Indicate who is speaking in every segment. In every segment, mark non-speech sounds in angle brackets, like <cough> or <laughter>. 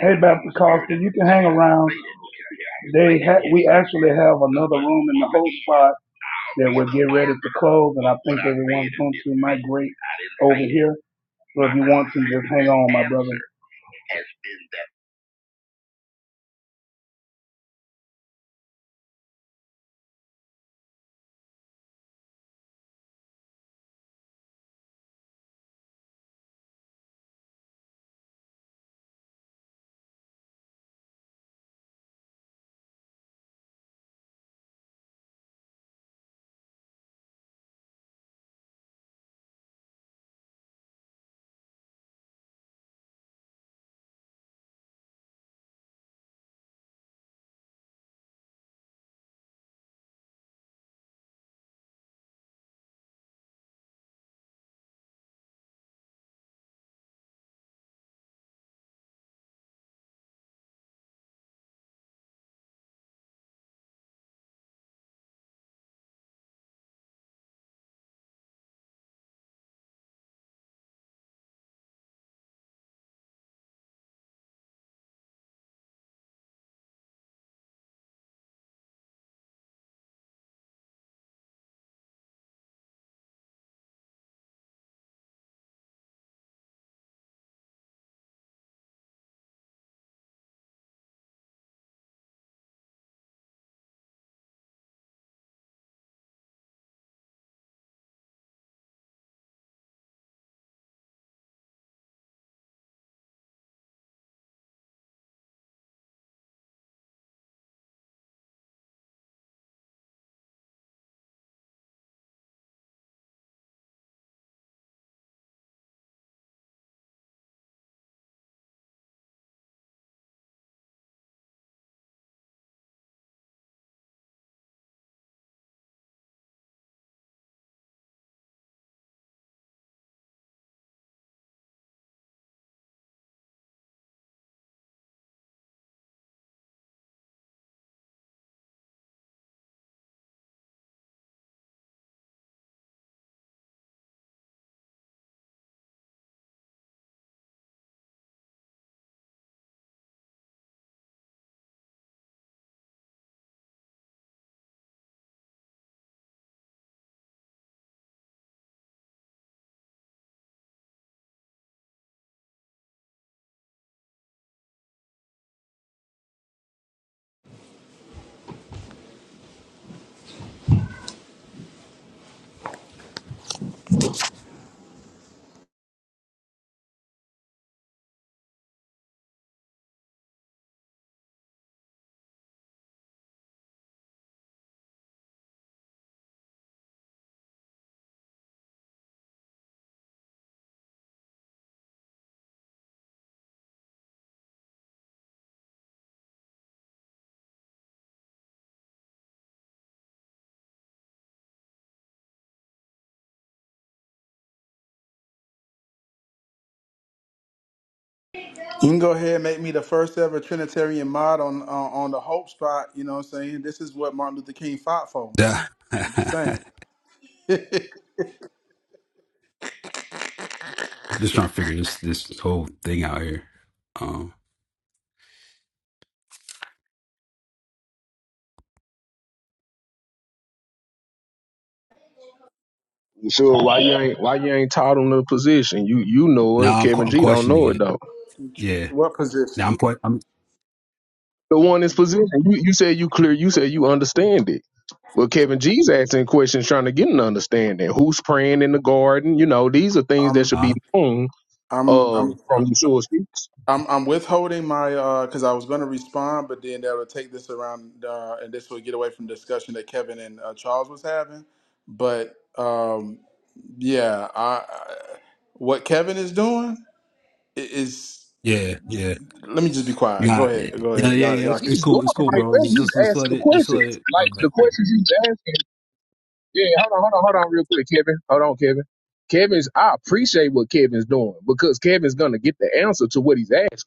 Speaker 1: Hey, Baptist Carlson, you can hang around. They ha- we actually have another room in the whole spot that we will get ready to close, and I think everyone's going to migrate over here. So if you want to, just hang on, my brother.
Speaker 2: You can go ahead and make me the first ever Trinitarian mod on on on the Hope Spot. You know what I'm saying? This is what Martin Luther King fought for.
Speaker 3: Yeah. <laughs>
Speaker 2: I'm just saying.
Speaker 3: I'm just trying to figure this this whole thing out here. Um,
Speaker 4: Sure. why you ain't why you ain't taught him the position? You you know it.
Speaker 3: now I'm que-
Speaker 4: Kevin
Speaker 3: I'm
Speaker 4: G don't know
Speaker 3: questioning
Speaker 4: it
Speaker 3: it.
Speaker 4: though.
Speaker 3: Yeah.
Speaker 2: What
Speaker 3: Now
Speaker 2: position?
Speaker 3: I'm quite. I'm.
Speaker 4: The one is position. You you said you clear. You said you understand it. Well, Kevin G's asking questions, trying to get an understanding. Who's praying in the garden? You know, these are things that
Speaker 2: I'm
Speaker 4: should be
Speaker 3: Uh.
Speaker 4: known
Speaker 2: I'm
Speaker 4: uh,
Speaker 2: I'm
Speaker 4: from Yeshua speaks.
Speaker 2: I'm, I'm withholding my because I was going to respond, but then that would take this around uh, and this would get away from discussion that Kevin and uh, Charles was having. But um, yeah, I, I what Kevin is doing i- is.
Speaker 3: Yeah. Yeah.
Speaker 2: Let me just be quiet. Go
Speaker 3: Nah.
Speaker 2: ahead.
Speaker 3: it-
Speaker 2: Go
Speaker 3: Yeah.
Speaker 2: ahead.
Speaker 3: Yeah.
Speaker 2: Y'all
Speaker 3: Yeah.
Speaker 2: y'all
Speaker 3: It's, it's
Speaker 2: can.
Speaker 4: He's doing
Speaker 3: cool. It's
Speaker 4: it
Speaker 3: cool,
Speaker 4: right
Speaker 3: bro.
Speaker 4: there.
Speaker 3: Just just
Speaker 4: He's
Speaker 3: just
Speaker 4: asking
Speaker 3: let
Speaker 4: the
Speaker 3: it. Just let
Speaker 4: questions.
Speaker 3: it. Uh,
Speaker 4: Like the
Speaker 3: yeah.
Speaker 4: questions he's asking. Yeah, hold on, hold on, hold on, real quick, Kevin. Hold on, Kevin. Kevin's. I appreciate what Kevin's doing because Kevin's gonna get the answer to what he's asking.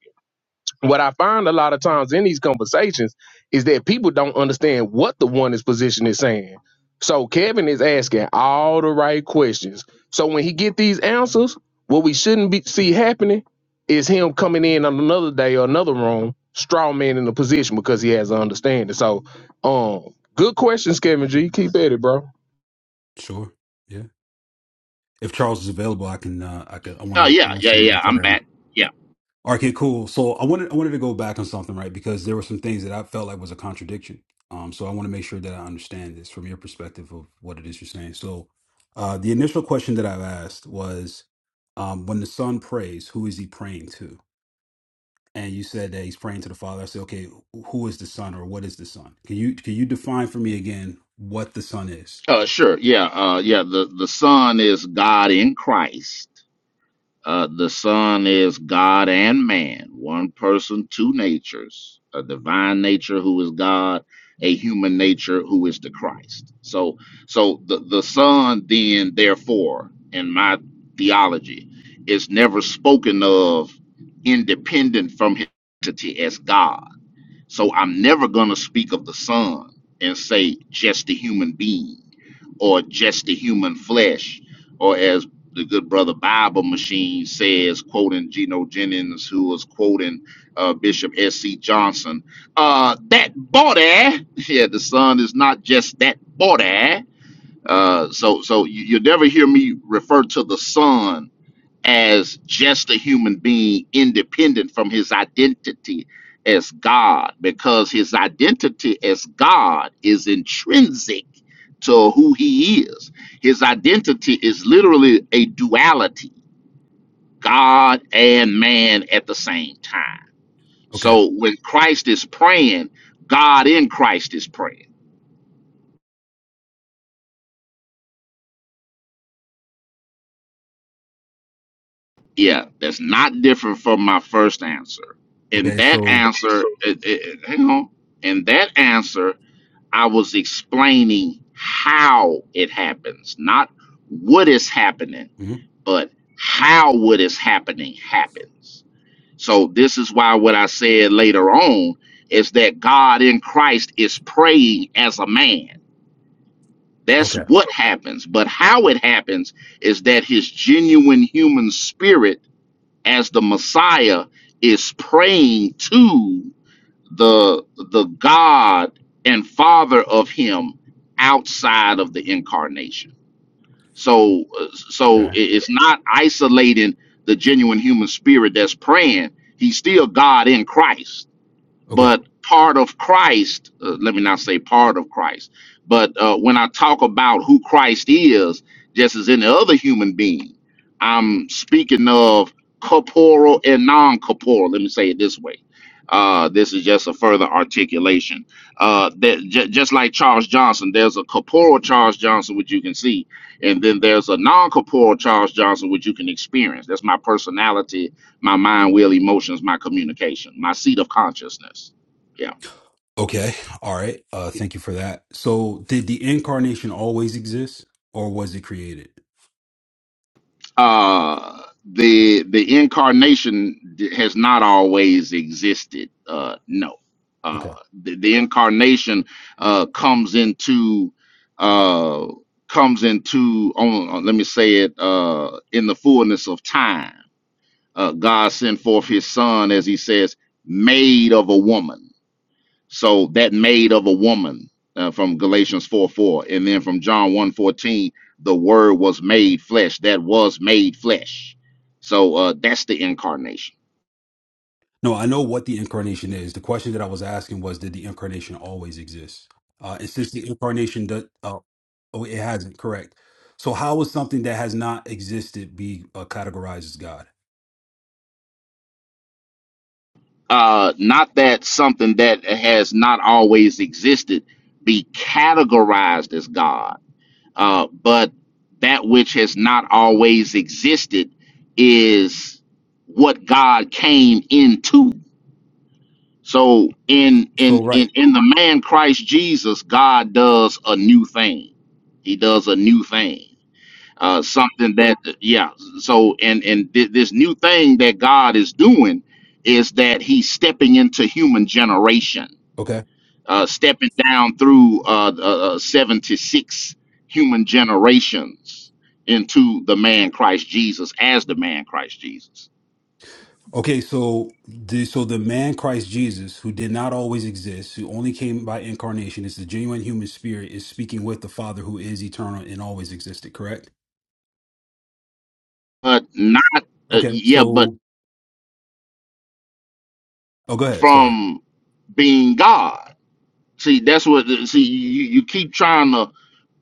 Speaker 4: what I find a lot of times in these conversations is that people don't understand what the one position is saying. So Kevin is asking all the right questions. So when he get these answers, what we shouldn't be see happening is him coming in on another day or another room, straw man in the position because he has an understanding. So um good questions, Kevin G. Keep at it, bro.
Speaker 3: Sure. Yeah. If Charles is available, I can. Uh, I could. I want
Speaker 5: Oh
Speaker 3: to. I
Speaker 5: yeah,
Speaker 3: want to
Speaker 5: yeah,
Speaker 3: send him a
Speaker 5: yeah. I'm
Speaker 3: card.
Speaker 5: back. Yeah.
Speaker 3: Okay, cool. So I wanted I wanted to go back on something, right? Because there were some things that I felt like was a contradiction. Um, so I want to make sure that I understand this from your perspective of what it is you're saying. So, uh, the initial question that I've asked was, um, when the son prays, who is he praying to? And you said that he's praying to the Father. I said, okay, who is the son, or what is the son? Can you can you define for me again what the son is?
Speaker 5: Uh, sure. Yeah. Uh, yeah. The the Son is God in Christ. Uh, the Son is God and man, one person, two natures: a divine nature who is God, a human nature who is the Christ. So, so the the Son then, therefore, in my theology, is never spoken of independent from his entity as God So I'm never going to speak of the Son and say just the human being or just the human flesh, or as the good brother Bible Machine says, quoting Geno Jennings, who was quoting uh, Bishop S.C. Johnson, uh, that body, <laughs> yeah, the Son is not just that body. Uh, so, so you, you'll never hear me refer to the Son as just a human being independent from his identity as God because his identity as God is intrinsic to who he is. His identity is literally a duality, God and man at the same time.
Speaker 3: Okay.
Speaker 5: So when Christ is praying, God in Christ is praying. Yeah, that's not different from my first answer. And
Speaker 3: Okay.
Speaker 5: that Okay,
Speaker 3: So.
Speaker 5: answer, so eh, eh, eh, hang on. And that answer I was explaining how it happens, not what is happening,
Speaker 3: mhm.
Speaker 5: but how what is happening happens. So, this is why what I said later on is that God in Christ is praying as a man. That's
Speaker 3: Okay.
Speaker 5: what happens. But how it happens is that his genuine human spirit, as the Messiah, is praying to the the God and Father of Him outside of the incarnation. So uh, so i-
Speaker 3: Okay.
Speaker 5: it's not isolating the genuine human spirit that's praying. He's still God in Christ
Speaker 3: Okay.
Speaker 5: but part of Christ, uh, let me not say part of Christ, but uh, when I talk about who Christ is, just as any other human being, I'm speaking of corporal and non corporal. Let me say it this way. Uh, this is just a further articulation. Uh, that j- just like Charles Johnson, there's a corporal Charles Johnson, which you can see, and then there's a non corporal Charles Johnson, which you can experience. That's my personality my mind, will, emotions, my communication, my seat of consciousness. Yeah.
Speaker 3: Okay. All right. Uh thank you for that. So did the incarnation always exist or was it created?
Speaker 5: Uh, the the incarnation d- has not always existed. Uh, no. Uh,
Speaker 3: Okay.
Speaker 5: the, the incarnation uh, comes into uh, comes into on, on- let me say it uh, in the fullness of time. Uh, God sent forth His Son, as He says, made of a woman So that made of a woman uh, from Galatians 4 4. And then from John one fourteen, the word was made flesh. That was made flesh. So uh, that's the incarnation.
Speaker 3: No, I know what the incarnation is. The question that I was asking was did the incarnation always exist? Uh and since the incarnation does uh, oh it hasn't, correct. So how would something that has not existed be uh, categorized as God?
Speaker 5: Uh, not that something that has not always existed be categorized as God, uh, but that which has not always existed is what God came into. So in in
Speaker 3: So right.
Speaker 5: in in the man Christ Jesus, God does a new thing. He does a new thing. Uh something that yeah. So and and thi- this new thing that God is doing is that he's stepping into human generation.
Speaker 3: okay?
Speaker 5: Uh stepping down through uh, uh uh, 76 human generations into the man Christ Jesus as the man Christ Jesus.
Speaker 3: Okay, so the so the man Christ Jesus, who did not always exist, who only came by incarnation, is the genuine human spirit, is speaking with the Father who is eternal and always existed, correct?
Speaker 5: But not uh,
Speaker 3: Okay,
Speaker 5: yeah, but
Speaker 3: so oh go ahead, sorry.
Speaker 5: from being God See, that's what. See, you, you keep trying to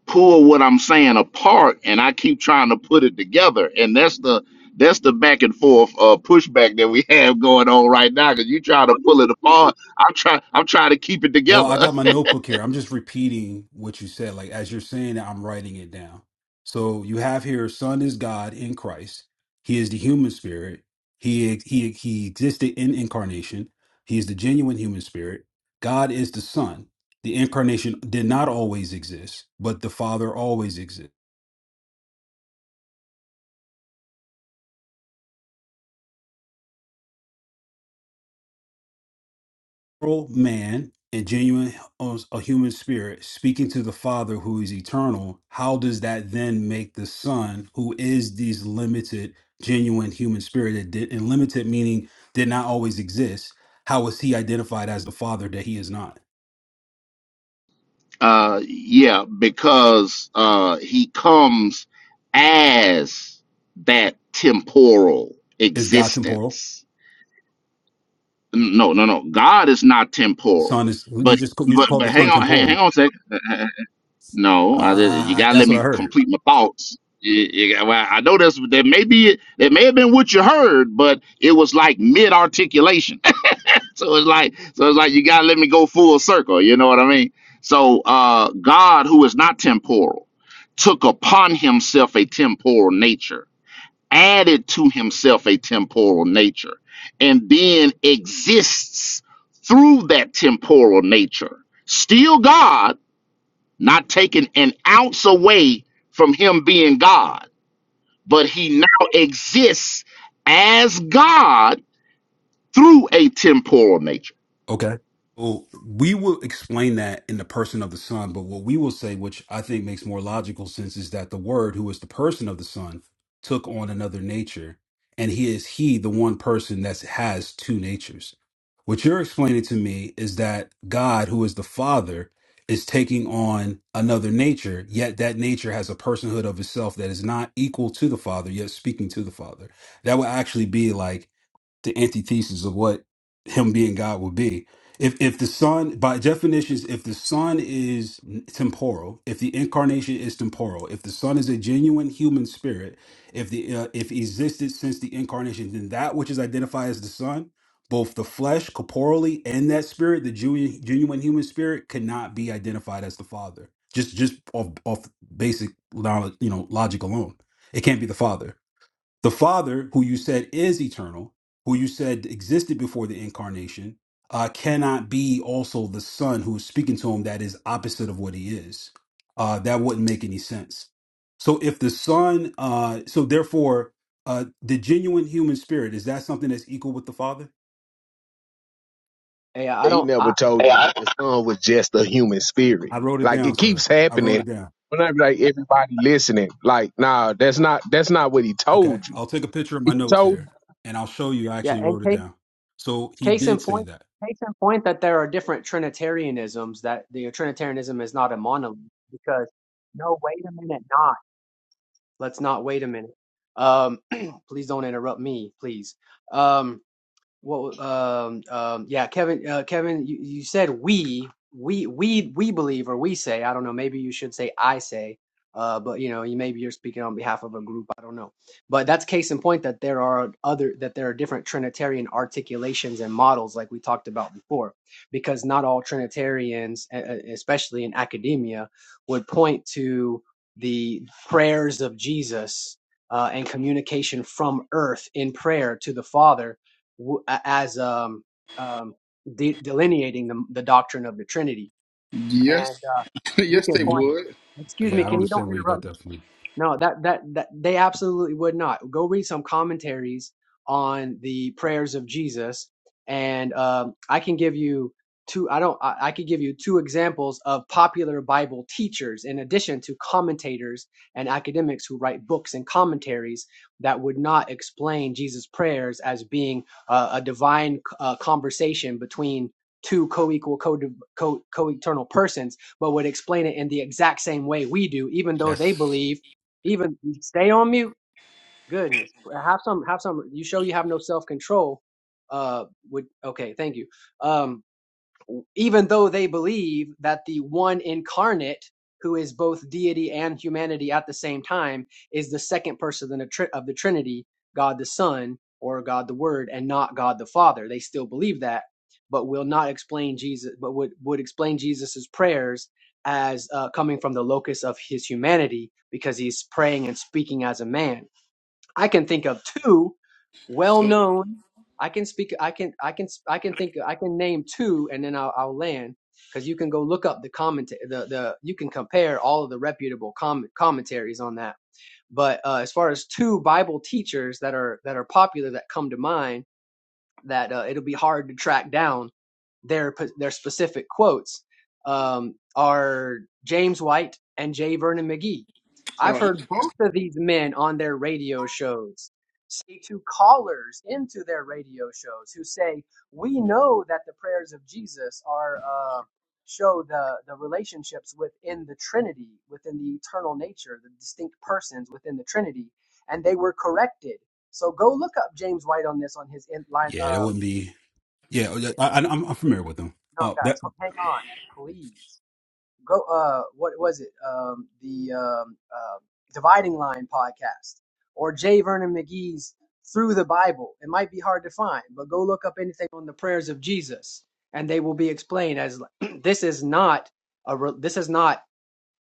Speaker 5: pull what I'm saying apart, and I keep trying to put it together, and that's the that's the back and forth uh, pushback that we <laughs> have going on right now. Because you try to pull it apart, I'm try I'm trying to keep it
Speaker 3: Well, I
Speaker 5: together.
Speaker 3: got my notebook here. I'm just repeating what you said. Like as you're saying it, I'm writing it down. So you have here, Son is God in Christ. He is the human spirit. He he he existed in incarnation. He is the genuine human spirit. God is the Son. The incarnation did not always exist, but the Father always exists. moral man and genuine hu- a human spirit speaking to the father who is eternal how does that then make the son who is these limited genuine human spirit that did and limited meaning did not always exist how is he identified as the father that he is not
Speaker 5: <laughs> uh, yeah, because uh, he comes as that temporal
Speaker 3: is god temporal
Speaker 5: existence. No, no, no. God is not temporal,
Speaker 3: son is you
Speaker 5: but
Speaker 3: just you just
Speaker 5: but
Speaker 3: call
Speaker 5: but
Speaker 3: the
Speaker 5: hang
Speaker 3: son
Speaker 5: on, hang, hang
Speaker 3: temporal
Speaker 5: on a second. No, I did. You
Speaker 3: uh,
Speaker 5: gotta
Speaker 3: that's
Speaker 5: let
Speaker 3: what i
Speaker 5: me
Speaker 3: heard
Speaker 5: complete my thoughts. You- you well, I know that's that may be that may have been what you heard, but it was like mid articulation. <laughs> so it's like so it's like you gotta let me go full circle. You know what I mean? So uh, God, who is not temporal, took upon himself a temporal nature, added to himself a temporal nature, and then exists through that temporal nature. Still God, not taking an ounce away from him being God, but he now exists as God through a temporal nature.
Speaker 3: Okay. Well, we will explain that in the person of the Son, but what we will say, which I think makes more logical sense, is that the Word, who is the person of the Son, took on another nature, and He is He, the one person that has two natures. What you're explaining to me is that God, who is the Father, is taking on another nature, yet that nature has a personhood of itself that is not equal to the Father, yet speaking to the Father. That would actually be like the antithesis of what him being God would be. If if the son, by definitions, if the son is temporal, if the incarnation is temporal, if the son is a genuine human spirit, if the uh, if he existed since the incarnation, then that which is identified as the son, both the flesh corporally and that spirit, the genuine, genuine human spirit, cannot be identified as the father. Just just off off basic knowledge, you know, logic alone, it can't be the father. The Father, who you said is eternal, who you said existed before the incarnation, uh, cannot be also the Son who is speaking to him that is opposite of what he is. Uh, that wouldn't make any sense. So if the Son, uh, so therefore, uh, the genuine human spirit, is that something that's equal with the Father?
Speaker 6: Yeah, I
Speaker 4: He
Speaker 6: don't. I,
Speaker 4: never told Hey, you I, that the sun was just a human spirit.
Speaker 3: I wrote it
Speaker 4: Like
Speaker 3: down,
Speaker 4: it keeps
Speaker 3: sir. I wrote
Speaker 4: happening.
Speaker 3: it down.
Speaker 4: When I be like everybody listening, like, nah, that's not that's not what he
Speaker 3: Okay.
Speaker 4: told you.
Speaker 3: I'll take a picture of my
Speaker 4: He
Speaker 3: notes
Speaker 4: told
Speaker 3: here and I'll show you I
Speaker 6: yeah,
Speaker 3: actually
Speaker 6: and
Speaker 3: wrote it
Speaker 6: case,
Speaker 3: down. So he
Speaker 6: case in
Speaker 3: did say
Speaker 6: point,
Speaker 3: that.
Speaker 6: case in point that there are different Trinitarianisms that the Trinitarianism is not a monolith because no, wait a minute, not. Let's not wait a minute. Um, <clears throat> please don't interrupt me, please. Um, Well, um, um, yeah, Kevin, uh, Kevin, you, you said we, we, we, we believe, or we say, I don't know, maybe you should say I say, uh, but you know, you maybe you're speaking on behalf of a group, I don't know. But that's case in point that there are other, that there are different Trinitarian articulations and models, like we talked about before, because not all Trinitarians, e- e- especially in academia, would point to the prayers of Jesus. Uh, and communication from earth in prayer to the Father w- a- as um, um, de- delineating the, the doctrine of the Trinity. And
Speaker 2: Yes.
Speaker 6: uh,
Speaker 2: <laughs>
Speaker 6: you
Speaker 2: yes,
Speaker 6: can
Speaker 2: they
Speaker 3: hmm
Speaker 6: point.
Speaker 2: would.
Speaker 6: Excuse
Speaker 3: Yeah,
Speaker 6: me.
Speaker 3: I don't
Speaker 6: Can you
Speaker 3: understand
Speaker 6: don't
Speaker 3: where you
Speaker 6: interrupt?
Speaker 3: got that from.
Speaker 6: No, that, that that they absolutely would not. Go read some commentaries on the prayers of Jesus, and um, I can give you two. I don't. I, I could give you two examples of popular Bible teachers, in addition to commentators and academics who write books and commentaries that would not explain Jesus' prayers as being uh, a divine uh, conversation between two co-equal co- co- co-eternal persons but would explain it in the exact same way we do even though they
Speaker 3: That's
Speaker 6: believe even stay on mute. Goodness, have some, have some. You show you have no self control. Uh, would okay. Thank you. Um, even though they believe that the one incarnate who is both deity and humanity at the same time is the second person of the, tri- of the trinity god the son or god the word and not god the father they still believe that but will not explain jesus but would, would explain jesus's prayers as uh, coming from the locus of his humanity because he's praying and speaking as a man I can think of two
Speaker 2: So,
Speaker 6: well-known. I can speak. I can. I can. I can think. I can name two, and then I'll, I'll land because you can go look up the comment. The the you can compare all of the reputable comment commentaries on that. But uh, as far as two Bible teachers that are that are popular that come to mind that uh, it'll be hard to track down their their specific quotes um, are James White and Jay Vernon McGee. I've
Speaker 2: so
Speaker 6: heard both of these men on their radio shows say to callers into their radio shows who say, "We know that the prayers of Jesus are uh, show the the relationships within the Trinity, within the eternal nature, the distinct persons within the Trinity," and they were corrected so go look up James White on this on his in line.
Speaker 3: Yeah, that
Speaker 6: Um,
Speaker 3: wouldn't be. Yeah, oh, yeah, I, I- I'm, I'm familiar with them.
Speaker 6: no,
Speaker 3: Uh,
Speaker 6: guys,
Speaker 3: that
Speaker 6: hang on, please. Go. Uh, what was it? Um, the um, um Dividing Line podcast or Jay Vernon McGee's Through the Bible. It might be hard to find, but go look up anything on the prayers of Jesus, and they will be explained as <clears throat> this is not a re- this is not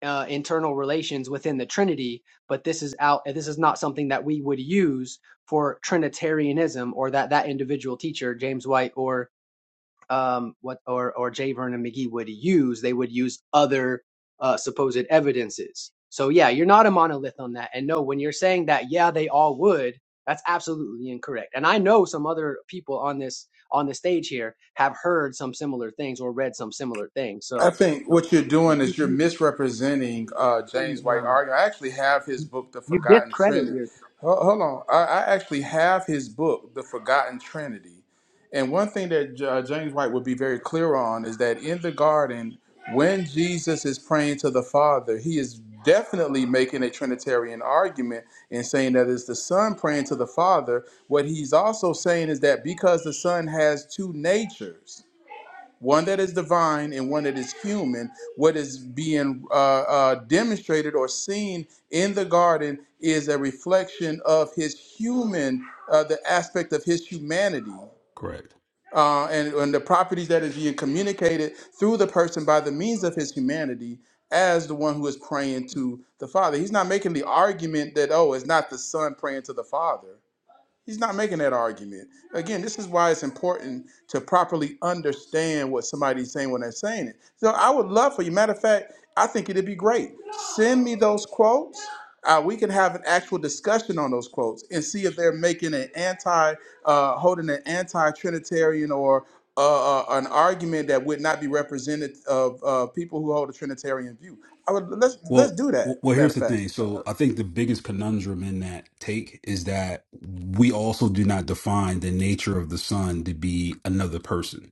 Speaker 6: uh, internal relations within the Trinity, but this is out. This is not something that we would use for Trinitarianism, or that that individual teacher, James White, or um, what, or or J. Vernon McGee would use. They would use other uh, supposed evidences. So yeah, you're not a monolith on that. And no, when you're saying that, yeah, they all would. That's absolutely incorrect. And I know some other people on this on the stage here have heard some similar things or read some similar things.
Speaker 2: I
Speaker 6: So,
Speaker 2: think
Speaker 6: so
Speaker 2: what you're doing
Speaker 6: you,
Speaker 2: is you're misrepresenting uh,
Speaker 6: you,
Speaker 2: James
Speaker 6: uh,
Speaker 2: White argument. I actually have his book, The
Speaker 6: you
Speaker 2: Forgotten
Speaker 6: discredit
Speaker 2: Trinity.
Speaker 6: your.
Speaker 2: Ho- Hold on, I, I actually have his book, The Forgotten Trinity. And one thing that uh, James White would be very clear on is that in the garden, when Jesus is praying to the Father, he is definitely making a Trinitarian argument and saying that it's the Son praying to the Father. What he's also saying is that because the Son has two natures. one that is divine and one that is human. What is being uh, uh, demonstrated or seen in the garden is a reflection of his human, uh, the aspect of his humanity.
Speaker 3: correct.
Speaker 2: Uh, and, and the properties that is being communicated through the person by the means of his humanity as the one who is praying to the Father. He's not making the argument that, oh, it's not the Son praying to the Father He's not making that argument. Again, this is why it's important to properly understand what somebody's saying when they're saying it. So I would love for you. Matter of fact, I think it'd be great. Send me those quotes. Uh, we can have an actual discussion on those quotes and see if they're making an anti, uh, holding an anti-Trinitarian or uh, uh, an argument that would not be represented of uh, people who hold a Trinitarian view. I would let's let's
Speaker 3: Well,
Speaker 2: do that.
Speaker 3: w- well,
Speaker 2: Matter
Speaker 3: here's
Speaker 2: of
Speaker 3: the
Speaker 2: fact,
Speaker 3: thing. So I think the biggest conundrum in that take is that we also do not define the nature of the son to be another person.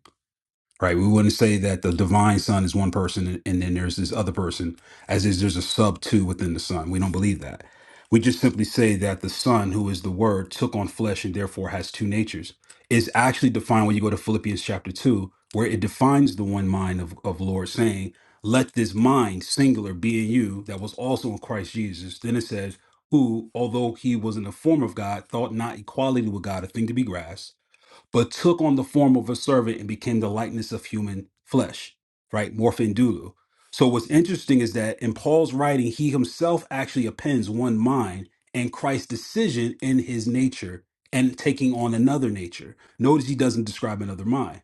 Speaker 3: right? We wouldn't say that the divine son is one person and and then there's this other person, as is there's a sub two within the son. We don't believe that. We just simply say that the son, who is the word, took on flesh and therefore has two natures. Is actually defined when you go to Philippians chapter two, where it defines the one mind of, of Lord, saying, Let this mind singular be in you that was also in Christ Jesus. Then it says, Who, although he was in the form of God, thought not equality with God a thing to be grasped but took on the form of a servant and became the likeness of human flesh, right? Morphin So what's interesting is that in Paul's writing, he himself actually appends one mind and Christ's decision in his nature and taking on another nature. Notice he doesn't describe another mind.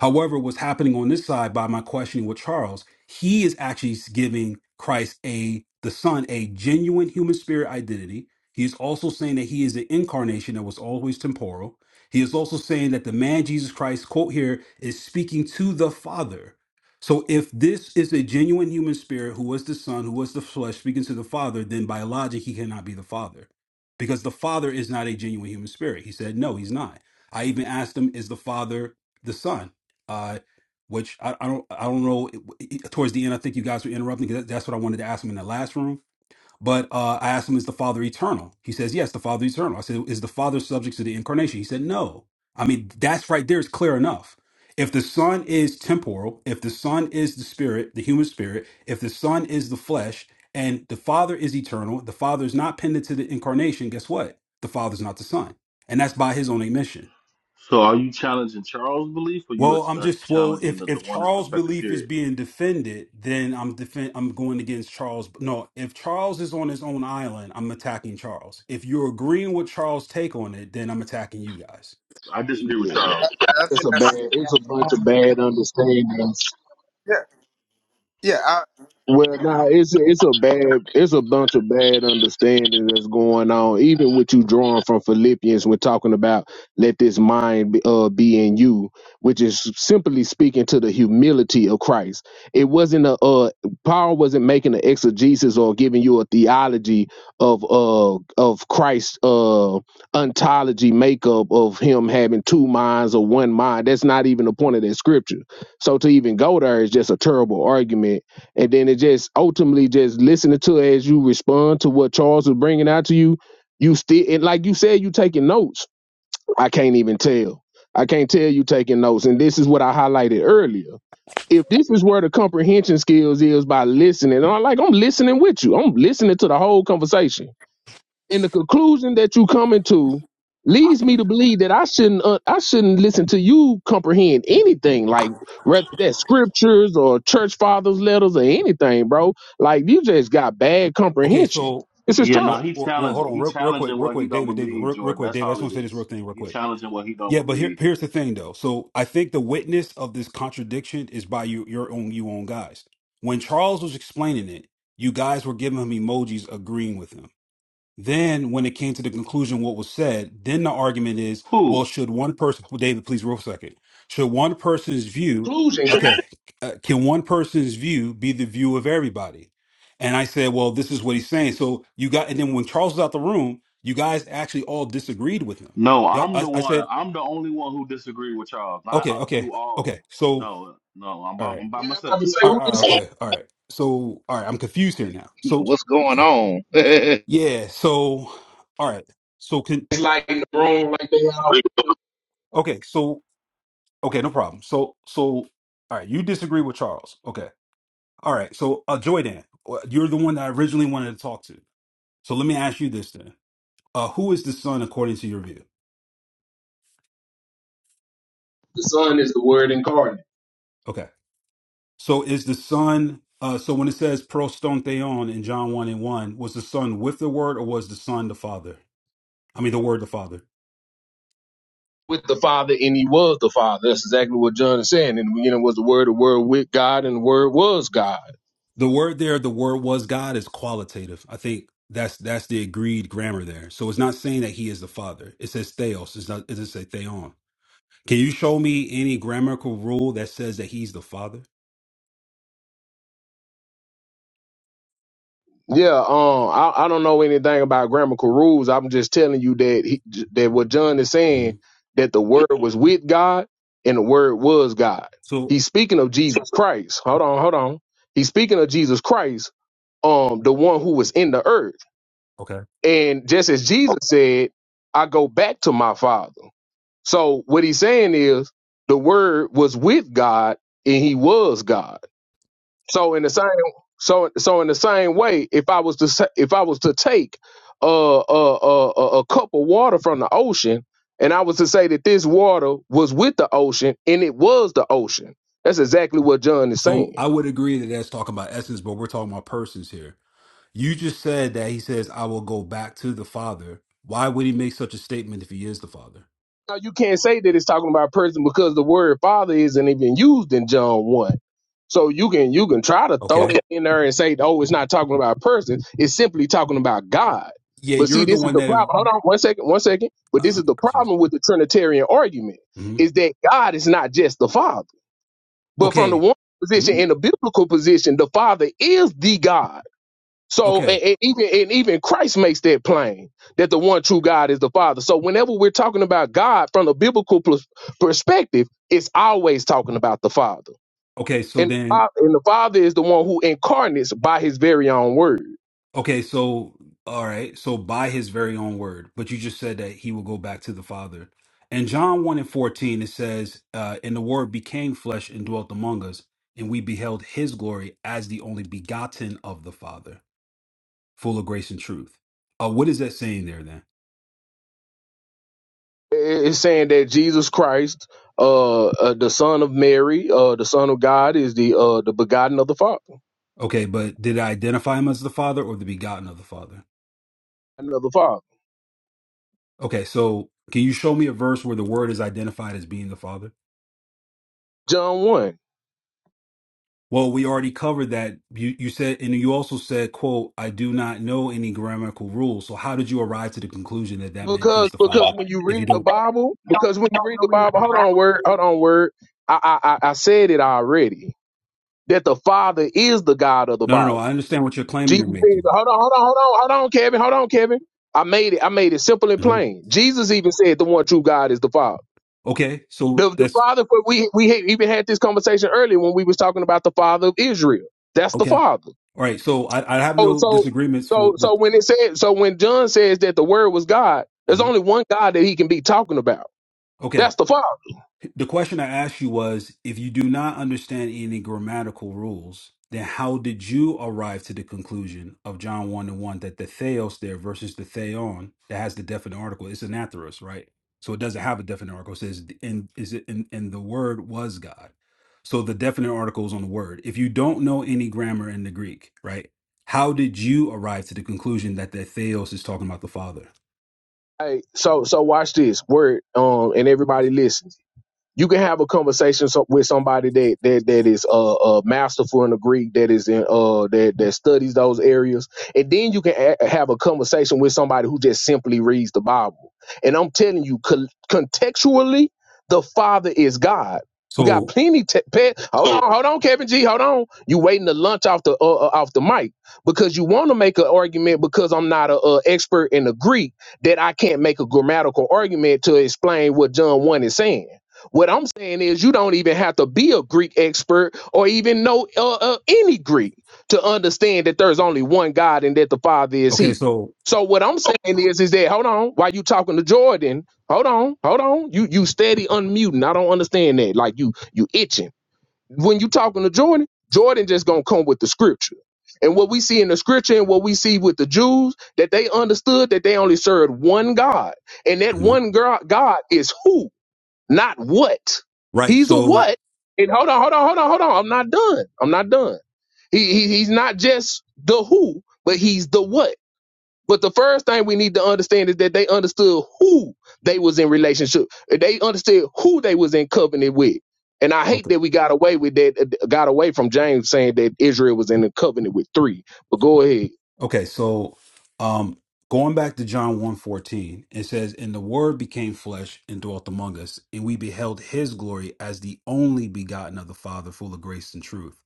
Speaker 3: However, what's happening on this side by my questioning with Charles, he is actually giving Christ a the Son a genuine human spirit identity. He is also saying that he is the incarnation that was always temporal. He is also saying that the man Jesus Christ, quote here, is speaking to the Father. So if this is a genuine human spirit who was the Son, who was the flesh, speaking to the Father, then by logic, he cannot be the Father. Because the Father is not a genuine human spirit. He said, no, he's not. I even asked him, is the Father the Son? uh, which I, I don't I don't know. It- it- Towards the end, I think you guys were interrupting because that's what I wanted to ask him in the last room. But uh, I asked him, "Is the Father eternal?" He says, "Yes, the Father is eternal." I said, "Is the Father subject to the incarnation?" He said, "No." I mean, that's right there is clear enough. If the Son is temporal, if the Son is the Spirit, the human Spirit, if the Son is the flesh, and the Father is eternal, the Father is not pendant to the incarnation. Guess what? The Father's not the Son, and that's by His own admission.
Speaker 7: So are you challenging Charles' belief or you are
Speaker 3: Well, I'm
Speaker 7: uh,
Speaker 3: just well.
Speaker 7: challenging
Speaker 3: If
Speaker 7: the, the
Speaker 3: if
Speaker 7: oneness
Speaker 3: Charles'
Speaker 7: perspective
Speaker 3: belief is
Speaker 7: period?
Speaker 3: being defended, then I'm defend. I'm going against Charles. No, if Charles is on his own island, I'm attacking Charles. If you're agreeing with Charles' take on it, then I'm attacking you guys.
Speaker 7: I
Speaker 4: you.
Speaker 7: disagree with
Speaker 4: Yeah,
Speaker 7: Charles.
Speaker 2: I
Speaker 4: it's
Speaker 2: think
Speaker 4: a bad
Speaker 2: that's
Speaker 4: it's a bunch of bad understandings
Speaker 2: yeah yeah. I,
Speaker 4: Well, now it's a, it's a bad it's a bunch of bad understanding that's going on. Even what you drawing from Philippians when talking about let this mind be, uh, be in you, which is simply speaking to the humility of Christ. It wasn't a uh, Paul wasn't making an exegesis or giving you a theology of uh of Christ's uh ontology makeup of him having two minds or one mind. That's not even the point of that scripture. So to even go there is just a terrible argument and then it just ultimately just listening to it as you respond to what Charles was bringing out to you. You still and like you said, you taking notes. I can't even tell. I can't tell you taking notes. And this is what I highlighted earlier. If this is where the comprehension skills is by listening, and I'm like, I'm listening with you. I'm listening to the whole conversation and the conclusion that you coming to leads me to believe that I shouldn't uh, I shouldn't listen to you comprehend anything like whether that's scriptures or church fathers letters or anything, bro. Like you just got bad
Speaker 3: Okay,
Speaker 4: comprehension.
Speaker 3: so
Speaker 4: It's a
Speaker 7: Yeah,
Speaker 4: tough
Speaker 7: no,
Speaker 3: well,
Speaker 7: he
Speaker 3: well, well hold
Speaker 7: challenging
Speaker 3: on,
Speaker 7: he
Speaker 3: real, real quick,
Speaker 7: challenging
Speaker 3: real
Speaker 7: what he
Speaker 3: quick,
Speaker 7: don't
Speaker 3: David, David,
Speaker 7: believe,
Speaker 3: real, real
Speaker 7: Jordan.
Speaker 3: quick,
Speaker 7: That's
Speaker 3: David. I
Speaker 7: all
Speaker 3: just
Speaker 7: it
Speaker 3: want to say this real
Speaker 7: is.
Speaker 3: thing, real
Speaker 7: He
Speaker 3: quick.
Speaker 7: challenging what he don't
Speaker 3: Yeah, but here,
Speaker 7: believe.
Speaker 3: here's the thing, though. So I think the witness of this contradiction is by you, your own, you own guys. When Charles was explaining it, you guys were giving him emojis agreeing with him. Then, when it came to the conclusion, what was said, then the argument is, well,
Speaker 7: Who?
Speaker 3: should one person, well, David, please, real second, should one person's view,
Speaker 4: conclusion.
Speaker 3: okay, uh, can one person's view be the view of everybody? And I said, well, this is what he's saying. So you got, and then when Charles was out the room, you guys actually all disagreed with him.
Speaker 7: No,
Speaker 3: Y'all,
Speaker 7: I'm
Speaker 3: I,
Speaker 7: the
Speaker 3: I
Speaker 7: one.
Speaker 3: said,
Speaker 7: I'm the only one who disagree with Charles. Not
Speaker 3: okay,
Speaker 7: uh,
Speaker 3: okay,
Speaker 7: you
Speaker 3: okay.
Speaker 7: all.
Speaker 3: So,
Speaker 7: No, no, I'm
Speaker 3: all
Speaker 7: by,
Speaker 3: right,
Speaker 7: I'm by
Speaker 4: Yeah, I'm about
Speaker 7: myself.
Speaker 4: to say
Speaker 3: all
Speaker 4: who
Speaker 3: right, all right,
Speaker 4: this
Speaker 3: okay, all right. So, all right, I'm confused here now.
Speaker 5: <laughs>
Speaker 3: So,
Speaker 5: What's going on? <laughs>
Speaker 3: yeah, so, all right. So, can,
Speaker 4: is like in the room, like they all
Speaker 3: okay, so Okay, no problem. So, so, all right, you disagree with Charles. Okay. All right. So, uh, Joydan, uh, you're the one that I originally wanted to talk to. So let me ask you this then. Uh, who is the son according to your view?
Speaker 4: the son is the word incarnate.
Speaker 3: Okay. So is the son, uh, so when it says proston theon in John 1 and 1, was the son with the word or was the son the father? I mean, the word the father.
Speaker 4: With the Father, and He was the Father. That's exactly what John is saying. And you know, was the Word, the Word with God, and the Word was God.
Speaker 3: The word there, the word was God is qualitative. I think that's that's the agreed grammar there. So it's not saying that he is the father. It says theos. It's not, it doesn't say theon. Can you show me any grammatical rule that says that he's the father?
Speaker 4: Yeah, um, I, I don't know anything about grammatical rules. I'm just telling you that he, that what John is
Speaker 3: hmm
Speaker 4: saying that the word was with God and the word was God.
Speaker 3: So,
Speaker 4: He's speaking of Jesus Christ. Hold on, hold on. He's speaking of Jesus Christ, um, the one who was in the earth.
Speaker 3: okay.
Speaker 4: And just as Jesus said, I go back to my Father. So what he's saying is the word was with God and he was God. So in the same so so in the same way, if I was to sa- if I was to take a a a, a a cup of water from the ocean, and I was to say that this water was with the ocean, and it was the ocean. That's exactly what John is saying.
Speaker 3: So I would agree that that's talking about essence, but we're talking about persons here. You just said that he says, I will go back to the father. Why would he make such a statement if he is the father?
Speaker 4: Now you can't say that it's talking about a person because the word father isn't even used in John one. So you can you can try to throw Okay.
Speaker 3: Okay.
Speaker 4: that in there and say, oh, it's not talking about a person. It's simply talking about God.
Speaker 3: Yeah,
Speaker 4: But see,
Speaker 3: you're the
Speaker 4: this is
Speaker 3: one
Speaker 4: the
Speaker 3: that
Speaker 4: problem. Hold on one second, one second. But this is
Speaker 3: I'm
Speaker 4: the
Speaker 3: confused.
Speaker 4: problem with the Trinitarian argument
Speaker 3: hmm
Speaker 4: is that God is not just the Father. But from the
Speaker 3: Okay.
Speaker 4: one position
Speaker 3: Hmm?
Speaker 4: in the biblical position, the Father is the God. So
Speaker 3: Okay.
Speaker 4: and, and even and even Christ makes that plain that the one true God is the Father. So whenever we're talking about God from a biblical pers- perspective, it's always talking about the Father.
Speaker 3: Okay. So
Speaker 4: And,
Speaker 3: then
Speaker 4: Fa- and the Father is the one who incarnates by His very own word.
Speaker 3: Okay, so all right, so by his very own word, but you just said that he will go back to the Father. And John 1 and 14, it says, uh, and the word became flesh and dwelt among us, and we beheld his glory as the only begotten of the Father, full of grace and truth. Uh, what is that saying there then?
Speaker 4: It- It's saying that Jesus Christ, uh, uh, the Son of Mary, uh, the Son of God, is the uh, the begotten of the Father,
Speaker 3: Okay, but did I identify him as the Father or the begotten of the Father?
Speaker 4: of the Father.
Speaker 3: Okay, so can you show me a verse where the word is identified as being the Father?
Speaker 4: John one.
Speaker 3: Well, we already covered that. You you said, and you also said, "quote I do not know any grammatical rules." So, how did you arrive to the conclusion that that meant
Speaker 4: Because
Speaker 3: he's the
Speaker 4: because
Speaker 3: father?
Speaker 4: when you
Speaker 3: If
Speaker 4: read
Speaker 3: you
Speaker 4: the
Speaker 3: don't,
Speaker 4: Bible, because when you read the Bible, hold on word, hold on word. I I I I said it already that the Father is the God of the
Speaker 3: no, no, no.
Speaker 4: Bible.
Speaker 3: I understand what your claim
Speaker 4: Jesus
Speaker 3: you're
Speaker 4: said,
Speaker 3: making.
Speaker 4: hold on, hold on, hold on, hold on, Kevin, hold on, Kevin. I made it, I made it simple and
Speaker 3: hmm
Speaker 4: plain. Jesus even said the one true God is the Father.
Speaker 3: Okay, so
Speaker 4: The the
Speaker 3: that's
Speaker 4: Father for we we had even had this conversation earlier when we was talking about the Father of Israel. That's the
Speaker 3: okay.
Speaker 4: Father.
Speaker 3: All right, so I, I have
Speaker 4: Oh,
Speaker 3: no
Speaker 4: so
Speaker 3: disagreements
Speaker 4: so
Speaker 3: with.
Speaker 4: so
Speaker 3: with
Speaker 4: when it said so when John says that the Word was God, there's
Speaker 3: mhm.
Speaker 4: only one God that he can be talking about.
Speaker 3: Okay,
Speaker 4: That's the Father.
Speaker 3: The question I asked you was if you do not understand any grammatical rules, then how did you arrive to the conclusion of John 1 and 1 that the theos there versus the theon that has the definite article is anatherus, right? So it doesn't have a definite article. It says, and is it and, and the word was God. So the definite article is on the word. If you don't know any grammar in the Greek, right? How did you arrive to the conclusion that the theos is talking about the father?
Speaker 4: Hey, so so watch this word, um, and everybody listen you can have a conversation so, with somebody that that that is uh, uh masterful in the Greek, that is in uh that that studies those areas, and then you can a- have a conversation with somebody who just simply reads the Bible. And I'm telling you, col- contextually, the Father is God. We got
Speaker 3: So
Speaker 4: plenty. Te- pe- hold on, hold on, Kevin G, hold on. You waiting to lunch off the uh, uh, off the mic because you want to make an argument because I'm not a, uh expert in the Greek that I can't make a grammatical argument to explain what John one is saying what I'm saying is, you don't even have to be a Greek expert or even know uh, uh, any Greek to understand that there's only one God and that the Father is
Speaker 3: okay,
Speaker 4: He.
Speaker 3: so
Speaker 4: So what I'm saying is, is that hold on, while you talking to Jordan, hold on, hold on, you you steady unmuting. I don't understand that. Like you you itching when you talking to Jordan. Jordan just gonna come with the scripture. And what we see in the scripture and what we see with the Jews, that they understood that they only served one God. And that
Speaker 3: Mhm.
Speaker 4: one gro- God is who? not what.
Speaker 3: right.
Speaker 4: He's a
Speaker 3: So
Speaker 4: what. And hold on, hold on, hold on, hold on. I'm not done. I'm not done. He, he he's not just the who, but he's the what. But the first thing we need to understand is that they understood who they was in relationship. They understood who they was in covenant with. And I hate
Speaker 3: okay.
Speaker 4: that we got away with that, uh, got away from James saying that Israel was in a covenant with three. But go ahead,
Speaker 3: Okay, so um going back to John one fourteen, it says, And the word became flesh and dwelt among us, and we beheld his glory as the only begotten of the Father, full of grace and truth.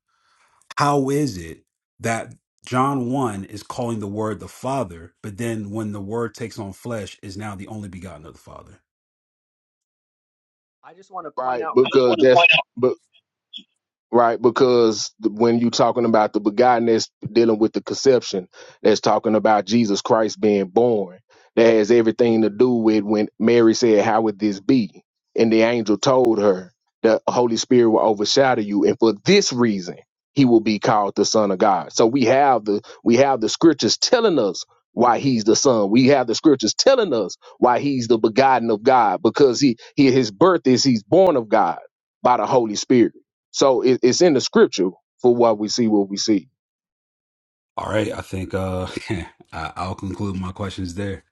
Speaker 3: How is it that John 1 is calling the word the Father, but then when the word takes on flesh is now the only begotten of the Father?
Speaker 6: I just want to
Speaker 4: right? I
Speaker 6: point
Speaker 4: just
Speaker 6: out.
Speaker 4: Because want to that's point out. right? Because th- when you're talking about the begotten, that's dealing with the conception. That's talking about Jesus Christ being born. That has everything to do with when Mary said, "How would this be?" And the angel told her, "The Holy Spirit will overshadow you, and for this reason, He will be called the Son of God." So we have the we have the scriptures telling us why he's the son we have the scriptures telling us why he's the begotten of god because he, he his birth is he's born of god by the holy spirit so it, it's in the scripture for why we see what we see.
Speaker 3: All right, I think uh <laughs> I- I'll conclude my questions there.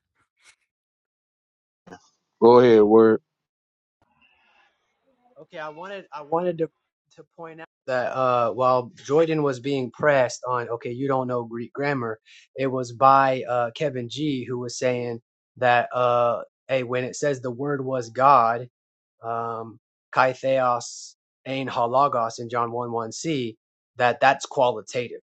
Speaker 4: Go ahead, word.
Speaker 6: Okay, I wanted I wanted to to point out that uh, while Jordan was being pressed on, okay, you don't know Greek grammar, it was by uh, Kevin G who was saying that uh, hey, when it says the word was God, um, kai theos ein halagos in John one one c, that that's qualitative.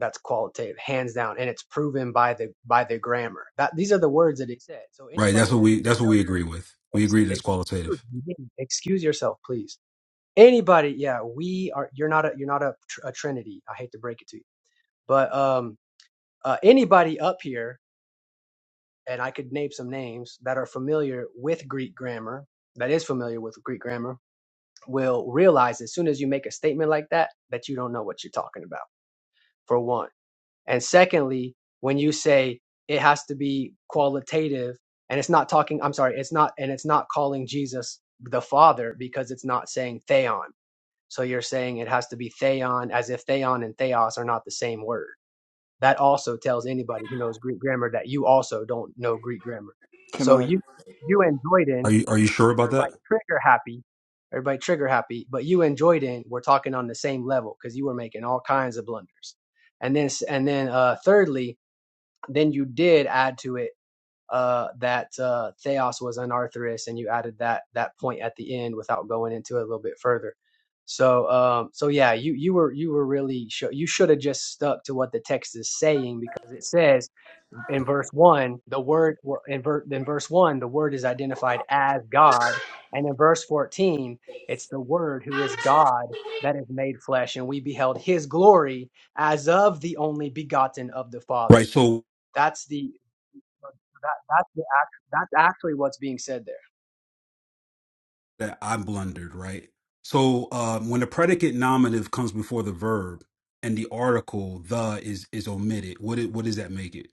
Speaker 6: That's qualitative, hands down, and it's proven by the by the grammar. That these are the words that he said. So
Speaker 3: Right, that's
Speaker 6: anybody
Speaker 3: what
Speaker 6: that
Speaker 3: we that's what we agree with. We
Speaker 6: Ex-
Speaker 3: agree that it's
Speaker 6: excuse
Speaker 3: qualitative.
Speaker 6: excuse yourself, please. Anybody, yeah, we are. You're not a. You're not a, tr- a Trinity. I hate to break it to you, but um, uh, anybody up here, and I could name some names that are familiar with Greek grammar, that is familiar with Greek grammar, will realize as soon as you make a statement like that that you don't know what you're talking about. For one. And secondly, when you say it has to be qualitative and it's not talking, I'm sorry, it's not, and it's not calling Jesus the Father because it's not saying theon. So you're saying it has to be theon as if theon and theos are not the same word. That also tells anybody who knows Greek grammar that you also don't know Greek grammar.
Speaker 2: can
Speaker 6: So
Speaker 2: I?
Speaker 6: you, you and
Speaker 3: Are
Speaker 6: Joyden,
Speaker 3: you are you sure about that?
Speaker 6: everybody trigger happy, everybody trigger happy, but you and Joyden were talking on the same level because you were making all kinds of blunders. And then, and then, uh, thirdly, then you did add to it uh, that uh, Theos was an Arthurist, and you added that that point at the end without going into it a little bit further. So, um, so yeah, you you were you were really sho you should have just stuck to what the text is saying because it says in verse one the word well, in, ver, in verse one the word is identified as God, and in verse fourteen it's the word who is God that is made flesh, and we beheld His glory as of the only begotten of the
Speaker 3: Right.
Speaker 6: Father.
Speaker 3: So
Speaker 6: That's the that that's the act, that's actually what's being said there.
Speaker 3: that I blundered, right? So um, when the predicate nominative comes before the verb and the article the is is omitted, what it, what does that make it?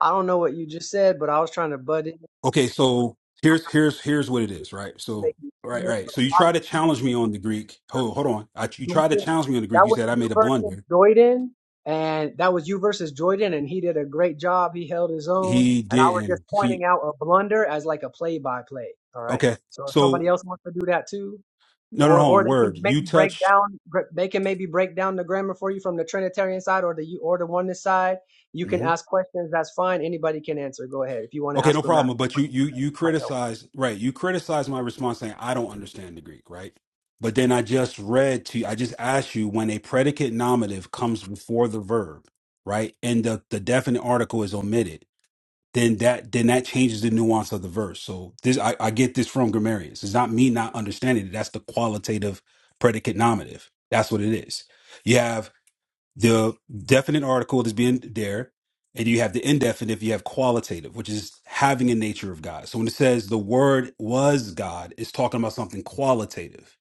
Speaker 6: I don't know what you just said, but I was trying to butt in,
Speaker 3: Okay, so here's here's here's what it is, right?
Speaker 6: make
Speaker 3: So
Speaker 6: it
Speaker 3: right
Speaker 6: clear
Speaker 3: right.
Speaker 6: for
Speaker 3: So you try to
Speaker 6: the
Speaker 3: challenge me on the Greek. Hold hold on. I, you tried to
Speaker 6: audience.
Speaker 3: challenge me on the Greek.
Speaker 6: That
Speaker 3: You
Speaker 6: was
Speaker 3: said I
Speaker 6: you
Speaker 3: made a
Speaker 6: versus
Speaker 3: blunder.
Speaker 6: Jordan, and that was you versus Jordan, and he did a great job. He held his own,
Speaker 3: He
Speaker 6: and I was just
Speaker 3: didn't.
Speaker 6: pointing
Speaker 3: He
Speaker 6: out a blunder as like a play-by-play. All right.
Speaker 3: okay.
Speaker 6: So if somebody
Speaker 3: So
Speaker 6: else wants to do that too,
Speaker 3: no no
Speaker 6: or
Speaker 3: hold
Speaker 6: or
Speaker 3: on.
Speaker 6: they can
Speaker 3: Word. You
Speaker 6: maybe break
Speaker 3: touched.
Speaker 6: down gr- they can maybe break down the grammar for you from the trinitarian side or the you or the oneness side you can ask questions that's fine anybody can answer go ahead if you want to
Speaker 3: Okay,
Speaker 6: ask
Speaker 3: no problem.
Speaker 6: grammatical
Speaker 3: But you you
Speaker 6: questions that
Speaker 3: you
Speaker 6: might help
Speaker 3: criticize right. You criticize my response saying I don't understand the Greek, right? But then I just read to you, I just asked you when a predicate nominative comes before the verb, right? And the, the definite article is omitted, then that then that changes the nuance of the verse. So this I, I get this from grammarians. It's not me not understanding it. That's the qualitative predicate nominative. That's what it is. You have the definite article is being there, and you have the indefinite, you have qualitative, which is having a nature of God. So when it says the word was God, it's talking about something qualitative.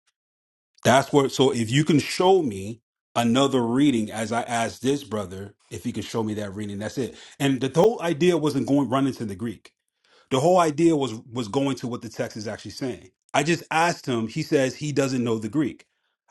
Speaker 3: That's where, so if you can show me another reading, as I asked this brother, if he could show me that reading, that's it. And the whole idea wasn't going run into the Greek. The whole idea was was going to what the text is actually saying. I just asked him, he says he doesn't know the Greek.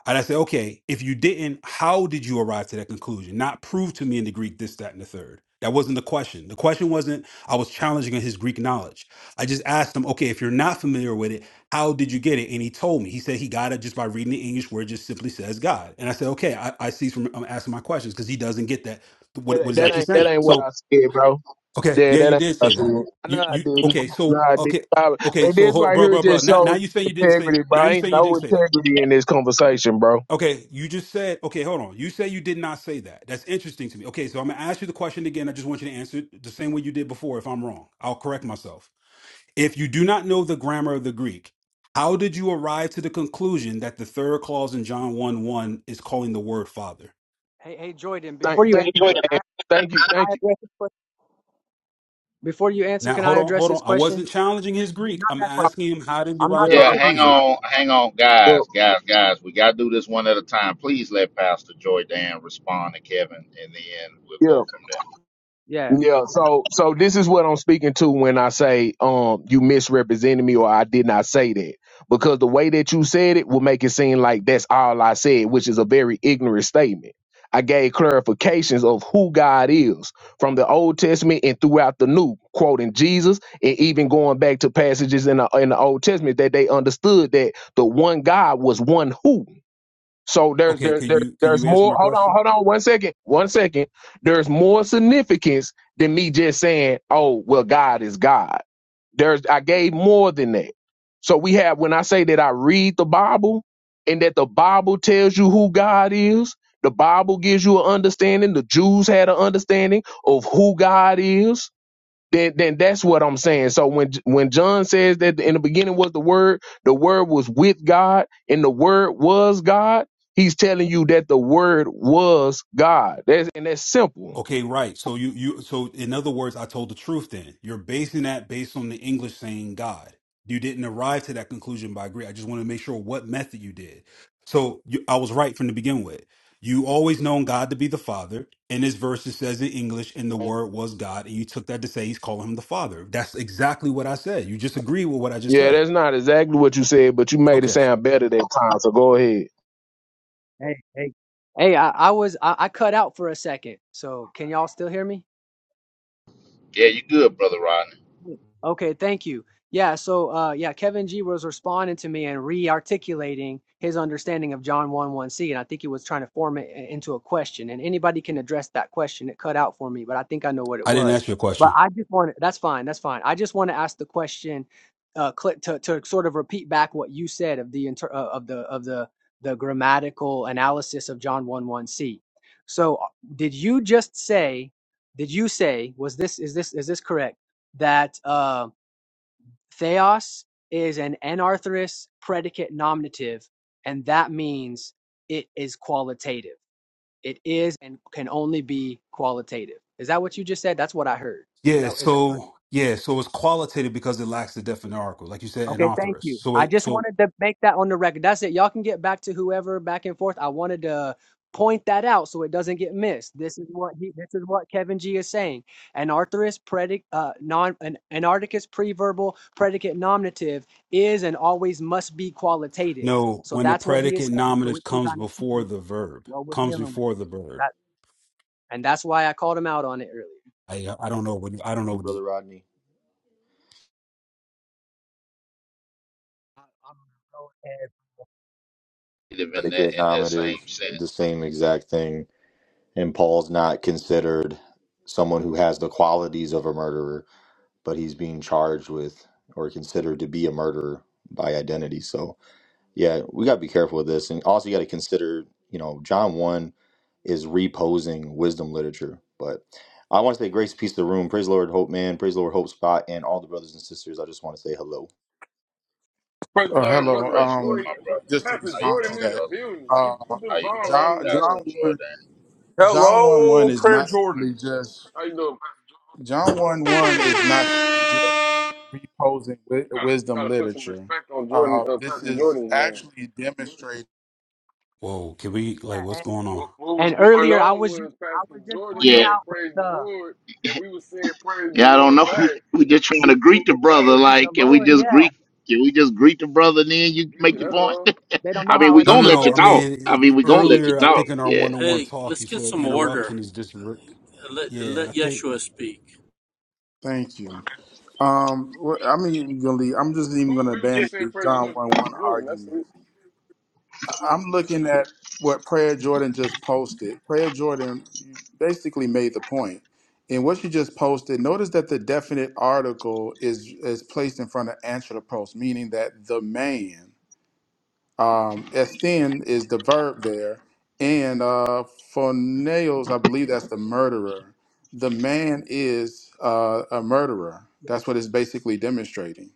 Speaker 3: And I said, okay, if you didn't, how did you arrive to that conclusion? Not prove to me in the Greek this, that, and the third. That wasn't the question. The question wasn't, I was challenging his Greek knowledge. I just asked him, okay, if you're not familiar with it, how did you get it? And he told me. He said he got it just by reading the English where it just simply says God. And I said, okay, I, I see from I'm asking my questions because he doesn't get that what,
Speaker 4: That,
Speaker 3: what
Speaker 4: ain't-
Speaker 3: it's
Speaker 4: that
Speaker 3: actually
Speaker 4: ain't that
Speaker 3: saying.
Speaker 4: ain't what
Speaker 3: So
Speaker 4: I said, bro.
Speaker 3: Okay,
Speaker 4: Yeah,
Speaker 3: yeah,
Speaker 4: that
Speaker 3: you
Speaker 4: ain't
Speaker 3: did
Speaker 4: what
Speaker 3: say
Speaker 4: I said.
Speaker 3: that. You
Speaker 4: No, I
Speaker 3: you
Speaker 4: didn't.
Speaker 3: okay?
Speaker 4: No,
Speaker 3: So
Speaker 4: I didn't.
Speaker 3: okay,
Speaker 4: I-
Speaker 3: okay.
Speaker 4: and
Speaker 3: So
Speaker 4: this
Speaker 3: hold,
Speaker 4: right
Speaker 3: bro,
Speaker 4: here
Speaker 3: bro, bro.
Speaker 4: just
Speaker 3: Now now
Speaker 4: shows
Speaker 3: you saying you didn't say.
Speaker 4: integrity,
Speaker 3: Now
Speaker 4: bro.
Speaker 3: you
Speaker 4: Ain't
Speaker 3: saying you
Speaker 4: no
Speaker 3: didn't say that.
Speaker 4: integrity in this conversation, bro.
Speaker 3: Okay, you just said. Okay, hold on. You say you did not say that. That's interesting to me. Okay, so I'm gonna ask you the question again. I just want you to answer it the same way you did before. If I'm wrong, I'll correct myself. If you do not know the grammar of the Greek, how did you arrive to the conclusion that the third clause in John one one is calling the word Father?
Speaker 6: hey hey jordan
Speaker 4: Thank,
Speaker 6: before you
Speaker 4: thank you,
Speaker 6: answer
Speaker 4: man. Thank you,
Speaker 6: can i
Speaker 4: thank you.
Speaker 6: address this question before you answer
Speaker 3: Now
Speaker 6: can
Speaker 3: hold
Speaker 6: i
Speaker 3: on,
Speaker 6: address
Speaker 3: hold on.
Speaker 6: his
Speaker 3: I
Speaker 6: question
Speaker 3: wasn't challenging his Greek.
Speaker 6: not
Speaker 3: I'm
Speaker 6: that question
Speaker 3: asking him how did you
Speaker 6: i'm not
Speaker 3: arrive to
Speaker 4: Well,
Speaker 3: the
Speaker 5: yeah,
Speaker 6: talking to
Speaker 5: hang
Speaker 6: you
Speaker 3: conclusion.
Speaker 5: on, hang on,
Speaker 4: well,
Speaker 5: guys, guys, guys. We gotta do this one at a time. Please let Pastor Joy Dan respond to Kevin, and then we'll
Speaker 4: yeah.
Speaker 5: go from there.
Speaker 6: yeah uh,
Speaker 4: Yeah,
Speaker 6: well,
Speaker 4: so so this is what I'm speaking to when I say um you misrepresented me or I did not say that. Because the way that you said it will make it seem like that's all I said, which is a very ignorant statement. I gave clarifications of who God is from the Old Testament and throughout the New, quoting Jesus and even going back to passages in the in the Old Testament that they understood that the one God was one who. So there's
Speaker 3: Okay,
Speaker 4: there,
Speaker 3: can
Speaker 4: there
Speaker 3: you can
Speaker 4: there's
Speaker 3: you answer
Speaker 4: more.
Speaker 3: my
Speaker 4: Hold on,
Speaker 3: question?
Speaker 4: hold on, one second, one second. There's more significance than me just saying, "Oh, well, God is God." There's I gave more than that. So we have when I say that I read the Bible and that the Bible tells you who God is. The Bible gives you an understanding. The Jews had an understanding of who God is then then that's what I'm saying. So when when John says that in the beginning was the word, the word was with God, and the word was God, he's telling you that the word was God. That's and that's simple.
Speaker 3: Okay, right. So you you so in other words, I told the truth then. You're basing that based on the English saying God. You didn't arrive to that conclusion by Greek. I just want to make sure what method you did. So you, I was right from the begin with. You always known God to be the Father. In this verse, it says in English, and the Word was God, and you took that to say He's calling Him the Father. That's exactly what I said. You just agree with what I just
Speaker 4: Yeah,
Speaker 3: said.
Speaker 4: that's not exactly what you said, but you made it
Speaker 3: Okay,
Speaker 4: sound better that time. So go ahead.
Speaker 6: hey hey hey i, I was I, I cut out for a second so can y'all still hear me
Speaker 5: Yeah, you good, brother Rodney.
Speaker 6: Okay, thank you. Yeah, so uh, yeah, Kevin G was responding to me and re-articulating his understanding of John 1 1c, and I think he was trying to form it i- into a question. And anybody can address that question. It cut out for me, but I think I know what it
Speaker 3: I didn't
Speaker 6: was.
Speaker 3: ask you a
Speaker 6: But
Speaker 3: question.
Speaker 6: I just want to, that's fine, that's fine. I just want to ask the question, uh, cl- to to sort of repeat back what you said of the inter- uh, of the of the the grammatical analysis of John 1 1c. So uh, did you just say? Did you say was this is this is this correct? that uh, theos is an anarthrous predicate nominative, and that means it is qualitative. It is and can only be qualitative. Is that what you just said? That's what I heard. Is
Speaker 3: Yeah,
Speaker 6: that is that?
Speaker 3: so yeah, so it's qualitative because it lacks the definite article, like you said, an
Speaker 6: Okay, thank you.
Speaker 3: authorist. So
Speaker 6: I
Speaker 3: it
Speaker 6: just
Speaker 3: so
Speaker 6: wanted to make that on the record. That's it. Y'all can get back to whoever back and forth. I wanted to point that out so it doesn't get missed. This is what he this is what Kevin G is saying. Anarthrous predicate uh non an anarticus preverbal predicate nominative is and always must be qualitative.
Speaker 3: no,
Speaker 6: So
Speaker 3: when the
Speaker 6: that's what he is
Speaker 3: predicate
Speaker 6: saying. So we
Speaker 3: nominative
Speaker 6: can
Speaker 3: comes
Speaker 6: kind of see
Speaker 3: before the verb,
Speaker 6: what we're
Speaker 3: comes
Speaker 6: dealing with.
Speaker 3: before the verb.
Speaker 6: That and that's why I called him out on it earlier.
Speaker 3: I I don't know what I don't know. What,
Speaker 8: Brother Rodney.
Speaker 6: I- I'm gonna go ahead.
Speaker 5: Live in
Speaker 8: Predicate
Speaker 5: that in that same
Speaker 8: nominative, the
Speaker 5: sense.
Speaker 8: same exact thing. And Paul's not considered someone who has the qualities of a murderer, but he's being charged with or considered to be a murderer by identity. So yeah, we gotta be careful with this. And also you gotta consider, you know, John one is reposing wisdom literature. But I want to say grace, peace to the room. Praise the Lord, hope man, praise the Lord, hope spot, and all the brothers and sisters. I just want to say hello.
Speaker 9: First
Speaker 2: Oh
Speaker 9: love,
Speaker 2: hello.
Speaker 9: brother
Speaker 5: Praise the Lord,
Speaker 2: Um,
Speaker 9: Jordan,
Speaker 5: my brother.
Speaker 2: just to
Speaker 9: Pastor
Speaker 5: How you
Speaker 2: respond
Speaker 9: Jordan
Speaker 2: to
Speaker 9: in
Speaker 5: doing,
Speaker 9: the
Speaker 2: that,
Speaker 5: brother?
Speaker 9: building. He
Speaker 2: uh,
Speaker 9: put
Speaker 5: How
Speaker 9: them
Speaker 5: you
Speaker 9: bombs on
Speaker 5: doing,
Speaker 9: his
Speaker 2: John
Speaker 5: Pastor
Speaker 2: John
Speaker 9: name.
Speaker 2: one
Speaker 5: Jordan?
Speaker 2: John one
Speaker 10: Hello,
Speaker 2: one is
Speaker 10: Prayer
Speaker 2: not simply
Speaker 10: Jordan.
Speaker 2: just
Speaker 9: How you doing, Pastor Jordan?
Speaker 2: John
Speaker 9: Hold on.
Speaker 2: one one is not simply just reposing wi-
Speaker 9: You gotta, you
Speaker 2: wisdom
Speaker 9: gotta put some
Speaker 2: literature.
Speaker 9: respect on Jordan,
Speaker 2: Uh,
Speaker 9: uh,
Speaker 2: this
Speaker 9: Pastor
Speaker 2: is
Speaker 9: Jordan's name.
Speaker 2: actually demonstrating.
Speaker 3: whoa, can we like what's
Speaker 6: And,
Speaker 3: going on?
Speaker 9: What, what was
Speaker 6: and
Speaker 9: going
Speaker 6: earlier I
Speaker 9: on
Speaker 6: was just
Speaker 9: was
Speaker 6: I
Speaker 9: Pastor
Speaker 6: was just
Speaker 9: Jordan
Speaker 5: Yeah,
Speaker 6: pointing out
Speaker 9: said,
Speaker 6: with
Speaker 9: "Praise the
Speaker 6: the
Speaker 9: Lord," and we was saying, "Praise the
Speaker 5: Yeah, I don't know.
Speaker 9: Lord"
Speaker 5: <laughs>
Speaker 9: back.
Speaker 5: We just trying to greet the
Speaker 9: That's
Speaker 5: brother.
Speaker 9: it.
Speaker 6: Praise the
Speaker 5: Like, can we
Speaker 6: Lord.
Speaker 5: just
Speaker 6: Yeah.
Speaker 5: greet? Can we just greet the brother? And then you make
Speaker 9: Yeah,
Speaker 5: your
Speaker 9: that's
Speaker 5: point. <laughs>
Speaker 9: all.
Speaker 6: They don't know
Speaker 5: I mean,
Speaker 6: how
Speaker 5: we
Speaker 6: it
Speaker 3: No,
Speaker 6: is
Speaker 5: gonna
Speaker 3: no,
Speaker 6: in
Speaker 5: let
Speaker 3: no.
Speaker 5: you
Speaker 9: Yeah,
Speaker 3: I
Speaker 6: here.
Speaker 5: talk. I mean,
Speaker 3: mean,
Speaker 5: we gonna let you
Speaker 3: earlier I
Speaker 5: talk.
Speaker 3: think in our
Speaker 5: Yeah.
Speaker 3: one-on-one
Speaker 11: Hey,
Speaker 3: talk
Speaker 11: let's
Speaker 3: you
Speaker 11: get
Speaker 3: said
Speaker 11: some order.
Speaker 3: interruption is disrupt.
Speaker 11: Let,
Speaker 3: Yeah,
Speaker 11: let
Speaker 3: I think
Speaker 11: Yeshua speak.
Speaker 2: Thank you. Um, wh- I am even gonna leave- I'm just even going
Speaker 9: cool.
Speaker 2: to
Speaker 9: We was
Speaker 2: abandon
Speaker 9: just saying,
Speaker 2: the
Speaker 9: "Praise the
Speaker 2: John
Speaker 9: Lord," to
Speaker 2: one
Speaker 9: Pastor
Speaker 2: one
Speaker 9: Jordan. That's
Speaker 2: argument.
Speaker 9: it.
Speaker 2: I'm looking at what Prayer Jordan just posted. Prayer Jordan basically made the point. And what she just posted, notice that the definite article is is placed in front of answer to post, meaning that the man, um, Esthin is the verb there, and uh, for nails, I believe that's the murderer. The man is uh, a murderer. That's what it's basically demonstrating.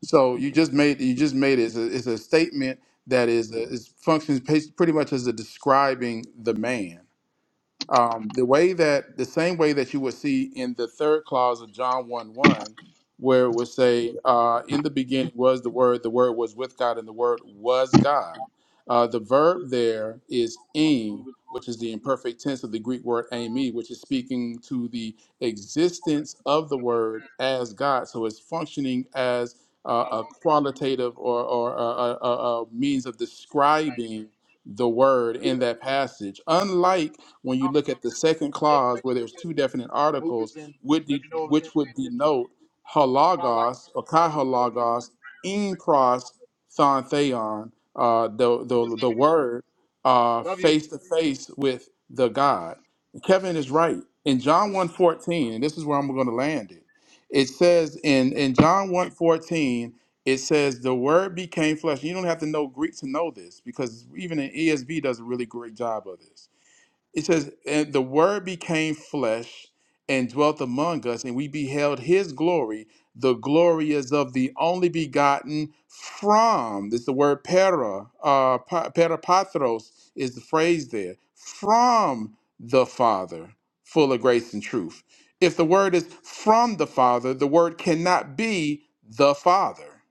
Speaker 2: So you just made you just made it. It's a, it's a statement that is is functions pa- pretty much as a describing the man um, the way that the same way that you would see in the third clause of John 1 1, where it would say, uh, In the beginning was the Word, the Word was with God, and the Word was God. Uh, the verb there is "im," which is the imperfect tense of the Greek word "ami," which is speaking to the existence of the Word as God. So it's functioning as uh, a qualitative or, or a, a, a a means of describing the Word in that passage, unlike when you look at the second clause where there's two definite articles, would de- which would denote halagos or kai halagos in cross thon theon, uh, the, the, the word uh, face to face with the God. Kevin is right. In John one fourteen, and this is where I'm going to land it, it says in, in John one fourteen, it says the word became flesh. You don't have to know Greek to know this because even in ESV does a really great job of this it says, And the word became flesh and dwelt among us, and we beheld his glory. The glory is of the only begotten from, this is the word para, uh, pa- parapatros is the phrase there, from the Father, full of grace and truth. If the word is from the Father, the word cannot be the Father.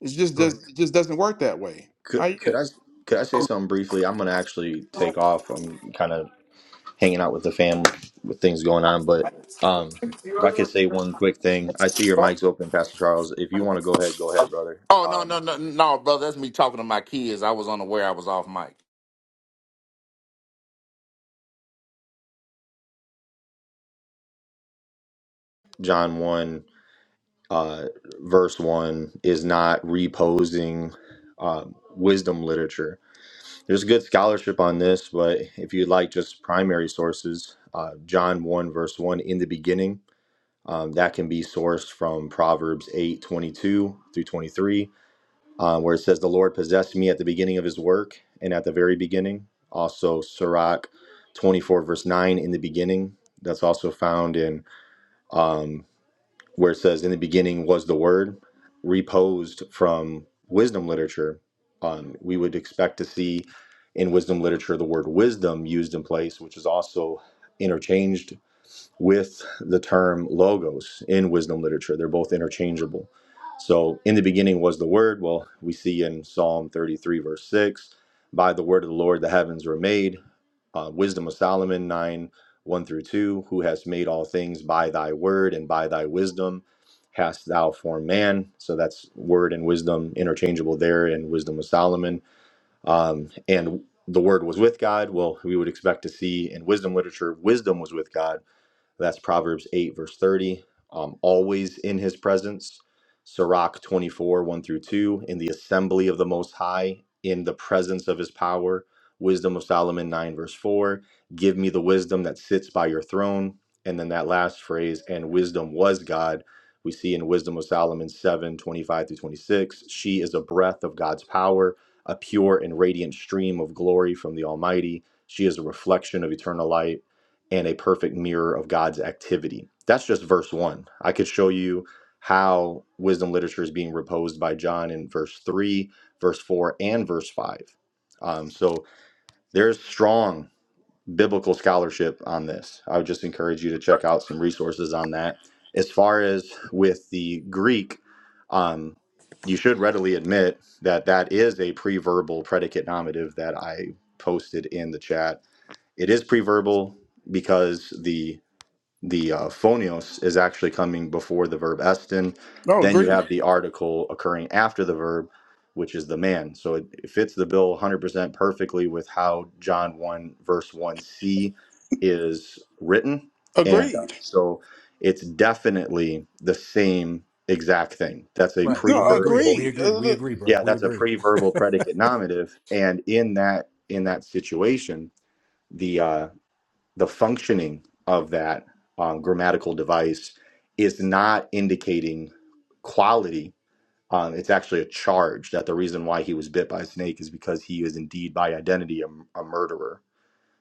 Speaker 2: It just, does,
Speaker 3: correct.
Speaker 2: it just doesn't work that way.
Speaker 8: Could
Speaker 2: I, yeah.
Speaker 8: could I could I say something briefly? I'm gonna actually take off. I'm kind of hanging out with the family with things going on, but um, if I could say one quick thing, I see your mic's open, Pastor Charles. If you want to go ahead, go ahead, brother.
Speaker 5: Oh no no
Speaker 8: Um,
Speaker 5: no no, brother! That's me talking to my kids. I was unaware I was off mic.
Speaker 8: John one, uh, verse one is not reposing. Uh, wisdom literature. There's good scholarship on this, but if you'd like just primary sources, uh, John 1, verse 1, in the beginning Um, that can be sourced from Proverbs 8 22 through 23, um, where it says, The Lord possessed me at the beginning of his work and at the very beginning. Also, Sirach 24, verse 9, in the beginning. That's also found in um, where it says, In the beginning was the word, reposed from wisdom literature. Um, we would expect to see in wisdom literature the word wisdom used in place, which is also interchanged with the term logos in wisdom literature. They're both interchangeable. So, in the beginning was the word. Well, we see in Psalm 33, verse 6, by the word of the Lord the heavens were made. Uh, wisdom of Solomon 9, 1 through 2, who has made all things by thy word and by thy wisdom hast thou formed man. So, that's word and wisdom interchangeable there in Wisdom of Solomon. Um, and the word was with God. Well, we would expect to see in wisdom literature, wisdom was with God that's Proverbs 8, verse 30. Um, always in his presence. Sirach 24, 1 through 2. In the assembly of the Most High, in the presence of his power. Wisdom of Solomon 9, verse 4. Give me the wisdom that sits by your throne. And then that last phrase, and wisdom was God. We see in Wisdom of Solomon 7 25 through 26. She is a breath of God's power, a pure and radiant stream of glory from the Almighty. She is a reflection of eternal light and a perfect mirror of God's activity. That's just verse one. I could show you how wisdom literature is being reposed by John in verse three, verse four, and verse five. Um, so there's strong biblical scholarship on this. I would just encourage you to check out some resources on that. As far as with the Greek, um, you should readily admit that that is a preverbal predicate nominative that I posted in the chat. It is preverbal because the the uh, phonios is actually coming before the verb estin.
Speaker 2: No,
Speaker 8: Then you
Speaker 2: agreed.
Speaker 8: have the article occurring after the verb, which is the man. So it, it fits the bill 100% perfectly with how John 1, verse 1c is written. And uh,
Speaker 2: Agreed.
Speaker 8: so it's definitely the same exact thing. That's a
Speaker 3: Right, we
Speaker 2: No,
Speaker 3: agree.
Speaker 8: pre-verbal.
Speaker 3: We
Speaker 2: agreed.
Speaker 3: agree. We agree, bro.
Speaker 8: Yeah,
Speaker 3: We
Speaker 8: that's a
Speaker 3: agree. <laughs>
Speaker 8: pre-verbal predicate nominative. And in that in that situation, the. uh, the functioning of that um, grammatical device is not indicating quality. Um, it's actually a charge that the reason why he was bit by a snake is because he is indeed by identity a, a murderer.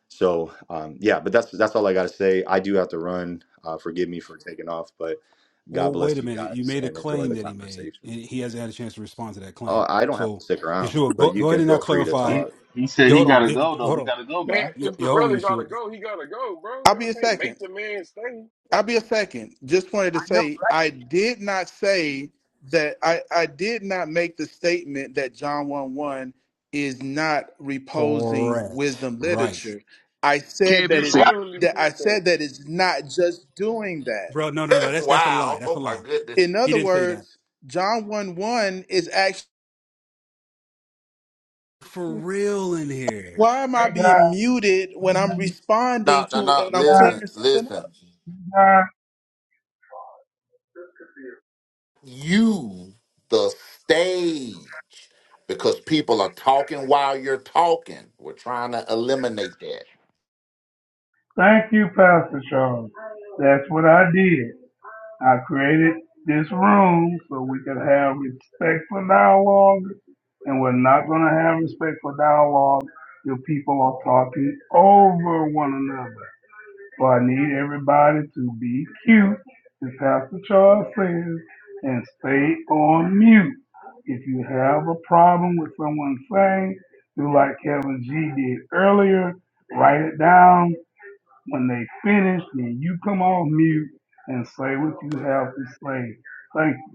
Speaker 8: So um, yeah, but that's that's all I got to say. I do have to run. Uh, forgive me for taking off, but God
Speaker 3: Well, wait
Speaker 8: bless
Speaker 3: a
Speaker 8: you
Speaker 3: minute. You
Speaker 8: guys
Speaker 3: made a
Speaker 8: and enjoy
Speaker 3: claim
Speaker 8: the
Speaker 3: that he made,
Speaker 8: conversation.
Speaker 3: and he hasn't had a chance to respond to that
Speaker 8: Oh,
Speaker 3: claim.
Speaker 8: I don't have to
Speaker 3: So,
Speaker 8: stick around,
Speaker 3: Yeshua,
Speaker 8: but
Speaker 3: go,
Speaker 8: you
Speaker 3: go ahead
Speaker 8: can
Speaker 3: and now
Speaker 8: feel free to
Speaker 3: clarify.
Speaker 7: He
Speaker 8: talk.
Speaker 7: he said
Speaker 3: Yo,
Speaker 7: he
Speaker 3: hold on.
Speaker 7: gotta
Speaker 3: Hey,
Speaker 7: go though.
Speaker 3: hold
Speaker 7: He
Speaker 3: on.
Speaker 7: gotta go,
Speaker 9: Man,
Speaker 7: man.
Speaker 3: Yo,
Speaker 9: if the
Speaker 3: yo, hold on,
Speaker 9: brother gotta
Speaker 3: Yeshua.
Speaker 9: go, he gotta go, bro.
Speaker 2: I'll be
Speaker 9: Y'all
Speaker 2: a
Speaker 9: can't
Speaker 2: second.
Speaker 9: make the man stay. Yeah.
Speaker 2: I'll be a second. Just wanted to
Speaker 6: I know.
Speaker 2: say I did not say that I, I did not make the statement that John 1 1 is not reposing
Speaker 3: Correct.
Speaker 2: wisdom
Speaker 3: Right.
Speaker 2: literature. I said that
Speaker 4: Kevin
Speaker 9: You
Speaker 4: said
Speaker 2: it's
Speaker 4: it
Speaker 9: literally
Speaker 2: that I
Speaker 9: said that.
Speaker 2: said that it's not just doing that.
Speaker 3: Bro, no, no, no.
Speaker 5: <laughs>
Speaker 3: That's that's a lie.
Speaker 5: wow!
Speaker 3: That's a
Speaker 5: Oh my
Speaker 3: lie.
Speaker 5: goodness!
Speaker 2: In
Speaker 3: He
Speaker 2: other
Speaker 3: didn't say that.
Speaker 2: words, John 1 1 is actually
Speaker 3: For real in here.
Speaker 2: why am I
Speaker 1: Hey,
Speaker 2: being
Speaker 1: God,
Speaker 2: muted when I'm responding
Speaker 5: No no
Speaker 2: to
Speaker 5: no!
Speaker 2: and I'm
Speaker 1: God,
Speaker 5: Listen
Speaker 2: clearing something up?
Speaker 5: listen.
Speaker 1: God,
Speaker 5: you the stage because people are talking while you're talking. We're trying to eliminate that.
Speaker 1: thank you, Pastor Charles. That's what I did. I created this room so we could have respectful dialogue, and we're not going to have respectful dialogue if people are talking over one another. Well, I need everybody to be cute, as Pastor Charles says, and stay on mute. If you have a problem with someone saying, do like Kevin G did earlier, write it down. When they finish, then you come off mute and say what you have to say. Thank you.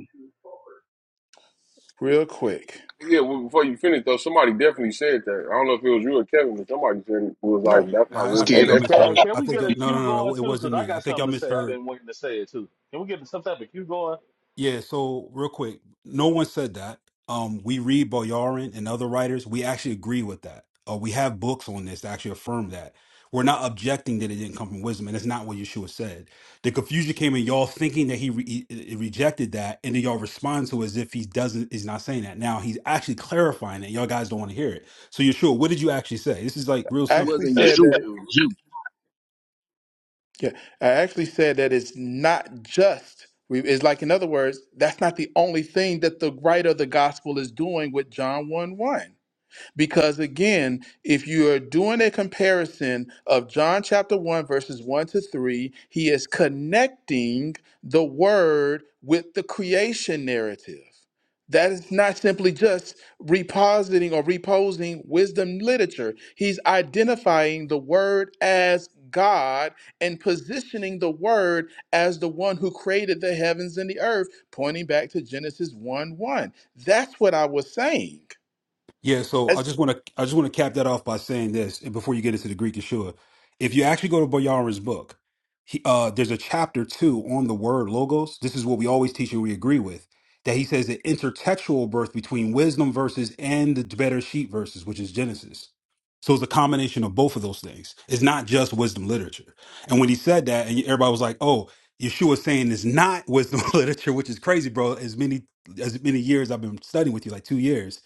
Speaker 2: real quick.
Speaker 9: Yeah, well, before you finish though, somebody definitely said that. I don't know if it was you or Kevin, but somebody said it was
Speaker 2: No,
Speaker 9: like that's not
Speaker 4: was
Speaker 3: I, I
Speaker 7: Hey,
Speaker 3: think
Speaker 4: Kevin.
Speaker 9: wisdom.
Speaker 3: y'all
Speaker 7: hey, can, hey,
Speaker 3: misheard.
Speaker 7: can
Speaker 3: I
Speaker 7: we
Speaker 3: think
Speaker 7: get
Speaker 3: y'all,
Speaker 7: a
Speaker 3: no,
Speaker 7: cue
Speaker 3: no, no,
Speaker 7: going
Speaker 3: no. It
Speaker 7: too? Cause
Speaker 3: wasn't
Speaker 7: I
Speaker 3: me. I
Speaker 7: got
Speaker 3: think
Speaker 7: something
Speaker 3: y'all
Speaker 7: to say. I've
Speaker 3: misheard
Speaker 7: been waiting to say it too. Can we get some type of cue going?
Speaker 3: Yeah, so real quick, no one said that. Um, we read Boyarin and other writers. We actually agree with that. Uh, we have books on this to actually affirm that. We're not objecting that it didn't come from wisdom, and that's not what Yeshua said. The confusion came in y'all thinking that he, re- he- he rejected that, and then y'all respond to it as if he doesn't. He's not saying that. Now he's actually clarifying it. Y'all guys don't want to hear it. So Yeshua, what did you actually say? This is like real
Speaker 2: I
Speaker 4: It
Speaker 3: simple.
Speaker 2: actually
Speaker 4: wasn't
Speaker 2: said
Speaker 4: Yeshua,
Speaker 2: that
Speaker 4: it
Speaker 2: it.
Speaker 4: was you.
Speaker 2: Yeah, I actually said that it's not just. We, it's like in other words, that's not the only thing that the writer of the gospel is doing with John one one. Because again, if you are doing a comparison of John chapter 1, verses 1 to 3, he is connecting the word with the creation narrative. That is not simply just repositing or reposing wisdom literature. He's identifying the word as God and positioning the word as the one who created the heavens and the earth, pointing back to Genesis 1 1. That's what I was saying.
Speaker 3: Yeah, so I just want to I just want to cap that off by saying this, and before you get into the Greek Yeshua, if you actually go to Boyarin's book, he, uh, there's a chapter two on the word logos. This is what we always teach and we agree with that he says the intertextual birth between wisdom verses and the better sheet verses, which is Genesis. So it's a combination of both of those things. It's not just wisdom literature. And when he said that, and everybody was like, "Oh, Yeshua's saying it's not wisdom <laughs> literature," which is crazy, bro. As many as many years I've been studying with you, like two years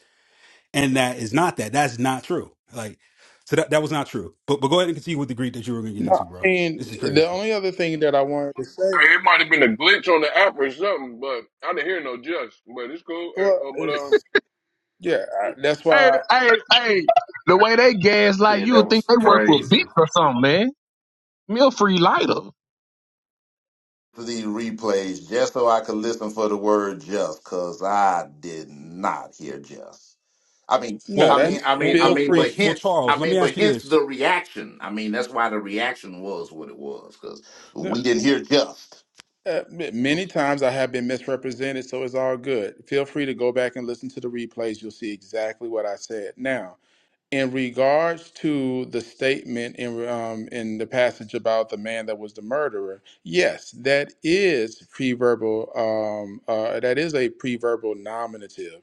Speaker 3: and that is not that. That's not true. Like, so that that was not true. But but go ahead and continue with the Greek that you were going to get
Speaker 2: No,
Speaker 3: into,
Speaker 2: I
Speaker 3: bro.
Speaker 2: mean,
Speaker 3: This is
Speaker 2: the
Speaker 3: crazy.
Speaker 2: only other thing that I wanted to say,
Speaker 9: Hey, It might have been a glitch on the app or something, but I didn't hear no just. But it's cool. Hey,
Speaker 2: well,
Speaker 9: uh, but um,
Speaker 2: is yeah, I-
Speaker 9: <laughs>
Speaker 2: that's
Speaker 4: Hey,
Speaker 2: why.
Speaker 4: hey, hey, the way they gaslight
Speaker 5: Yeah,
Speaker 4: you
Speaker 5: that
Speaker 4: would think
Speaker 5: was
Speaker 4: they work for Beats
Speaker 5: crazy.
Speaker 4: or something, man. Me a free lighter.
Speaker 5: to these replays just so I could listen for the word just because I did not hear just. I mean,
Speaker 2: No,
Speaker 3: Well,
Speaker 5: I
Speaker 3: mm,
Speaker 5: mean,
Speaker 2: that's
Speaker 5: I mean,
Speaker 3: well,
Speaker 5: I
Speaker 2: feel
Speaker 3: well,
Speaker 5: mean,
Speaker 2: free.
Speaker 3: well,
Speaker 5: but
Speaker 3: well,
Speaker 5: hence,
Speaker 3: Charles,
Speaker 5: I
Speaker 3: let
Speaker 5: mean,
Speaker 3: me ask
Speaker 5: but
Speaker 3: you
Speaker 5: hence the
Speaker 3: this.
Speaker 5: reaction. I mean, that's why the reaction was what it was because
Speaker 2: no,
Speaker 5: we didn't hear just.
Speaker 2: Uh, many
Speaker 3: Okay.
Speaker 2: times I have been misrepresented, so it's all good. Feel free to go back and listen to the replays. You'll see exactly what I said. Now, in regards to the statement in um, in the passage about the man that was the murderer, yes, that is preverbal. Um, uh, that is a preverbal nominative,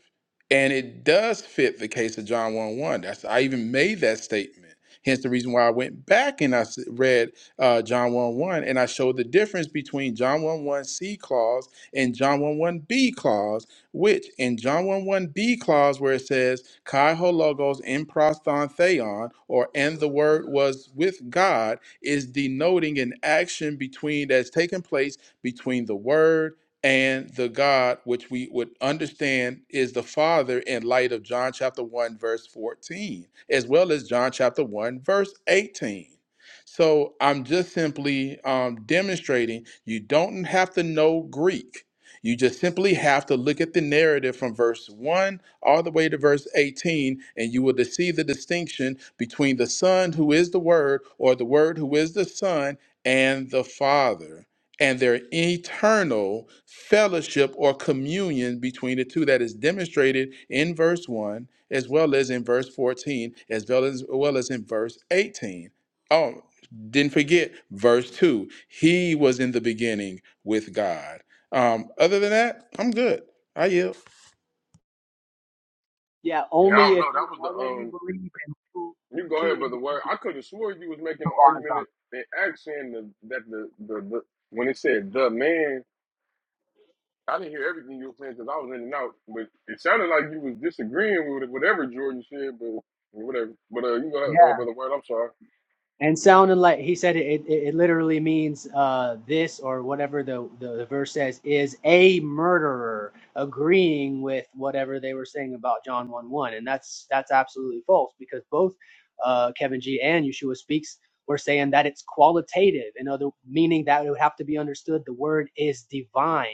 Speaker 2: and it does fit the case of John one one. That's I even made that statement. Hence the reason why I went back and I s- read uh, John one one, and I showed the difference between John one one C clause and John one one B clause, which in John one one B clause where it says Kai ho logos in proston theon, or and the word was with God, is denoting an action between that's taken place between the word and the God, which we would understand is the Father in light of John chapter 1, verse 14, as well as John chapter 1, verse 18. So I'm just simply um, demonstrating you don't have to know Greek. You just simply have to look at the narrative from verse 1 all the way to verse 18, and you will see the distinction between the Son who is the Word or the Word who is the Son and the Father. And their eternal fellowship or communion between the two that is demonstrated in verse 1, as well as in verse 14, as well as, as well as in verse 18. Oh, didn't forget verse 2 he was in the beginning with god um other than that i'm good i yield
Speaker 6: Yeah.
Speaker 9: yeah, I
Speaker 6: Only
Speaker 9: don't
Speaker 6: if
Speaker 9: know. That
Speaker 6: you
Speaker 9: was the
Speaker 6: already
Speaker 9: um.
Speaker 6: believe in two,
Speaker 9: You go
Speaker 6: two
Speaker 9: ahead, brother. Word. I
Speaker 6: individual
Speaker 9: could have swore you was making the
Speaker 6: gods.
Speaker 9: argument in accent the, that the, the the when it said the man. I didn't hear everything you were saying because I was in and out, but it sounded like you was disagreeing with whatever Jordan said, but whatever. But uh, you go ahead,
Speaker 6: Yeah.
Speaker 9: uh, brother. Word. I'm sorry.
Speaker 6: And sounding like he said it, it, it literally means uh, this or whatever the, the, the verse says is a murderer agreeing with whatever they were saying about John 1 1. And that's that's absolutely false because both uh, Kevin G and Yeshua Speaks were saying that it's qualitative, in other meaning that it would have to be understood the word is divine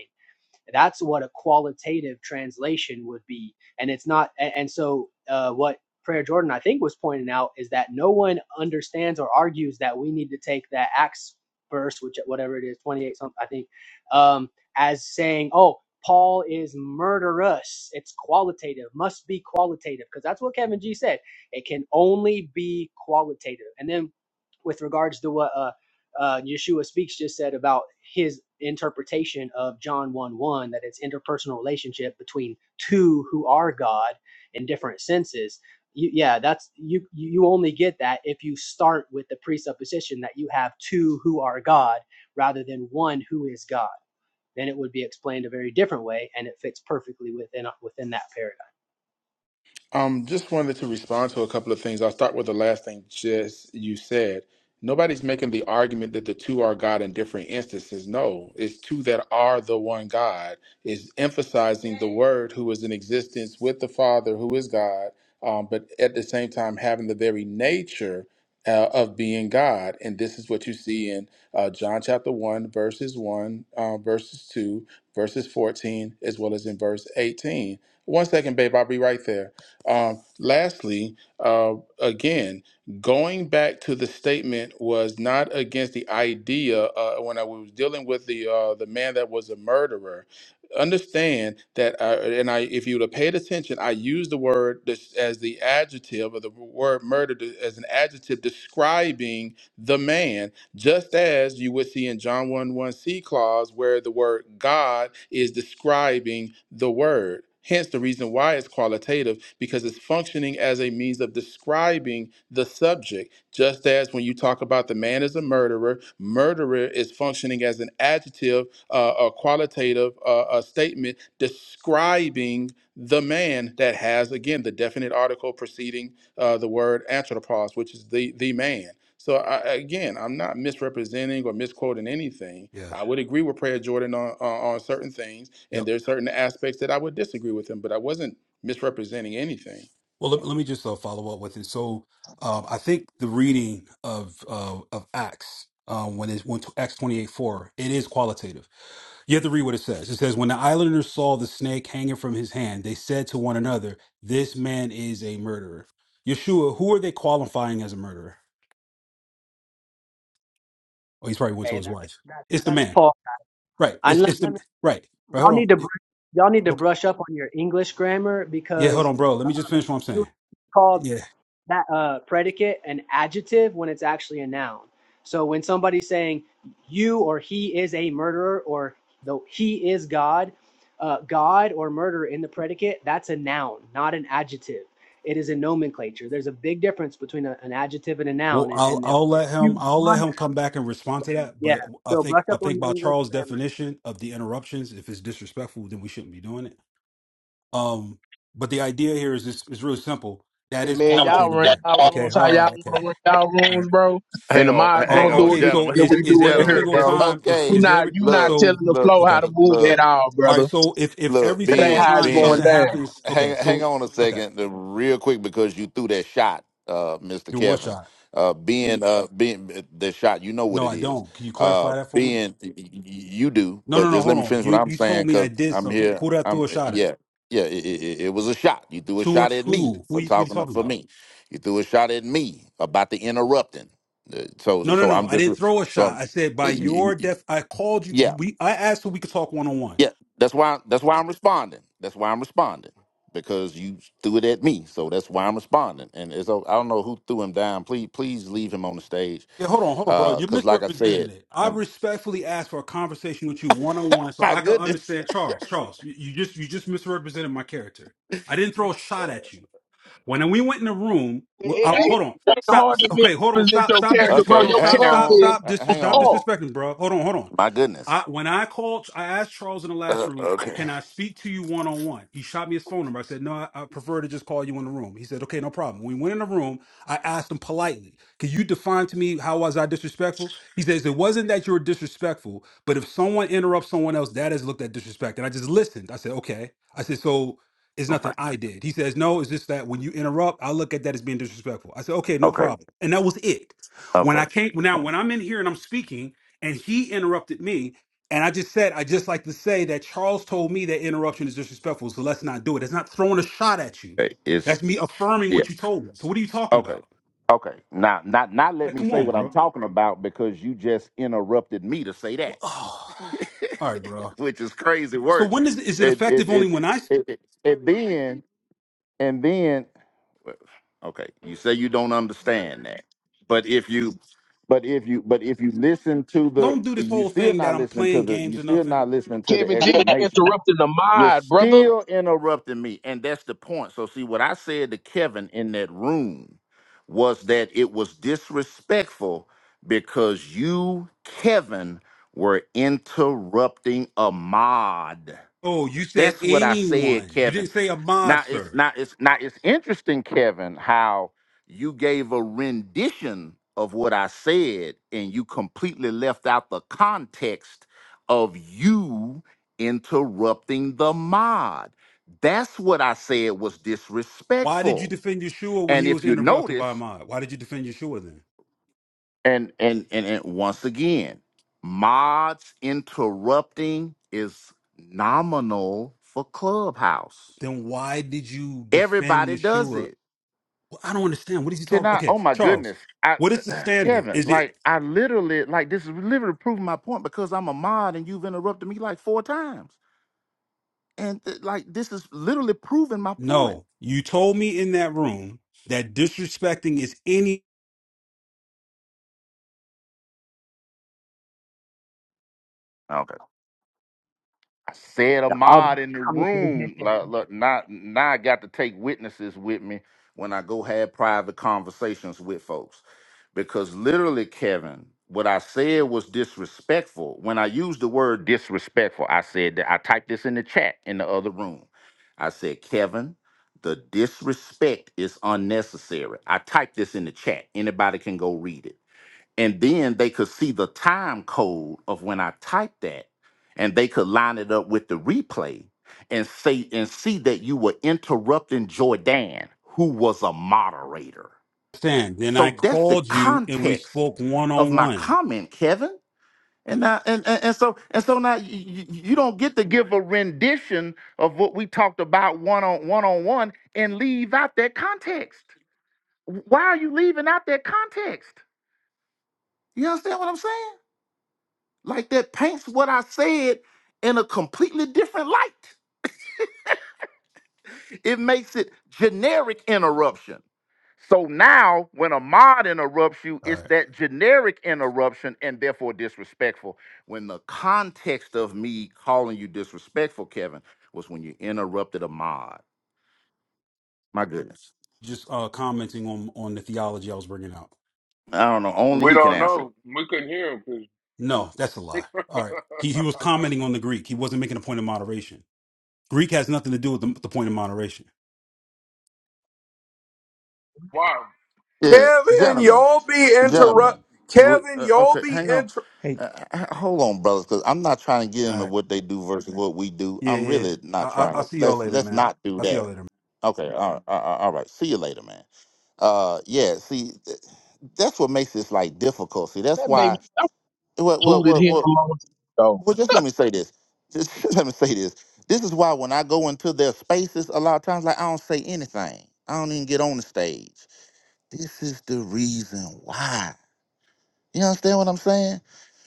Speaker 6: That's what a qualitative translation would be. And it's not, a- and so uh, what Prayer Jordan, I think, was pointing out is that no one understands or argues that we need to take that Acts verse, which whatever it is, 28 something, I think, um, as saying, oh, Paul is murderous. It's qualitative, must be qualitative, because that's what Kevin G said. It can only be qualitative. And then with regards to what uh, uh, Yeshua Speaks just said about his interpretation of John 1 1, that it's interpersonal relationship between two who are God in different senses. You, yeah, that's you. You only get that if you start with the presupposition that you have two who are God rather than one who is God. Then it would be explained a very different way, and it fits perfectly within within that paradigm.
Speaker 2: Um, just wanted to respond to a couple of things. I'll start with the last thing just you said. Nobody's making the argument that the two are God in different instances. No, it's two that are the one God. Is emphasizing the Word who is in existence with the Father who is God, um, but at the same time having the very nature uh, of being God. And this is what you see in uh, John chapter 1, verses 1, uh, verses 2, verses 14, as well as in verse 18. One second, babe, I'll be right there. Um, lastly, uh, again, going back to the statement was not against the idea uh, when I was dealing with the uh, the man that was a murderer. Understand that, I, and I, if you would have paid attention, I used the word dis- as the adjective or the word murder to- as an adjective describing the man just as you would see in John 1 1 C clause where the word God is describing the word. Hence, the reason why it's qualitative because it's functioning as a means of describing the subject. Just as when you talk about the man is a murderer, murderer is functioning as an adjective, uh, a qualitative uh, a statement describing the man that has, again, the definite article preceding uh, the word anthropos, which is the the man. So I, again, I'm not misrepresenting or misquoting anything.
Speaker 3: Yeah.
Speaker 2: I would agree with Prayer Jordan on, on on certain things,
Speaker 3: Yep.
Speaker 2: and there's certain aspects that I would disagree with him, but I wasn't misrepresenting anything.
Speaker 3: Well, let, let me just uh, follow up with it. So, um, I think the reading of uh, of Acts. Um, when it's when t- Acts 28 4, it is qualitative. You have to read what it says. It says, When the islanders saw the snake hanging from his hand, they said to one another, 'This man is a murderer. Yeshua, who are they qualifying as a murderer? Oh, he's probably went to
Speaker 6: Hey,
Speaker 3: his
Speaker 6: that,
Speaker 3: wife.
Speaker 6: that
Speaker 3: It's the
Speaker 6: that's
Speaker 3: man.
Speaker 6: Paul.
Speaker 3: Right.
Speaker 6: And
Speaker 3: It's
Speaker 6: let,
Speaker 3: it's
Speaker 6: let
Speaker 3: the
Speaker 6: me,
Speaker 3: right. Right.
Speaker 6: y'all
Speaker 3: Hold
Speaker 6: need to br-
Speaker 3: on.
Speaker 6: y'all need to
Speaker 3: Look.
Speaker 6: brush up on your English grammar
Speaker 3: Yeah. Hold
Speaker 6: because
Speaker 3: on, bro. Let me just finish what I'm
Speaker 6: Yeshua
Speaker 3: saying.
Speaker 6: called
Speaker 3: Yeah.
Speaker 6: that uh, predicate an adjective when it's actually a noun. So when somebody's saying you or he is a murderer or the he is God, uh, God or murder in the predicate, that's a noun, not an adjective. It is a nomenclature. There's a big difference between a, an adjective and a noun,
Speaker 3: Well,
Speaker 6: and,
Speaker 3: I'll
Speaker 6: and they're
Speaker 3: I'll let him
Speaker 6: huge
Speaker 3: I'll let
Speaker 6: contrast.
Speaker 3: him come back and respond to that.
Speaker 6: Yeah.
Speaker 3: But I
Speaker 6: So
Speaker 3: think
Speaker 6: brush
Speaker 3: I
Speaker 6: up on
Speaker 3: think
Speaker 6: the
Speaker 3: by
Speaker 6: English
Speaker 3: Charles'
Speaker 6: grammar.
Speaker 3: definition of the interruptions, if it's disrespectful, then we shouldn't be doing it. Um. But the idea here is is, is really simple. That
Speaker 4: Hey
Speaker 3: is
Speaker 4: man, Come y'all on,
Speaker 3: qualitative
Speaker 4: run That's
Speaker 3: there.
Speaker 4: y'all all.
Speaker 3: Okay.
Speaker 4: rooms how
Speaker 3: Uh,
Speaker 4: y'all
Speaker 3: okay.
Speaker 4: wanna run y'all
Speaker 3: All
Speaker 4: rooms,
Speaker 3: right.
Speaker 4: bro.
Speaker 5: Hang
Speaker 4: And the
Speaker 5: on,
Speaker 4: mods
Speaker 5: hang
Speaker 3: Or
Speaker 4: gonna
Speaker 5: on,
Speaker 4: do it
Speaker 3: okay. So
Speaker 5: gentlemen,
Speaker 4: and
Speaker 3: is
Speaker 4: we
Speaker 5: <laughs>
Speaker 3: is
Speaker 4: do it
Speaker 3: every
Speaker 4: in here,
Speaker 5: gentlemen.
Speaker 3: single
Speaker 5: It's
Speaker 4: bro.
Speaker 3: time is
Speaker 4: You
Speaker 5: okay.
Speaker 3: is
Speaker 4: not
Speaker 3: every
Speaker 4: you not
Speaker 5: Look,
Speaker 3: so
Speaker 4: telling the
Speaker 5: look,
Speaker 4: flow
Speaker 3: okay.
Speaker 4: how to move at
Speaker 5: look,
Speaker 4: all,
Speaker 3: All right,
Speaker 4: brother.
Speaker 3: so if if
Speaker 5: look.
Speaker 3: every
Speaker 4: That
Speaker 3: single
Speaker 4: ain't
Speaker 5: Being,
Speaker 4: how it's
Speaker 3: time
Speaker 4: going
Speaker 5: being,
Speaker 3: something
Speaker 4: down.
Speaker 3: happens, okay,
Speaker 5: hang hang
Speaker 3: so
Speaker 5: on a
Speaker 3: okay,
Speaker 5: second, uh, real quick, because you threw that shot, uh, Mr.
Speaker 3: do what
Speaker 5: Kevin.
Speaker 3: shot?
Speaker 5: Uh, being uh, being uh, the shot, you know what
Speaker 3: No,
Speaker 5: it
Speaker 3: I
Speaker 5: is.
Speaker 3: don't. Can you
Speaker 5: Uh,
Speaker 3: clarify that for me?
Speaker 5: being y- y- you do,
Speaker 3: No,
Speaker 5: but
Speaker 3: no, no.
Speaker 5: just let
Speaker 3: Hold
Speaker 5: me
Speaker 3: on.
Speaker 5: finish what
Speaker 3: You
Speaker 5: I'm
Speaker 3: you
Speaker 5: saying,
Speaker 3: told me I
Speaker 5: cause
Speaker 3: did
Speaker 5: I'm
Speaker 3: something. Who,
Speaker 5: here.
Speaker 3: who did I
Speaker 5: I'm
Speaker 3: throw a
Speaker 5: uh,
Speaker 3: shot
Speaker 5: yeah,
Speaker 3: at?
Speaker 5: yeah. It, it, it was a shot. You threw a shot
Speaker 3: Towards
Speaker 5: at me
Speaker 3: who? Who
Speaker 5: for
Speaker 3: you, what are you
Speaker 5: talking
Speaker 3: talking
Speaker 5: for
Speaker 3: about?
Speaker 5: me. You threw a shot at me about the interrupting. Uh, So so,
Speaker 3: No, no,
Speaker 5: so
Speaker 3: no.
Speaker 5: I'm
Speaker 3: I
Speaker 5: just
Speaker 3: didn't throw a
Speaker 5: so.
Speaker 3: shot.
Speaker 5: I'm-
Speaker 3: I said by
Speaker 5: y- y-
Speaker 3: your
Speaker 5: y-
Speaker 3: def. I called you. you
Speaker 5: Yeah,
Speaker 3: we I asked if we could talk one on one.
Speaker 5: yeah, that's why that's why I'm responding. That's why I'm responding because you threw it at me. So that's why I'm responding. And it's o- I don't know who threw him down. Please please leave him on the stage
Speaker 3: Yeah, hold on, hold on, bro.
Speaker 5: Uh
Speaker 3: You
Speaker 5: 'cause cuz like I
Speaker 3: misrepresented
Speaker 5: said,
Speaker 3: it. I
Speaker 5: I'm
Speaker 3: respectfully asked for a conversation with you
Speaker 5: <laughs>
Speaker 3: one on one, so
Speaker 5: My
Speaker 3: I can
Speaker 5: goodness.
Speaker 3: understand Charles. Charles, you, you just you just misrepresented my character. I didn't throw a shot at you. When we went in the room,
Speaker 4: It,
Speaker 3: well,
Speaker 4: it,
Speaker 3: uh,
Speaker 4: it,
Speaker 3: hold on,
Speaker 4: it ain't
Speaker 3: stop.
Speaker 4: hard to
Speaker 3: Okay, hold on,
Speaker 4: misrepresent
Speaker 3: stop,
Speaker 4: your
Speaker 3: stop,
Speaker 4: character,
Speaker 3: disres,
Speaker 4: bro.
Speaker 3: hold
Speaker 5: Okay,
Speaker 3: on,
Speaker 4: Your
Speaker 3: stop,
Speaker 5: hang
Speaker 4: character
Speaker 3: stop,
Speaker 5: on.
Speaker 4: is
Speaker 3: stop,
Speaker 5: Uh,
Speaker 3: disres,
Speaker 5: hang
Speaker 3: stop
Speaker 5: on.
Speaker 4: off.
Speaker 3: disrespecting, bro. Hold on, hold on.
Speaker 5: My
Speaker 3: I
Speaker 5: goodness.
Speaker 3: when I called, I asked Charles in the last
Speaker 5: Uh,
Speaker 3: room,
Speaker 5: okay.
Speaker 3: "Can I speak to you one on one?" He shot me his phone number. I said, "No, I, I prefer to just call you in the room." He said, "Okay, no problem." We went in the room. I asked him politely, "Can you define to me how was I disrespectful?" He says, "It wasn't that you were disrespectful, but if someone interrupts someone else, that is looked at disrespect." And I just listened. I said, "Okay." I said, "So." It's
Speaker 5: Oh my
Speaker 3: nothing I
Speaker 5: goodness.
Speaker 3: did. He says, No, it's just that when you interrupt, I look at that as being disrespectful. I said, Okay, no
Speaker 5: Okay.
Speaker 3: problem. And that was it. When
Speaker 5: Okay.
Speaker 3: I came now, when I'm in here and I'm speaking, and he interrupted me. And I just said, I just like to say that Charles told me that interruption is disrespectful, so let's not do it. It's not throwing a shot at you.
Speaker 5: Okay. It's
Speaker 3: That's me affirming
Speaker 5: yeah.
Speaker 3: what you told me. So what are you talking
Speaker 5: Okay.
Speaker 3: about?
Speaker 5: Okay. Now not not let
Speaker 3: Like,
Speaker 5: me
Speaker 3: come
Speaker 5: say
Speaker 3: on,
Speaker 5: what I'm
Speaker 3: bro.
Speaker 5: talking about because you just interrupted me to say that.
Speaker 3: Well, <sighs> oh, all
Speaker 5: <laughs>
Speaker 3: right, bro.
Speaker 5: which is crazy
Speaker 3: So
Speaker 5: work.
Speaker 3: when is is it
Speaker 5: It
Speaker 3: effective
Speaker 5: it
Speaker 3: only
Speaker 5: it
Speaker 3: when I s-
Speaker 5: it, it, it then and then well, okay, you say you don't understand that. But if you but if you but if you listen to the
Speaker 3: don't do this
Speaker 5: you
Speaker 3: whole
Speaker 5: still
Speaker 3: thing that
Speaker 5: not
Speaker 3: I'm
Speaker 5: listening to
Speaker 3: playing
Speaker 5: the you
Speaker 3: games or
Speaker 5: still
Speaker 3: nothing?
Speaker 5: not listening to the
Speaker 4: Kevin G <laughs> Yeah.
Speaker 5: explanation
Speaker 4: interrupting the
Speaker 5: you're
Speaker 4: mod, brother.
Speaker 5: still interrupting me. And that's the point. So, see, what I said to Kevin in that room was that it was disrespectful because you, Kevin, were interrupting a mod.
Speaker 3: Oh, you said
Speaker 5: That's what I said,
Speaker 3: anyone. You
Speaker 5: Kevin.
Speaker 3: didn't say a mod,
Speaker 5: Now it's
Speaker 3: sir.
Speaker 5: now it's now it's interesting, Kevin, how you gave a rendition of what I said and you completely left out the context of you interrupting the mod. That's what I said was
Speaker 3: Why did you
Speaker 5: disrespectful.
Speaker 3: defend Yeshua when
Speaker 5: And
Speaker 3: he
Speaker 5: if
Speaker 3: was
Speaker 5: you
Speaker 3: interrupted by a
Speaker 5: notice,
Speaker 3: mod? Why did you defend Yeshua then?
Speaker 5: and and and, and once again, mods interrupting is nominal for Clubhouse.
Speaker 3: Then why did you defend
Speaker 5: Everybody does
Speaker 3: Yeshua
Speaker 5: it.
Speaker 3: Well, I don't understand. What is he
Speaker 5: Can
Speaker 3: talking?
Speaker 5: I?
Speaker 3: Okay,
Speaker 5: Oh my goodness,
Speaker 3: Charles,
Speaker 5: I,
Speaker 3: what is the
Speaker 5: <clears throat>
Speaker 3: standard?
Speaker 5: Kevin,
Speaker 3: Is it
Speaker 5: like I literally, like this is literally proving my point because I'm a mod and you've interrupted me like four times, and th- like this is literally proving my point.
Speaker 3: no? You told me in that room that disrespecting is any
Speaker 5: Okay, I said a
Speaker 6: The obvious
Speaker 5: mod in the room.
Speaker 6: comprehension.
Speaker 5: Look, look, now, now I got to take witnesses with me when I go have private conversations with folks. because literally, Kevin, what I said was disrespectful. When I used the word disrespectful, I said that I typed this in the chat in the other room. I said, Kevin, the disrespect is unnecessary. I typed this in the chat. Anybody can go read it. And then they could see the time code of when I typed that, and they could line it up with the replay and say and see that you were interrupting Jordan, who was a moderator.
Speaker 3: sin. Then I
Speaker 5: So that's the
Speaker 3: called you and we
Speaker 5: context
Speaker 3: spoke one
Speaker 5: of
Speaker 3: on
Speaker 5: my
Speaker 3: one.
Speaker 5: comment, Kevin. And now, and, and, and so and so now you, you don't get to give a rendition of what we talked about one on one on one and leave out that context. Why are you leaving out that context? You understand what I'm saying? Like that paints what I said in a completely different light. It makes it generic interruption. So now, when a mod interrupts you,
Speaker 3: All
Speaker 5: it's
Speaker 3: right,
Speaker 5: that generic interruption and therefore disrespectful. When the context of me calling you disrespectful, Kevin, was when you interrupted a mod. My goodness.
Speaker 3: just uh, commenting on on the theology I was bringing out.
Speaker 5: I don't know. Only
Speaker 9: We
Speaker 5: he can
Speaker 9: don't
Speaker 5: answer.
Speaker 9: know. We couldn't hear him 'cause-
Speaker 3: No, that's a lie. All right. He he was
Speaker 9: <laughs>
Speaker 3: commenting on the Greek. He wasn't making a point of moderation. Greek has nothing to do with the, the point of moderation.
Speaker 9: wow.
Speaker 5: Yeah,
Speaker 10: Kevin,
Speaker 5: gentlemen,
Speaker 10: you'll be
Speaker 5: gentlemen.
Speaker 10: interrupt.
Speaker 5: We,
Speaker 10: Kevin,
Speaker 5: uh,
Speaker 10: you'll
Speaker 5: okay,
Speaker 10: be
Speaker 5: hang on.
Speaker 10: inter.
Speaker 12: Hey,
Speaker 5: Uh, h- hold on, brothers, because I'm not trying to get
Speaker 3: All
Speaker 5: into
Speaker 3: right.
Speaker 5: what they do versus what we do.
Speaker 3: Yeah,
Speaker 5: I'm
Speaker 3: yeah.
Speaker 5: really
Speaker 3: I,
Speaker 5: not
Speaker 3: I,
Speaker 5: trying
Speaker 3: I'll
Speaker 5: to.
Speaker 3: see y'all
Speaker 5: Let's
Speaker 3: later,
Speaker 5: let's
Speaker 3: man.
Speaker 5: not do
Speaker 3: I'll see
Speaker 5: that.
Speaker 3: y'all later.
Speaker 5: Okay, all right, all right. all right. See you later, man. Uh, yeah. See, th- that's what makes this like difficult. See, that's
Speaker 4: That made me
Speaker 5: why. Well, well,
Speaker 4: booted
Speaker 5: well,
Speaker 4: him
Speaker 5: well,
Speaker 4: a long time
Speaker 5: well. Just let me say this. Just <laughs> let me say this. This is why when I go into their spaces, a lot of times, like I don't say anything. I don't even get on the stage. This is the reason why. You understand what I'm saying?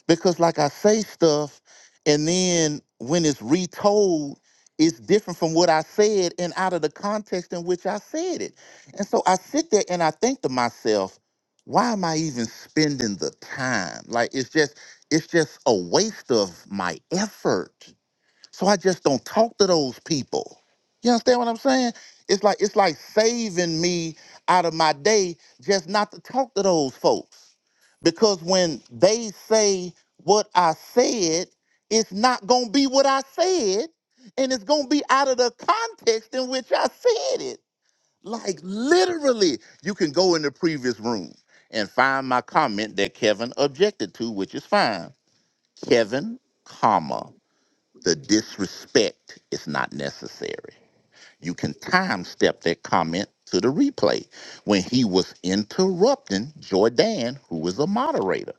Speaker 5: because like I say stuff and then when it's retold it's different from what I said and out of the context in which I said it. And so I sit there and I think to myself, why am I even spending the time? Like it's just it's just a waste of my effort. So I just don't talk to those people. You understand what I'm saying? It's like it's like saving me out of my day just not to talk to those folks. Because when they say what I said, it's not gonna be what I said, and it's gonna be out of the context in which I said it. Like literally, you can go in the previous room and find my comment that Kevin objected to, which is fine. Kevin, comma. The disrespect is not necessary. You can time step that comment to the replay when he was interrupting Jordan, who was a moderator.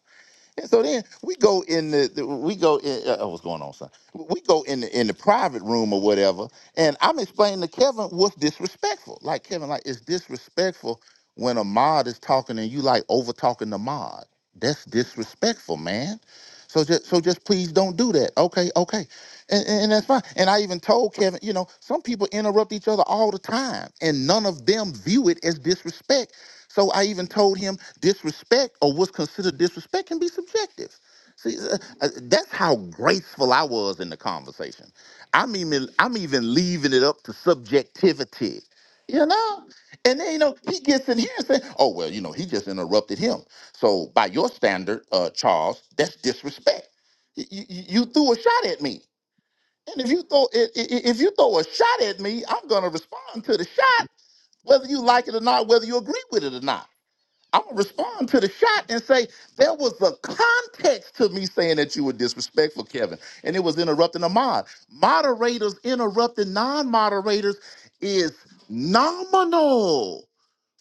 Speaker 5: And so then we go in the the- we go in uh, uh, what's going on, son? We go in the in the private room or whatever, and I'm explaining to Kevin what's disrespectful. Like Kevin, like it's disrespectful when a mod is talking and you like over talking the mod. That's disrespectful, man so just so just please don't do that. Okay, okay. And, and and that's fine. And I even told Kevin, you know, some people interrupt each other all the time, and none of them view it as disrespect. So I even told him disrespect or what's considered disrespect can be subjective. See, uh, uh, that's how graceful I was in the conversation. I'm even I'm even leaving it up to subjectivity. You know? And then, you know, he gets in here and says, oh, well, you know, he just interrupted him. So by your standard, uh, Charles, that's disrespect. You, you, you threw a shot at me. And if you throw i- i- i- if you throw a shot at me, I'm gonna respond to the shot, whether you like it or not, whether you agree with it or not. I'm gonna respond to the shot and say there was a context to me saying that you were disrespectful, Kevin, and it was interrupting a mod. Moderators interrupting non-moderators is nominal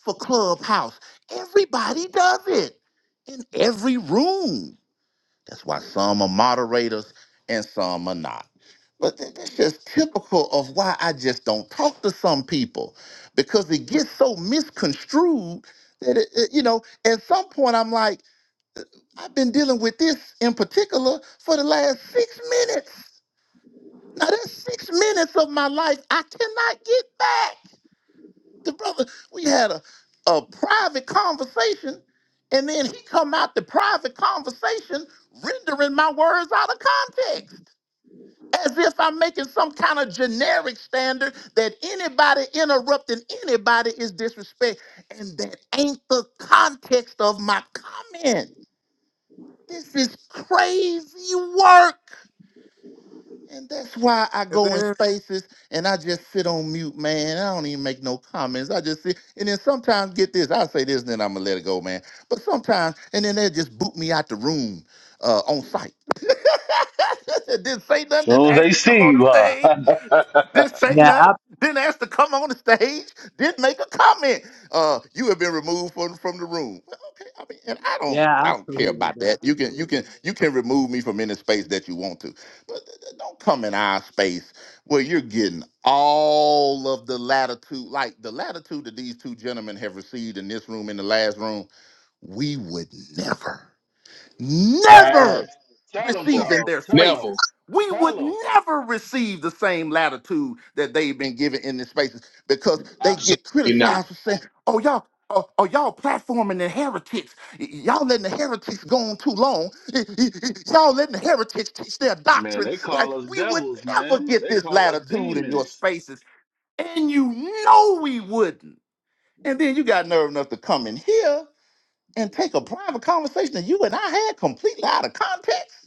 Speaker 5: for Clubhouse. Everybody does it in every room. That's why some are moderators and some are not. But tha- that's just typical of why I just don't talk to some people because it gets so misconstrued that, it, it- you know, at some point I'm like, I've been dealing with this in particular for the last six minutes. Now, that's six minutes of my life I cannot get back. The brother, we had a, a private conversation, and then he come out the private conversation rendering my words out of context. as if I'm making some kind of generic standard that anybody interrupting anybody is disrespect. And that ain't the context of my comment. This is crazy work. And that's why I go in
Speaker 10: Kevin,
Speaker 5: spaces and I just sit on mute, man. I don't even make no comments. I just sit. And then sometimes, get this, I'll say this and then I'm going to let it go, man. But sometimes, and then they'll just boot me out the room uh, on site. <laughs> didn't say nothing, didn't
Speaker 7: Soon as
Speaker 5: ask
Speaker 7: they
Speaker 5: to come
Speaker 7: see
Speaker 5: on the
Speaker 7: you, huh?
Speaker 5: stage
Speaker 7: <laughs>
Speaker 5: didn't say
Speaker 6: Yeah.
Speaker 5: nothing.
Speaker 6: ab-
Speaker 5: Didn't ask to come on the stage. Didn't make a comment. Uh, you have been removed from from the room. Well, Okay, I mean, and I don't,
Speaker 6: yeah.
Speaker 5: I don't care
Speaker 6: Absolutely,
Speaker 5: about
Speaker 6: bro.
Speaker 5: that. You can, you can, you can remove me from any space that you want to, but th- th- don't come in our space where you're getting all of the latitude, like the latitude that these two gentlemen have received in this room, in the last room. We would never never
Speaker 7: Facts. Tell them,
Speaker 4: ago.
Speaker 5: receive in
Speaker 7: Charles.
Speaker 5: their
Speaker 7: Tell
Speaker 4: Never.
Speaker 7: them.
Speaker 4: Never.
Speaker 5: spaces. We
Speaker 7: Tell
Speaker 5: would
Speaker 7: them.
Speaker 5: never receive the same latitude that they've been given in their spaces because they
Speaker 4: Absolutely
Speaker 5: get
Speaker 4: not.
Speaker 5: criticized for saying, oh, y'all. Oh, oh, y'all platforming the heretics. Y- Y'all letting the heretics go on too long. Y- y- y- Y'all letting the heretics teach their
Speaker 7: Man,
Speaker 5: doctrine.
Speaker 7: they
Speaker 5: Like,
Speaker 7: call us
Speaker 5: we would
Speaker 7: devils,
Speaker 5: never
Speaker 7: man.
Speaker 5: get
Speaker 7: They
Speaker 5: this
Speaker 7: call us
Speaker 5: latitude in your
Speaker 7: demons.
Speaker 5: spaces. And you know we wouldn't. And then you got nerve enough to come in here and take a private conversation that you and I had completely out of context?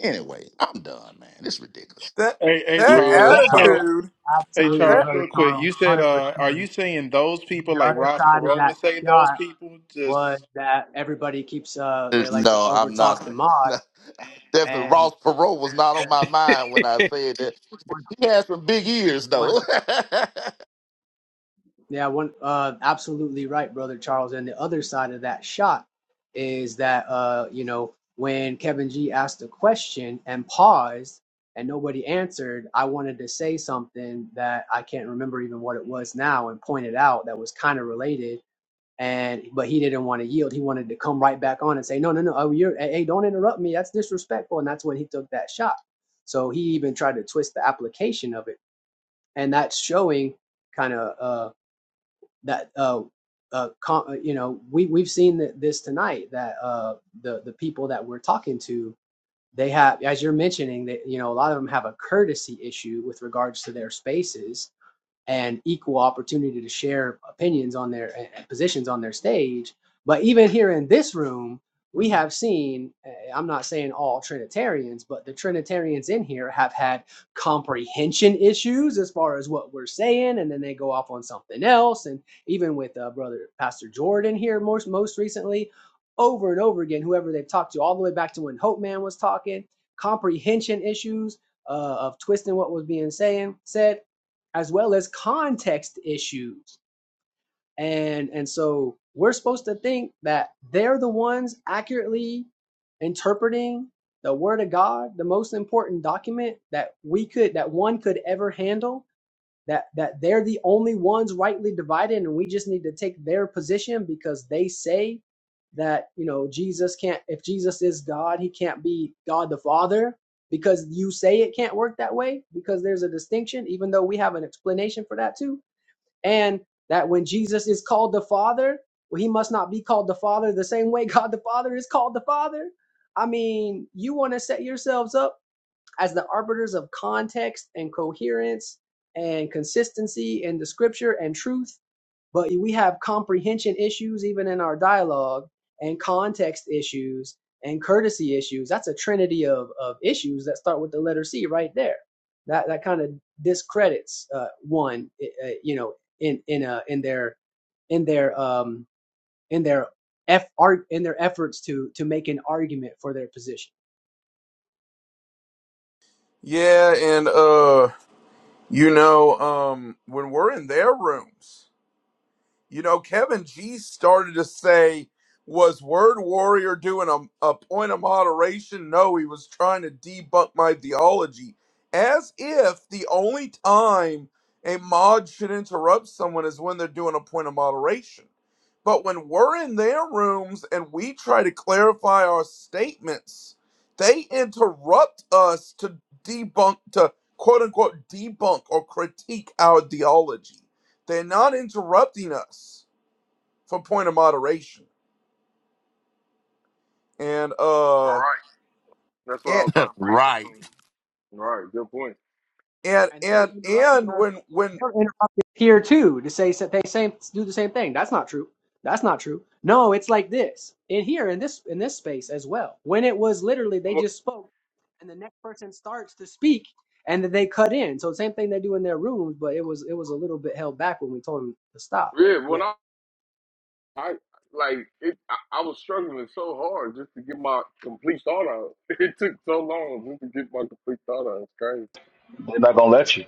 Speaker 5: Anyway, I'm done, man. It's ridiculous.
Speaker 10: that
Speaker 2: Hey, hey,
Speaker 10: that
Speaker 2: Charles,
Speaker 4: Real
Speaker 2: you said,
Speaker 4: talk.
Speaker 10: attitude.
Speaker 2: hey,
Speaker 6: Absolutely,
Speaker 2: Charles,
Speaker 10: That
Speaker 6: brother
Speaker 2: real quick,
Speaker 6: Charles.
Speaker 2: you said,
Speaker 6: Hundred
Speaker 2: uh, are
Speaker 6: percent.
Speaker 2: you saying those people
Speaker 6: The
Speaker 2: like
Speaker 6: other
Speaker 2: Ross
Speaker 6: side of
Speaker 2: Perot
Speaker 6: that
Speaker 2: would say those
Speaker 6: shot
Speaker 2: people?
Speaker 6: was
Speaker 2: just?
Speaker 6: that everybody keeps uh they
Speaker 5: There's-
Speaker 6: like to
Speaker 5: No, I'm
Speaker 6: overtalk the
Speaker 5: not.
Speaker 6: mod
Speaker 5: <laughs> Definitely
Speaker 6: and
Speaker 5: Ross Perot was not on
Speaker 6: and
Speaker 5: my mind when I said that.
Speaker 6: one
Speaker 5: He had some big ears,
Speaker 6: one
Speaker 5: though. <laughs>
Speaker 6: yeah one uh absolutely right brother Charles and the other side of that shot is that uh you know when Kevin G asked a question and paused and nobody answered I wanted to say something that I can't remember even what it was now and pointed out that was kind of related and but he didn't want to yield. He wanted to come right back on and say, "No, no, no! Oh, you're hey, hey, don't interrupt me. That's disrespectful." And that's when he took that shot. So he even tried to twist the application of it, and that's showing kind of uh, that uh, uh, com- uh, you know we we've seen that this tonight that uh, the the people that we're talking to they have as you're mentioning that you know a lot of them have a courtesy issue with regards to their spaces and equal opportunity to share opinions on their and- positions on their stage. But even here in this room, we have seen, eh, I'm not saying all Trinitarians, but the Trinitarians in here have had comprehension issues as far as what we're saying, and then they go off on something else. And even with uh, brother Pastor Jordan here, most most recently, over and over again, whoever they've talked to, all the way back to when Hope Man was talking, comprehension issues uh, of twisting what was being saying said as well as context issues. And and so we're supposed to think that they're the ones accurately interpreting the word of God, the most important document that we could that one could ever handle that that they're the only ones rightly divided and we just need to take their position because they say that you know Jesus can't if Jesus is God he can't be God the Father because you say it can't work that way because there's a distinction even though we have an explanation for that too and that when Jesus is called the Father well, he must not be called the Father the same way <laughs> God the Father is called the Father I mean you want to set yourselves up as the arbiters of context and coherence and consistency in the scripture and truth. But we have comprehension issues even in our dialogue and context issues and courtesy issues. That's a trinity of, of issues that start with the letter C right there. That that kind of discredits uh, one, uh, you know, in in uh, in their in their um in their F art in their efforts to to make an argument for their position.
Speaker 10: yeah, and uh, you know, um, when we're in their rooms. You know, Kevin G started to say, was Word Warrior doing a, a point of moderation? No, he was trying to debunk my theology. As if the only time a mod should interrupt someone is when they're doing a point of moderation. But when we're in their rooms and we try to clarify our statements, they interrupt us to debunk, to quote unquote debunk or critique our theology. They're not interrupting us. From point of moderation and
Speaker 9: All
Speaker 10: uh
Speaker 9: right. That's what I
Speaker 10: and
Speaker 9: was trying to bring up to
Speaker 5: Right.
Speaker 9: him. All right. Good point.
Speaker 10: and
Speaker 6: And they were
Speaker 10: and
Speaker 6: interrupting.
Speaker 10: and
Speaker 6: our
Speaker 10: when when
Speaker 6: they're interrupted here too to say sa- they same do the same thing. That's not true. That's not true. No, it's like this in here in this in this space as well. When it was literally they
Speaker 9: Well,
Speaker 6: just spoke, and the next person starts to speak, and then they cut in. So same thing they do in their rooms, but it was it was a little bit held back when we told them to stop. But
Speaker 9: yeah. When
Speaker 6: yeah,
Speaker 9: I, I like it, I, I was struggling so hard just to get my complete thought out. <laughs> It took so long just to get my complete thought out. It's crazy.
Speaker 7: They're not gonna
Speaker 9: Um,
Speaker 7: let you.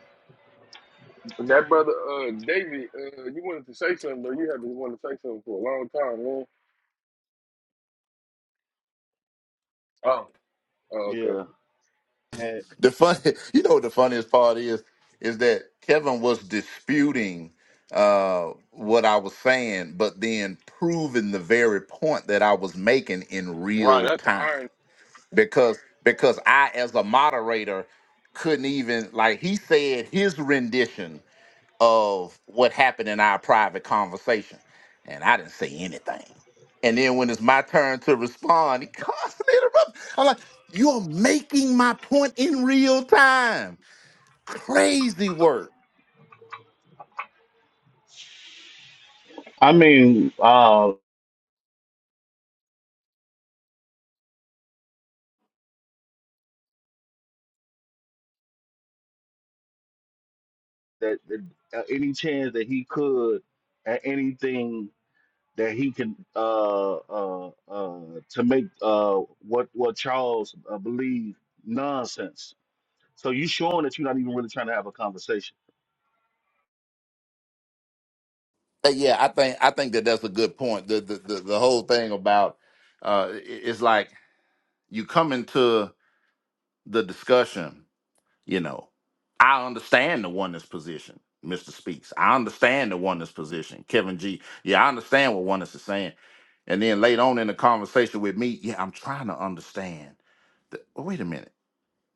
Speaker 9: but that brother, uh, David, uh, you wanted to say something, though. You have been wanting to say something for a long time, man. Oh. oh okay.
Speaker 7: Yeah. And
Speaker 5: the funny, <laughs> you know, what the funniest part is, is that Kevin was disputing uh, what I was saying, but then proving the very point that I was making in
Speaker 9: Wow.
Speaker 5: real
Speaker 9: That's the
Speaker 5: time.
Speaker 9: iron.
Speaker 5: because because I as a moderator couldn't even like he said his rendition of what happened in our private conversation, and I didn't say anything. And then when it's my turn to respond, he <laughs> constantly interrupts. I'm like, "You're making my point in real time. Crazy work."
Speaker 7: I mean, uh, that, that uh, any chance that he could, at anything that he can, uh, uh, uh, to make uh what what Charles uh, believe nonsense. So you showing that you're not even really trying to have a conversation.
Speaker 5: But yeah, I think I think that that's a good point. The the the, the whole thing about uh, i- it's like you come into the discussion You know, I understand the oneness position, Mr. Speaks. I understand the oneness position, Kevin G. Yeah, I understand what oneness is saying. And then later on in the conversation with me, yeah, I'm trying to understand. The, oh, wait a minute.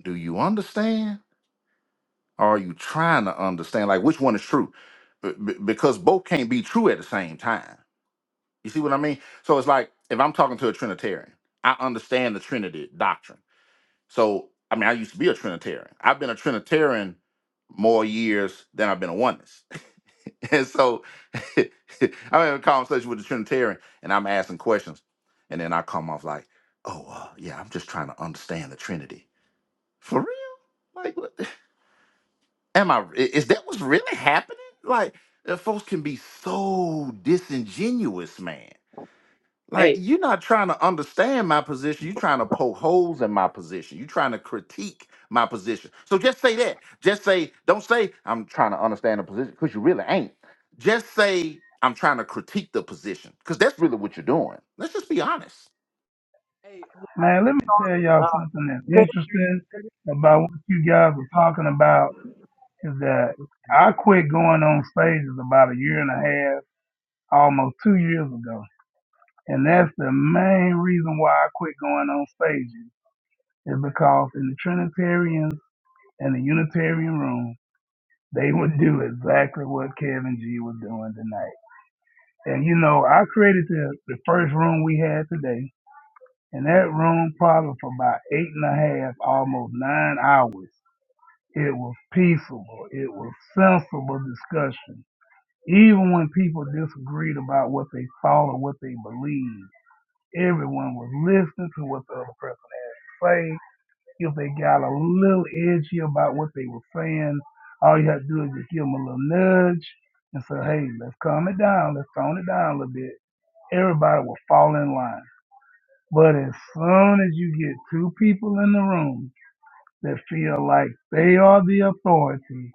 Speaker 5: Do you understand? Or are you trying to understand? Like, which one is true? B- b- because both can't be true at the same time. You see what I mean? So it's like if I'm talking to a Trinitarian, I understand the Trinity doctrine. So, I mean, I used to be a Trinitarian. I've been a Trinitarian more years than I've been a oneness. <laughs> and so <laughs> I'm having a conversation with the Trinitarian and I'm asking questions. And then I come off like, oh, uh, yeah, I'm just trying to understand the Trinity. For real? Like, what? <laughs> Am I, i- is that what's really happening? Like, uh, folks can be so disingenuous, man. Like
Speaker 6: hey,
Speaker 5: you're not trying to understand my position. You're trying to poke holes in my position. You're trying to critique my position. So just say that. Just say, don't say I'm trying to understand the position because you really ain't. Just say I'm trying to critique the position because that's really what you're doing. Let's just be honest.
Speaker 6: hey,
Speaker 1: Man, let me tell
Speaker 6: uh,
Speaker 1: y'all something that's
Speaker 6: could,
Speaker 1: interesting
Speaker 6: could-
Speaker 1: about what you guys are talking about is that I quit going on stages about a year and a half almost two years ago. And that's the main reason why I quit going on stages is because in the Trinitarians and the Unitarian room, they would do exactly what Kevin G was doing tonight. And you know, I created the, the first room we had today, and that room probably for about eight and a half, almost nine hours. It was peaceable. It was sensible discussion. Even when people disagreed about what they thought or what they believed, Everyone was listening to what the other person say. If they got a little edgy about what they were saying, all you have to do is just give them a little nudge and say, hey, let's calm it down. Let's tone it down a little bit. Everybody will fall in line. But as soon as you get two people in the room that feel like they are the authority,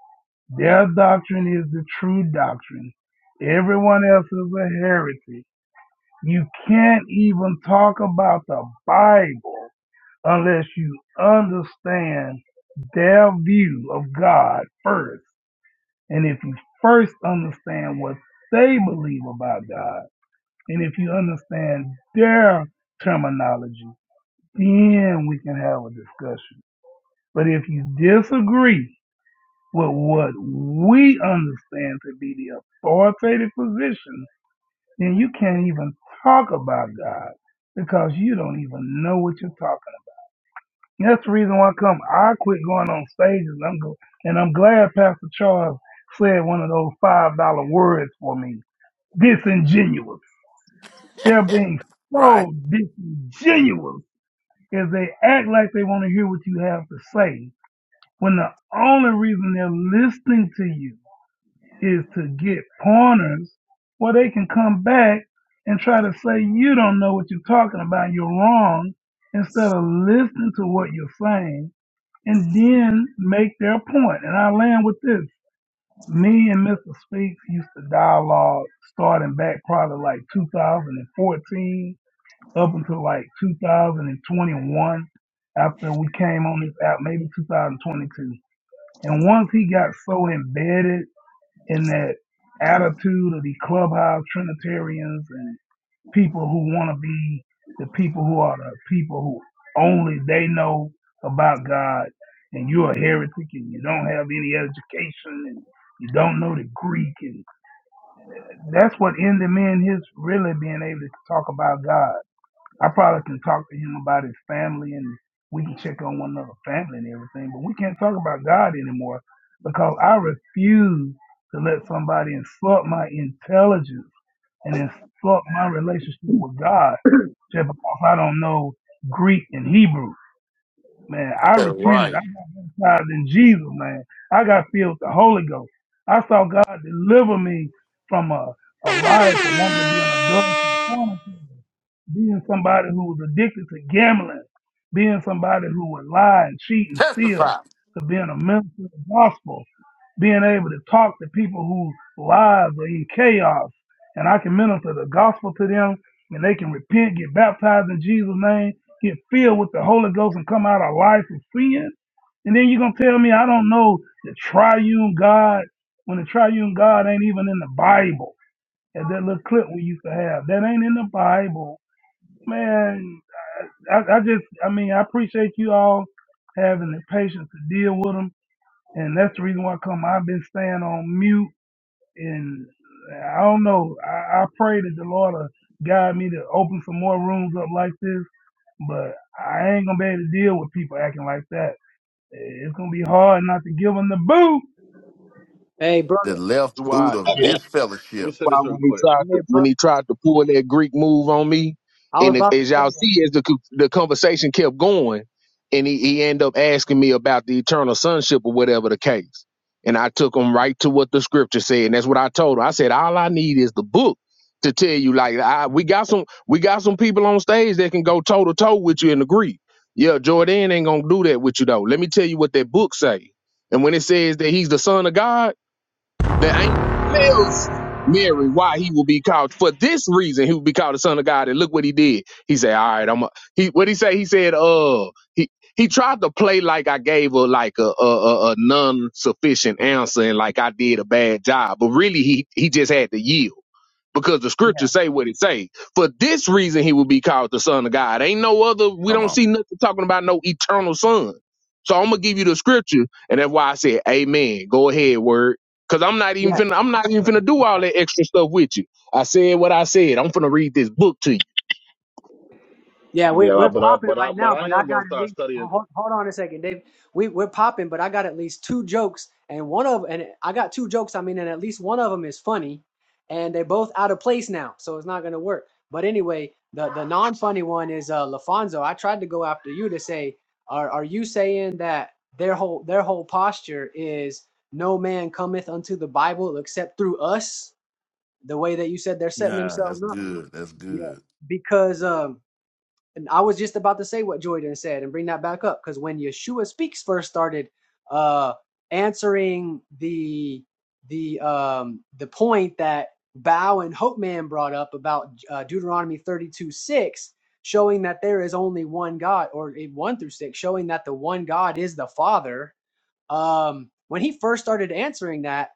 Speaker 1: their doctrine is the true doctrine, everyone else is a heretic. You can't even talk about the Bible unless you understand their view of God first. And if you first understand what they believe about God, and if you understand their terminology, then we can have a discussion. But if you disagree with what we understand to be the authoritative position, then you can't even talk about God because you don't even know what you're talking about. And that's the reason why I come. I quit going on stages. I'm go- and I'm glad Pastor Charles said one of those five dollar words for me. Disingenuous. They're being
Speaker 5: Right.
Speaker 1: so disingenuous if they act like they want to hear what you have to say when the only reason they're listening to you is to get pointers where they can come back and try to say you don't know what you're talking about, you're wrong, instead of listening to what you're saying and then make their point. And I land with this. Me and Mr. Speaks used to dialogue starting back probably like 2014 up until like 2021 after we came on this app, maybe 2022. And once he got so embedded in that attitude of the clubhouse Trinitarians and people who want to be the people who are the people who only they know about God, and you're a heretic and you don't have any education and you don't know the Greek, and that's what ended me in his really being able to talk about God. I probably can talk to him about his family and we can check on one another family and everything, but we can't talk about God anymore because I refuse to let somebody insult my intelligence and insult my relationship with God just because I don't know Greek and Hebrew. Man, I
Speaker 5: Yeah,
Speaker 1: repented. I
Speaker 5: Right.
Speaker 1: got baptized in Jesus, man. I got filled with the Holy Ghost. I saw God deliver me from a, a life of wanting to be an adult being somebody who was addicted to gambling, being somebody who would lie and cheat and steal,
Speaker 5: Testify.
Speaker 1: to being a minister of the gospel, being able to talk to people whose lives are in chaos, and I can minister the gospel to them, and they can repent, get baptized in Jesus' name, get filled with the Holy Ghost, and come out of life of sin. And then you're gonna tell me I don't know the triune God when the triune God ain't even in the Bible. As that little clip we used to have, that ain't in the Bible. Man, I, I just, I mean, I appreciate you all having the patience to deal with them, and that's the reason why I come. I've been staying on mute, and I don't know. I, I pray that the Lord will guide me to open some more rooms up like this, but I ain't gonna be able to deal with people acting like that. It's gonna be hard not to give them the boot,
Speaker 6: hey, brother,
Speaker 5: The left
Speaker 4: That's
Speaker 5: boot
Speaker 4: why.
Speaker 5: of
Speaker 7: Let me
Speaker 5: disfellowship.
Speaker 7: say
Speaker 4: why
Speaker 7: this real
Speaker 4: when he
Speaker 7: quick.
Speaker 4: tried
Speaker 6: hey,
Speaker 4: to when
Speaker 6: brother,
Speaker 4: he tried to pull that Greek move on me,
Speaker 6: I was
Speaker 4: and it-
Speaker 6: about
Speaker 4: as
Speaker 6: to
Speaker 4: y'all
Speaker 6: say that.
Speaker 4: see, as the co- the conversation kept going, and he he ended up asking me about the eternal sonship or whatever the case, and I took him right to what the scripture said, and that's what I told him. I said all I need is the book to tell you. Like I, we got some we got some people on stage that can go toe to toe with you in the Greek. Yeah, Jordan ain't gonna do that with you though. Let me tell you what that book say. And when it says that he's the son of God, that ain't tells Mary why he will be called for this reason he will be called the son of God. And look what he did. He said, All right, I'm a, he what he say? He said, uh he he tried to play like I gave her like a a, a, a non sufficient answer and like I did a bad job. But really he he just had to yield because the
Speaker 6: Yeah,
Speaker 4: scriptures say what it say. For this reason, he will be called the son of God. Ain't no other. We
Speaker 5: Come
Speaker 4: don't
Speaker 5: on.
Speaker 4: see nothing talking about no eternal son. So I'm gonna give you the scripture, and that's why I said, Amen. Go ahead, word. Cause I'm not
Speaker 6: yeah.
Speaker 4: even finna, I'm not even finna do all that extra stuff with you. I said what I said. I'm finna read this book to you.
Speaker 6: Yeah, we're
Speaker 7: Yeah,
Speaker 6: we're
Speaker 7: like, but I
Speaker 6: popping
Speaker 7: but I
Speaker 6: right
Speaker 7: but
Speaker 6: now,
Speaker 7: I
Speaker 6: but I
Speaker 7: am
Speaker 6: got
Speaker 7: gonna
Speaker 6: at
Speaker 7: start
Speaker 6: least
Speaker 7: studying.
Speaker 6: hold, hold on a second, Dave. We we're popping, but I got at least two jokes, and one of and I got two jokes. I mean, and at least one of them is funny, and they're both out of place now, so it's not gonna work. But anyway, the the non funny one is uh Lafonso. I tried to go after you to say, are are you saying that their whole their whole posture is no man cometh unto the Bible except through us? The way that you said they're setting
Speaker 5: Nah, that's
Speaker 6: themselves up,
Speaker 5: good. That's
Speaker 6: yeah,
Speaker 5: good.
Speaker 6: because um. And I was just about to say what Jordan said and bring that back up because when Yeshua speaks first started uh, answering the the um, the point that Bow and Hope Man brought up about uh, Deuteronomy 32 6, showing that there is only one God, or eh, 1 through 6, showing that the one God is the Father um, when he first started answering that,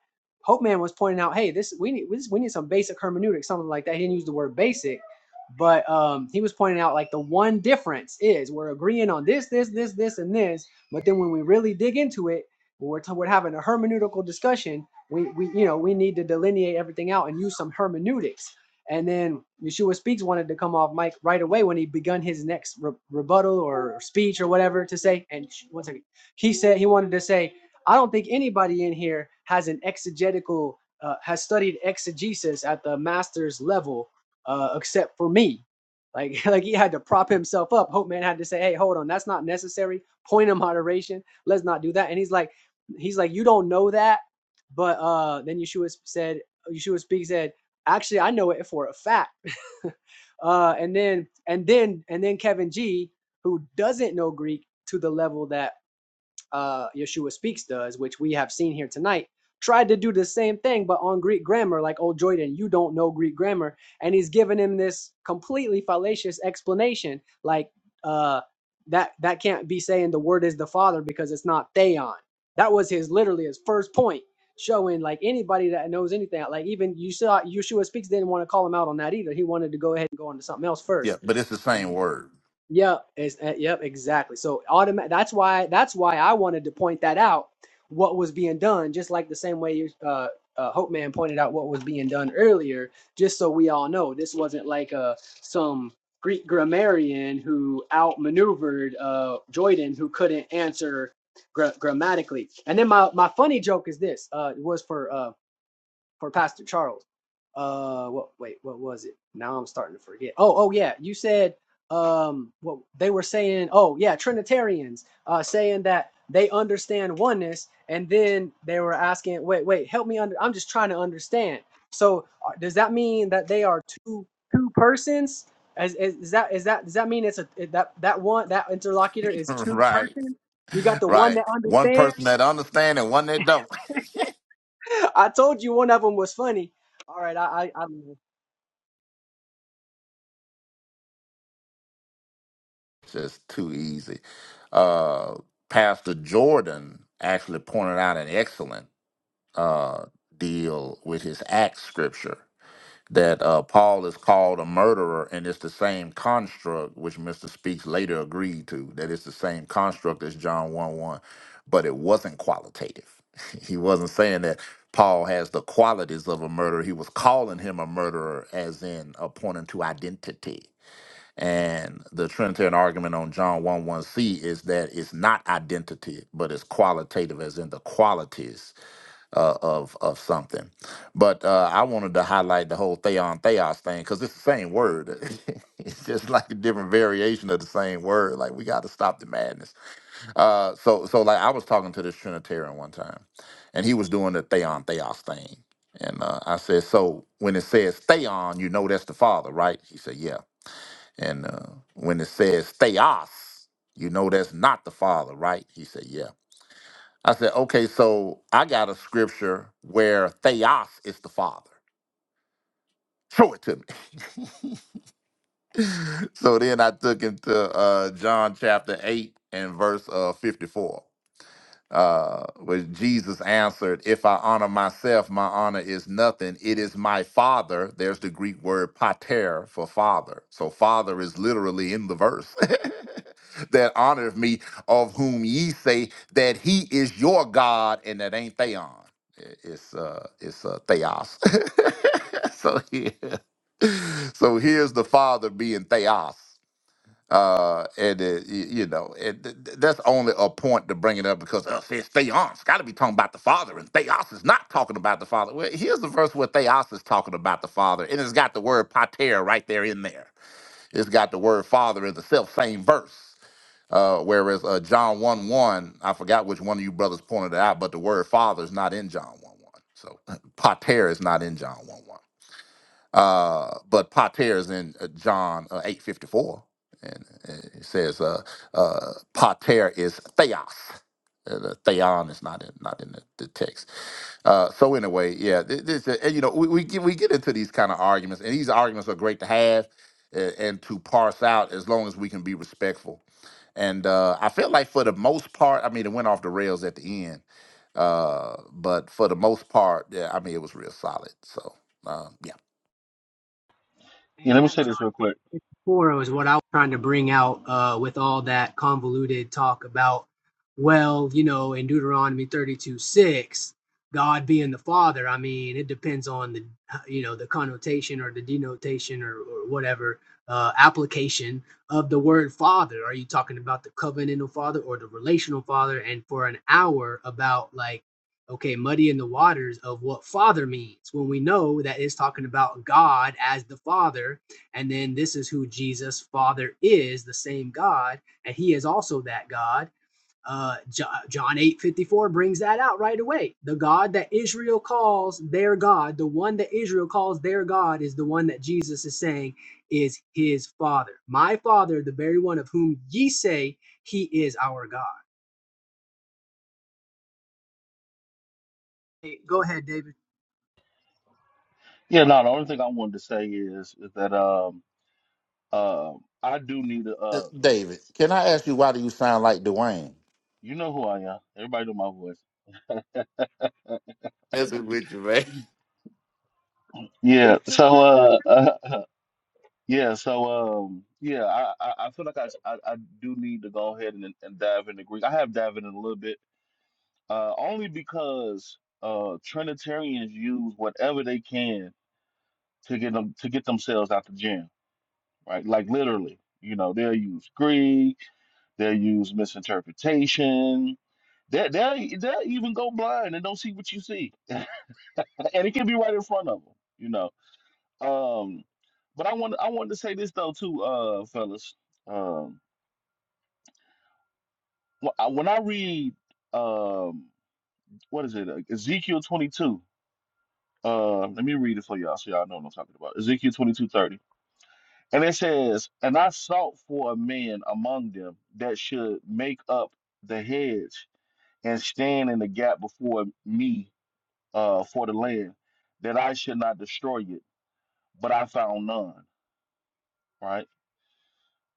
Speaker 6: Hope Man was pointing out, hey, this we need this, we need some basic hermeneutics, something like that. He didn't use the word basic, but um, he was pointing out like the one difference is we're agreeing on this, this, this, this, and this. But then when we really dig into it, when we're, we're having a hermeneutical discussion. We, we you know we need to delineate everything out and use some hermeneutics. And then Yeshua Speaks wanted to come off mic right away when he begun his next re- rebuttal or speech or whatever to say. And one second he said he wanted to say, I don't think anybody in here has an exegetical, uh, has studied exegesis at the master's level, uh, except for me. Like, <laughs> like he had to prop himself up. Hope man had to say, "Hey, hold on, that's not necessary. Point of moderation. Let's not do that." And he's like, he's like, "You don't know that," but uh, then Yeshua said, Yeshua speaks. said, "Actually, I know it for a fact." <laughs> uh, and then, and then, and then Kevin G, who doesn't know Greek to the level that uh, Yeshua Speaks does, which we have seen here tonight, tried to do the same thing, but on Greek grammar, like, oh, Jordan, you don't know Greek grammar. And he's giving him this completely fallacious explanation, like, uh, that, that can't be saying the word is the father because it's not theon. That was his literally his first point, showing like anybody that knows anything, like even you saw Yeshua Speaks didn't want to call him out on that either. He wanted to go ahead and go on to something else
Speaker 5: Yeah,
Speaker 6: first.
Speaker 5: but it's the same
Speaker 6: And
Speaker 5: word,
Speaker 6: Yep, it's, uh, yep, exactly. So automatic. That's why. That's why I wanted to point that out. What was being done, just like the same way you, uh, uh, Hope Man pointed out what was being done earlier, just so we all know this wasn't like uh, some Greek grammarian who outmaneuvered uh, Jordan, who couldn't answer gra- grammatically. And then my, my funny joke is this uh, was for uh, for Pastor Charles. Uh, what? Wait, what was it? Now I'm starting to forget. Oh, oh yeah, you said um, what they were saying. Oh yeah, Trinitarians uh saying that they understand oneness, and then they were asking, wait, wait, help me under. I'm just trying to understand. So uh, does that mean that they are two two persons? Is, is, is that is that does that mean it's a that that one that interlocutor
Speaker 5: <laughs>
Speaker 6: is two
Speaker 5: right?
Speaker 6: persons? You got the one
Speaker 5: right.
Speaker 6: that
Speaker 5: One
Speaker 6: understands.
Speaker 5: person that understand and one that don't.
Speaker 6: <laughs> I told you one of them was funny. All right, I I, I
Speaker 5: <laughs> Just too easy. Uh, Pastor Jordan actually pointed out an excellent uh, deal with his Acts scripture that uh, Paul is called a murderer, and it's the same construct which Mr. Speaks later agreed to, that it's the same construct as John 1 1, but it wasn't qualitative. <laughs> he wasn't saying that Paul has the qualities of a murderer. He was calling him a murderer, as in uh, pointing to identity. And the Trinitarian argument on John 1 1c is that it's not identity, but it's qualitative, as in the qualities uh, of of something. But uh, I wanted to highlight the whole theon theos thing because it's the same word. <laughs> it's just like a different variation of the same word. Like we got to stop the madness. Uh, so so like I was talking to this Trinitarian one time, and he was doing the theon theos thing. And uh, I said, so when it says theon, you know that's the father, right? He said, yeah. And uh, when it says theos, you know that's not the father, right? He said, yeah. I said, okay, so I got a scripture where theos is the father. <laughs> Show it to me. <laughs> so then I took him to uh, John chapter 8 and verse uh, 54. uh, where Jesus answered, If I honor myself, my honor is nothing. It is my Father. There's the Greek word pater for father. So, Father is literally in the verse <laughs> that honoreth me, of whom ye say that he is your God, and that ain't Theon. I- It's, uh, it's uh, Theos. <laughs> so, yeah. <laughs> so, here's the Father being Theos. Uh, and uh, y- you know, and th- th- that's only a point to bring it up because uh, says Theos got to be talking about the Father, and Theos is not talking about the Father. Well, here's the verse where Theos is talking about the Father, and it's got the word pater right there in there. It's got the word Father in the self same verse. Uh, whereas uh, John one one, I forgot which one of you brothers pointed it out, but the word Father is not in John one one. So <laughs> pater is not in John one one. Uh, but pater is in uh, John uh, eight fifty four, and uh, it says uh, uh, pater is theos. Uh, The theon is not in not in the, the text. Uh, so anyway, yeah, thi- this, uh, and, you know we we get, we get into these kind of arguments, and these arguments are great to have and, and to parse out as long as we can be respectful. And uh, I felt like for the most part, I mean, it went off the rails at the end, uh, but for the most part, yeah, I mean, it was real solid. So uh, yeah.
Speaker 7: Yeah, let
Speaker 6: And
Speaker 7: me
Speaker 6: that
Speaker 7: say
Speaker 6: John
Speaker 7: this real quick.
Speaker 6: 54 is what I was trying to bring out uh, with all that convoluted talk about, well, you know, in Deuteronomy 32 6, God being the Father. I mean, it depends on the, you know, the connotation or the denotation or, or whatever uh, application of the word Father. Are you talking about the covenantal Father or the relational Father? And for an hour about like, okay, muddying the waters of what Father means when we know that it's talking about God as the Father and then this is who Jesus, Father, is the same God, and He is also that God. Uh, John eight fifty four brings that out right away. The God that Israel calls their God, the one that Israel calls their God, is the one that Jesus is saying is His Father. My Father, the very one of whom ye say He is our God. Hey, Go ahead, David.
Speaker 7: Yeah, no, the only thing I wanted to say is is that um uh I do need to
Speaker 5: Uh,
Speaker 7: uh
Speaker 5: David, can I ask you why do you sound like Dwayne?
Speaker 7: you know who I am. Everybody know my voice.
Speaker 5: Messing with you, man.
Speaker 6: He's
Speaker 7: Yeah.
Speaker 6: too
Speaker 7: So uh, <laughs> yeah. So um yeah, I I, I feel like I, I I do need to go ahead and and dive into Greek. I have dived in a little bit, uh, only because uh Trinitarians use whatever they can to get them to get themselves out the jam, right? Like literally, you know, they'll use Greek They'll use misinterpretation. They they they'll even go blind and don't see what you see, <laughs> and it can be right in front of them, you know. Um, but I want I wanted to say this though too, uh, fellas. Um, wh- I- when I read um, what is it, uh, Ezekiel twenty two. Uh, let me read it for y'all so y'all know what I'm talking about. Ezekiel twenty two thirty, and it says, "And I sought for a man among them that should make up the hedge and stand in the gap before me uh, for the land, that I should not destroy it, but I found none. Right?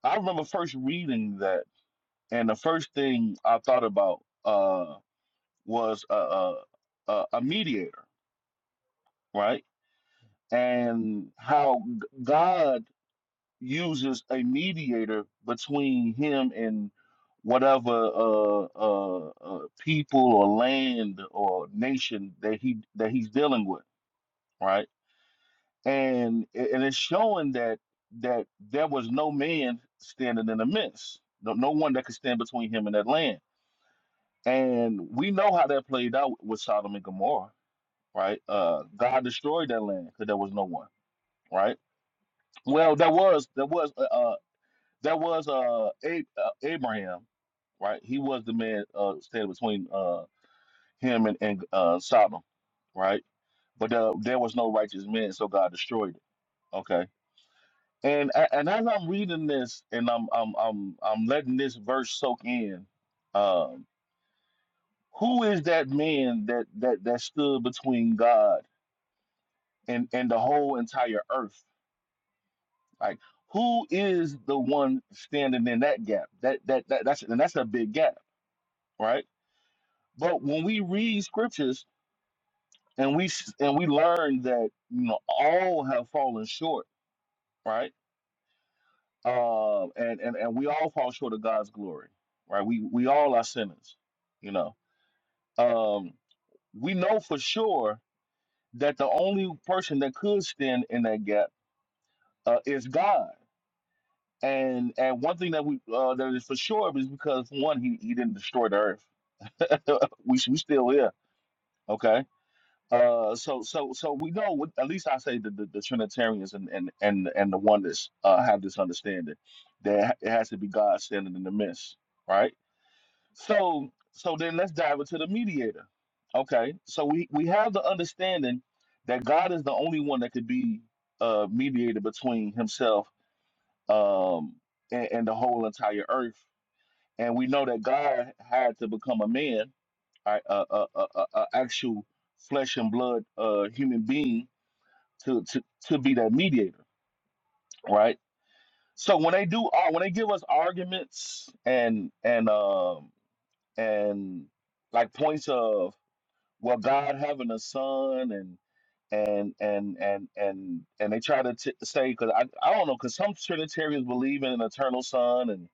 Speaker 7: I remember first reading that, and the first thing I thought about uh, was a, a, a a mediator, right? And how g- God uses a mediator between Him and whatever uh, uh, uh, people or land or nation that He that He's dealing with, right? and it- and it's showing that that there was no man standing in the midst, no, no one that could stand between him and that land. And we know how that played out with Sodom and Gomorrah, right? Uh, God destroyed that land because there was no one, right? Well, there was there was uh, uh there was uh, A- uh Abraham, right? He was the man uh standing between uh him and and uh Sodom, right? But there, there was no righteous man, so God destroyed it. Okay And a- and as I'm reading this and I'm I'm I'm I'm letting this verse soak in, um, who is that man that that that stood between God and and the whole entire earth? Like who is the one standing in that gap? That that, that that's and that's a big gap, right? But when we read scriptures and we s- and we learn that you know all have fallen short, right? Um, and, and and we all fall short of God's glory, right? We we all are sinners, you know. Um, we know for sure that the only person that could stand in that gap uh, is God. And and one thing that we uh, that is for sure is because one, he, he didn't destroy the earth. <laughs> we we still here, okay? Uh, so so so we know. what- At least I say the, the, the Trinitarians and and and and the oneness uh, have this understanding that it has to be God standing in the midst, right? So so then let's dive into the mediator. Okay. So we we have the understanding that God is the only one that could be uh mediator between himself um and, and the whole entire earth. And we know that God had to become a man, a a a, a, a actual flesh and blood uh human being to to to be that mediator, right? So when they do ar- when they give us arguments and and um and like points of well god having a son and and and and and and they try to t- say because I, I don't know because some trinitarians believe in an eternal son and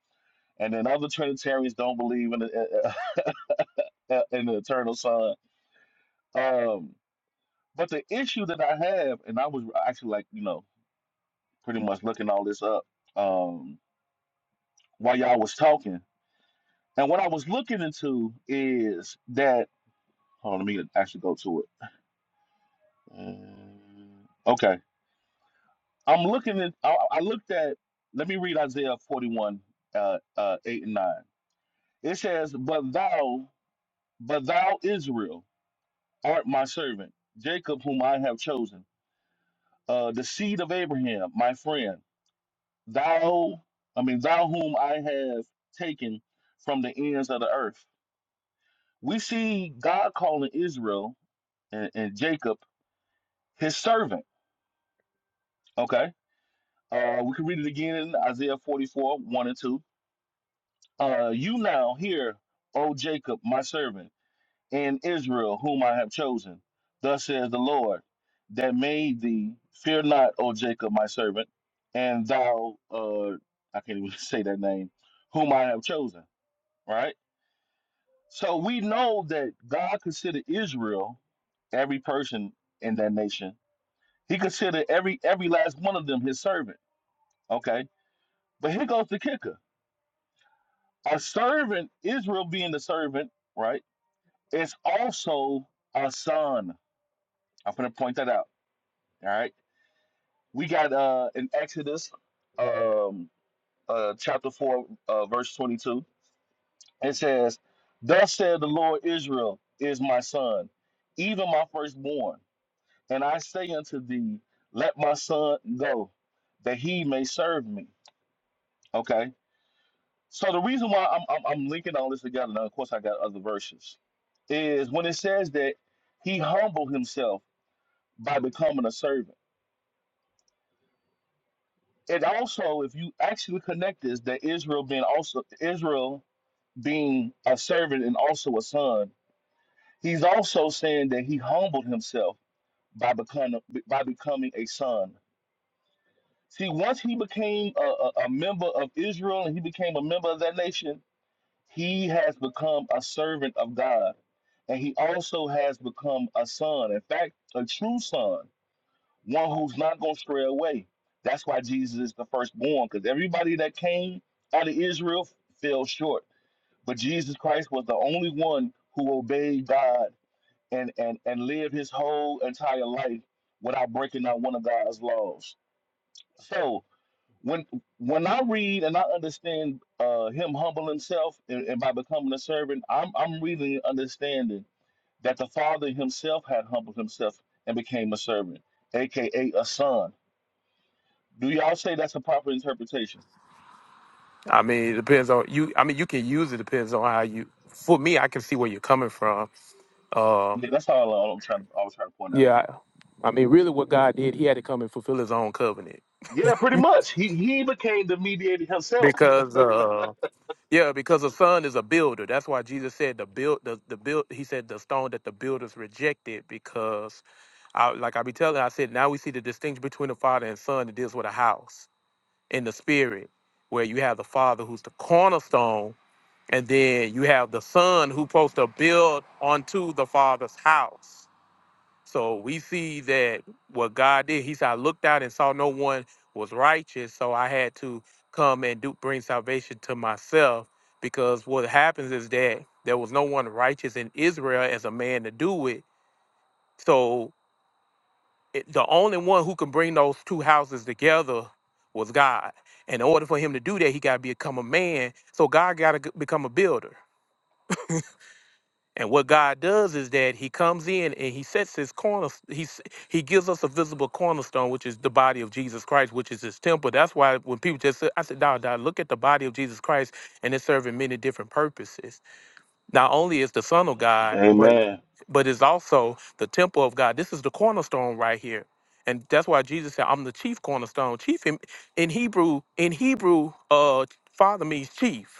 Speaker 7: and then other trinitarians don't believe in a, <laughs> in an eternal son um but the issue that i have and i was actually like you know pretty much looking all this up um while y'all was talking and what i was looking into is that hold on let me actually go to it Uh, okay I'm looking at, I, I looked at, let me read Isaiah 41, uh, uh, 8 and 9. It says, But thou, but thou, Israel, art my servant, Jacob, whom I have chosen, uh, the seed of Abraham, my friend. Thou, I mean, thou whom I have taken from the ends of the earth. We see God calling Israel and, and Jacob his servant. Okay. Uh, we can read it again in Isaiah 44, 1 and 2. Uh, you now hear, O Jacob, my servant, and Israel, whom I have chosen. Thus says the Lord, that made thee. Fear not, O Jacob, my servant, and thou, uh, I can't even <laughs> say that name, whom I have chosen. Right. So we know that God considered Israel, every person in that nation. He considered every every last one of them his servant. Okay. But here goes the kicker: a servant, Israel being the servant, right? Is also a son. I'm gonna point that out. All right. We got uh in Exodus um uh chapter four uh verse twenty two. It says, Thus said the Lord Israel is my son, even my firstborn. And I say unto thee, Let my son go, that he may serve me. Okay. So the reason why I'm I'm, I'm linking all this together, now of course I got other verses, is when it says that he humbled himself by becoming a servant. And also, if you actually connect this, that Israel being also Israel being a servant and also a son, he's also saying that he humbled himself by becoming by becoming a son. See, once he became a, a, a member of Israel and he became a member of that nation, he has become a servant of God, and he also has become a son. In fact, a true son. one who's not going to stray away. That's why Jesus is the firstborn, because everybody that came out of Israel fell short. But Jesus Christ was the only one who obeyed God and, and, and lived his whole entire life without breaking out one of God's laws. So when when I read and I understand uh, him humble himself and, and by becoming a servant, I'm I'm really understanding that the Father himself had humbled himself and became a servant, aka a a son do y'all say that's a proper interpretation?
Speaker 13: I mean, it depends on you. I mean, you can use it depends on how you. For me, I can see where you're coming from. Um,
Speaker 7: Yeah, that's all, all I'm trying to I was trying to point out.
Speaker 13: yeah, I mean, really, what God did, He had to come and fulfill His own covenant
Speaker 7: Yeah, pretty much. He he became the mediator himself.
Speaker 13: because, uh, yeah, because the Son is a builder. That's why Jesus said the build, the, the build. He said the stone that the builders rejected because, I, like I be telling, I said now we see the distinction between the Father and Son. It deals with a house in the Spirit, where you have the Father who's the cornerstone And then you have the son who's supposed to build onto the father's house. So we see that what God did, he said, I looked out and saw no one was righteous. So I had to come and do bring salvation to myself. Because what happens is that there was no one righteous in Israel as a man to do it. So it, the only one who can bring those two houses together was God. And in order for him to do that, he got to become a man. So God got to become a builder. And what God does is that He comes in and He sets His corner. He s- He gives us a visible cornerstone, which is the body of Jesus Christ, which is His temple. That's why when people just say, I said, "Dawg, Dawg, look at the body of Jesus Christ, and it's serving many different purposes. Not only is the Son of God, but
Speaker 7: Amen.
Speaker 13: but it's also the temple of God. This is the cornerstone right here." And that's why Jesus said, "I'm the chief cornerstone." Chief in, in Hebrew, in Hebrew, uh, father means chief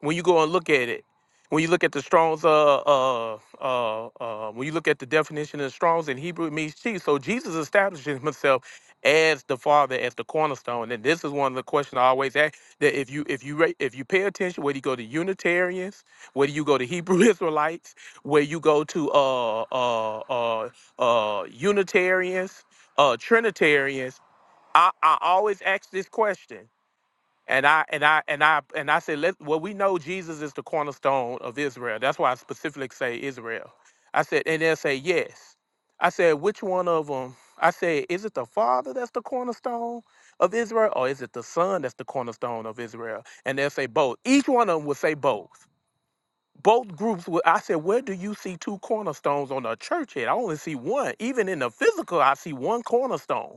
Speaker 13: when you go and look at it, when you look at the Strong's, uh, uh, uh, uh, when you look at the definition of Strong's in Hebrew, it means chief. So Jesus establishes himself as the Father, as the cornerstone. And this is one of the questions I always ask: that if you if you ra- if you pay attention, whether you go to Unitarians, whether you go to Hebrew <laughs> Israelites, where you go to uh, uh, uh, uh, Unitarians, uh, Trinitarians, I, I always ask this question and I and I and I and I said, let well, we know Jesus is the cornerstone of Israel. That's why I specifically say Israel. I said, and they'll say yes. I said, which one of them? I said, is it the Father that's the cornerstone of Israel, or is it the Son that's the cornerstone of Israel? And they'll say both. Each one of them will say both. Both groups will. I said, where do you see two cornerstones on a church head? I only see one. Even in the physical, I see one cornerstone.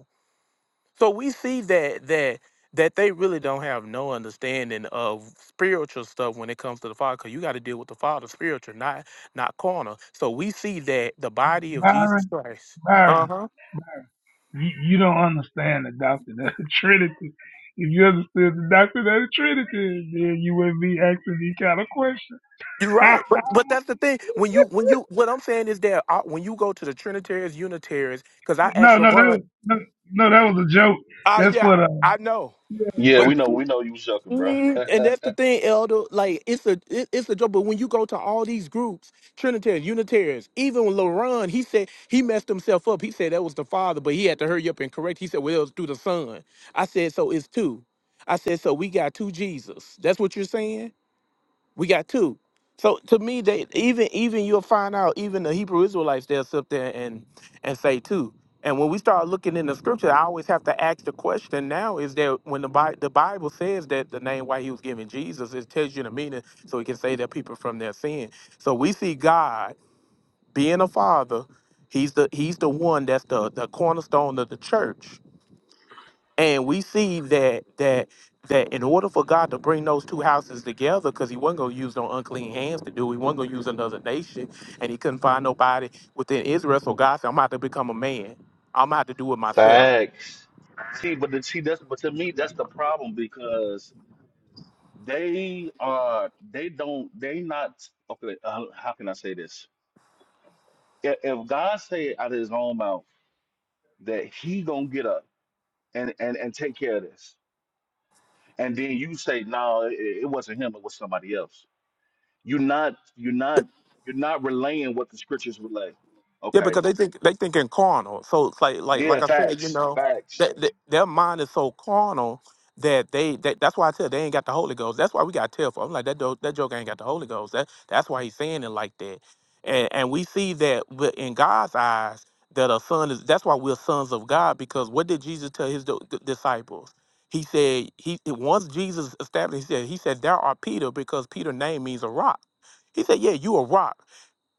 Speaker 13: So we see that that that they really don't have no understanding of spiritual stuff when it comes to the Father, because you got to deal with the Father spiritual, not not carnal. So we see that the body of Jesus
Speaker 1: Byron.
Speaker 13: Christ.
Speaker 1: Byron.
Speaker 13: Uh huh.
Speaker 1: You, you don't understand the doctrine of the <laughs> Trinity. If you understood the doctrine of the Trinity, then you wouldn't be asking these kind of questions.
Speaker 13: You're
Speaker 1: <laughs>
Speaker 13: right, but but that's the thing. When you when you what I'm saying is that uh, when you go to the Trinitarians, Unitarians, because I asked
Speaker 1: no, no, that
Speaker 13: LeBron.
Speaker 1: was no, no, that was a joke.
Speaker 13: Ah,
Speaker 1: That's
Speaker 13: yeah,
Speaker 1: what. Uh,
Speaker 13: I know.
Speaker 7: Yeah,
Speaker 13: But.
Speaker 1: <laughs>
Speaker 7: we know we know you sucking, bro.
Speaker 13: Mm, and that's the thing, Elder. Like it's a it, it's a joke. But when you go to all these groups, Trinitarians, Unitarians, even when LaRon, he said he messed himself up. He said that was the father, but he had to hurry up and correct. He said, "Well, it was through the son." I said, "So it's two. I said, "So we got two Jesus." That's what you're saying. We got two. So to me, they even even you'll find out even the Hebrew Israelites they'll sit there and and say two. And when we start looking in the scripture, I always have to ask the question now is that when the Bible, the Bible says that the name why he was given Jesus, it tells you the meaning so he can save their people from their sin. So we see God being a father, he's the he's the one that's the, the cornerstone of the church. And we see that that that in order for God to bring those two houses together, because he wasn't gonna use no unclean hands to do, it, he wasn't gonna use another nation, and he couldn't find nobody within Israel. So God said, I'm about to become a man. I'm about to do it
Speaker 7: <laughs>
Speaker 13: myself.
Speaker 7: Facts. See, but the, see that's but to me that's the problem because they are they don't they not okay. Uh, how can I say this? If, if God say it out of His own mouth that He gonna get up and and and take care of this, and then you say no, it, it wasn't Him, it was somebody else. You're not you're not you're not relaying what the scriptures relay.
Speaker 13: Yeah,
Speaker 7: Okay.
Speaker 13: because they think they think in carnal. So it's like like
Speaker 7: Yeah,
Speaker 13: like I said, you
Speaker 7: facts.
Speaker 13: know,
Speaker 7: Facts.
Speaker 13: that, that their mind is so carnal that they that, that's why I tell they ain't got the Holy Ghost. That's why we got tearful. I'm like that joke, that joke ain't got the Holy Ghost. That that's why he's saying it like that. And and we see that wi- in God's eyes that a son is. That's why we're sons of God because what did Jesus tell his di- di- disciples? He said he once Jesus established. He said he said there are Peter because Peter name means a rock. He said yeah you a rock.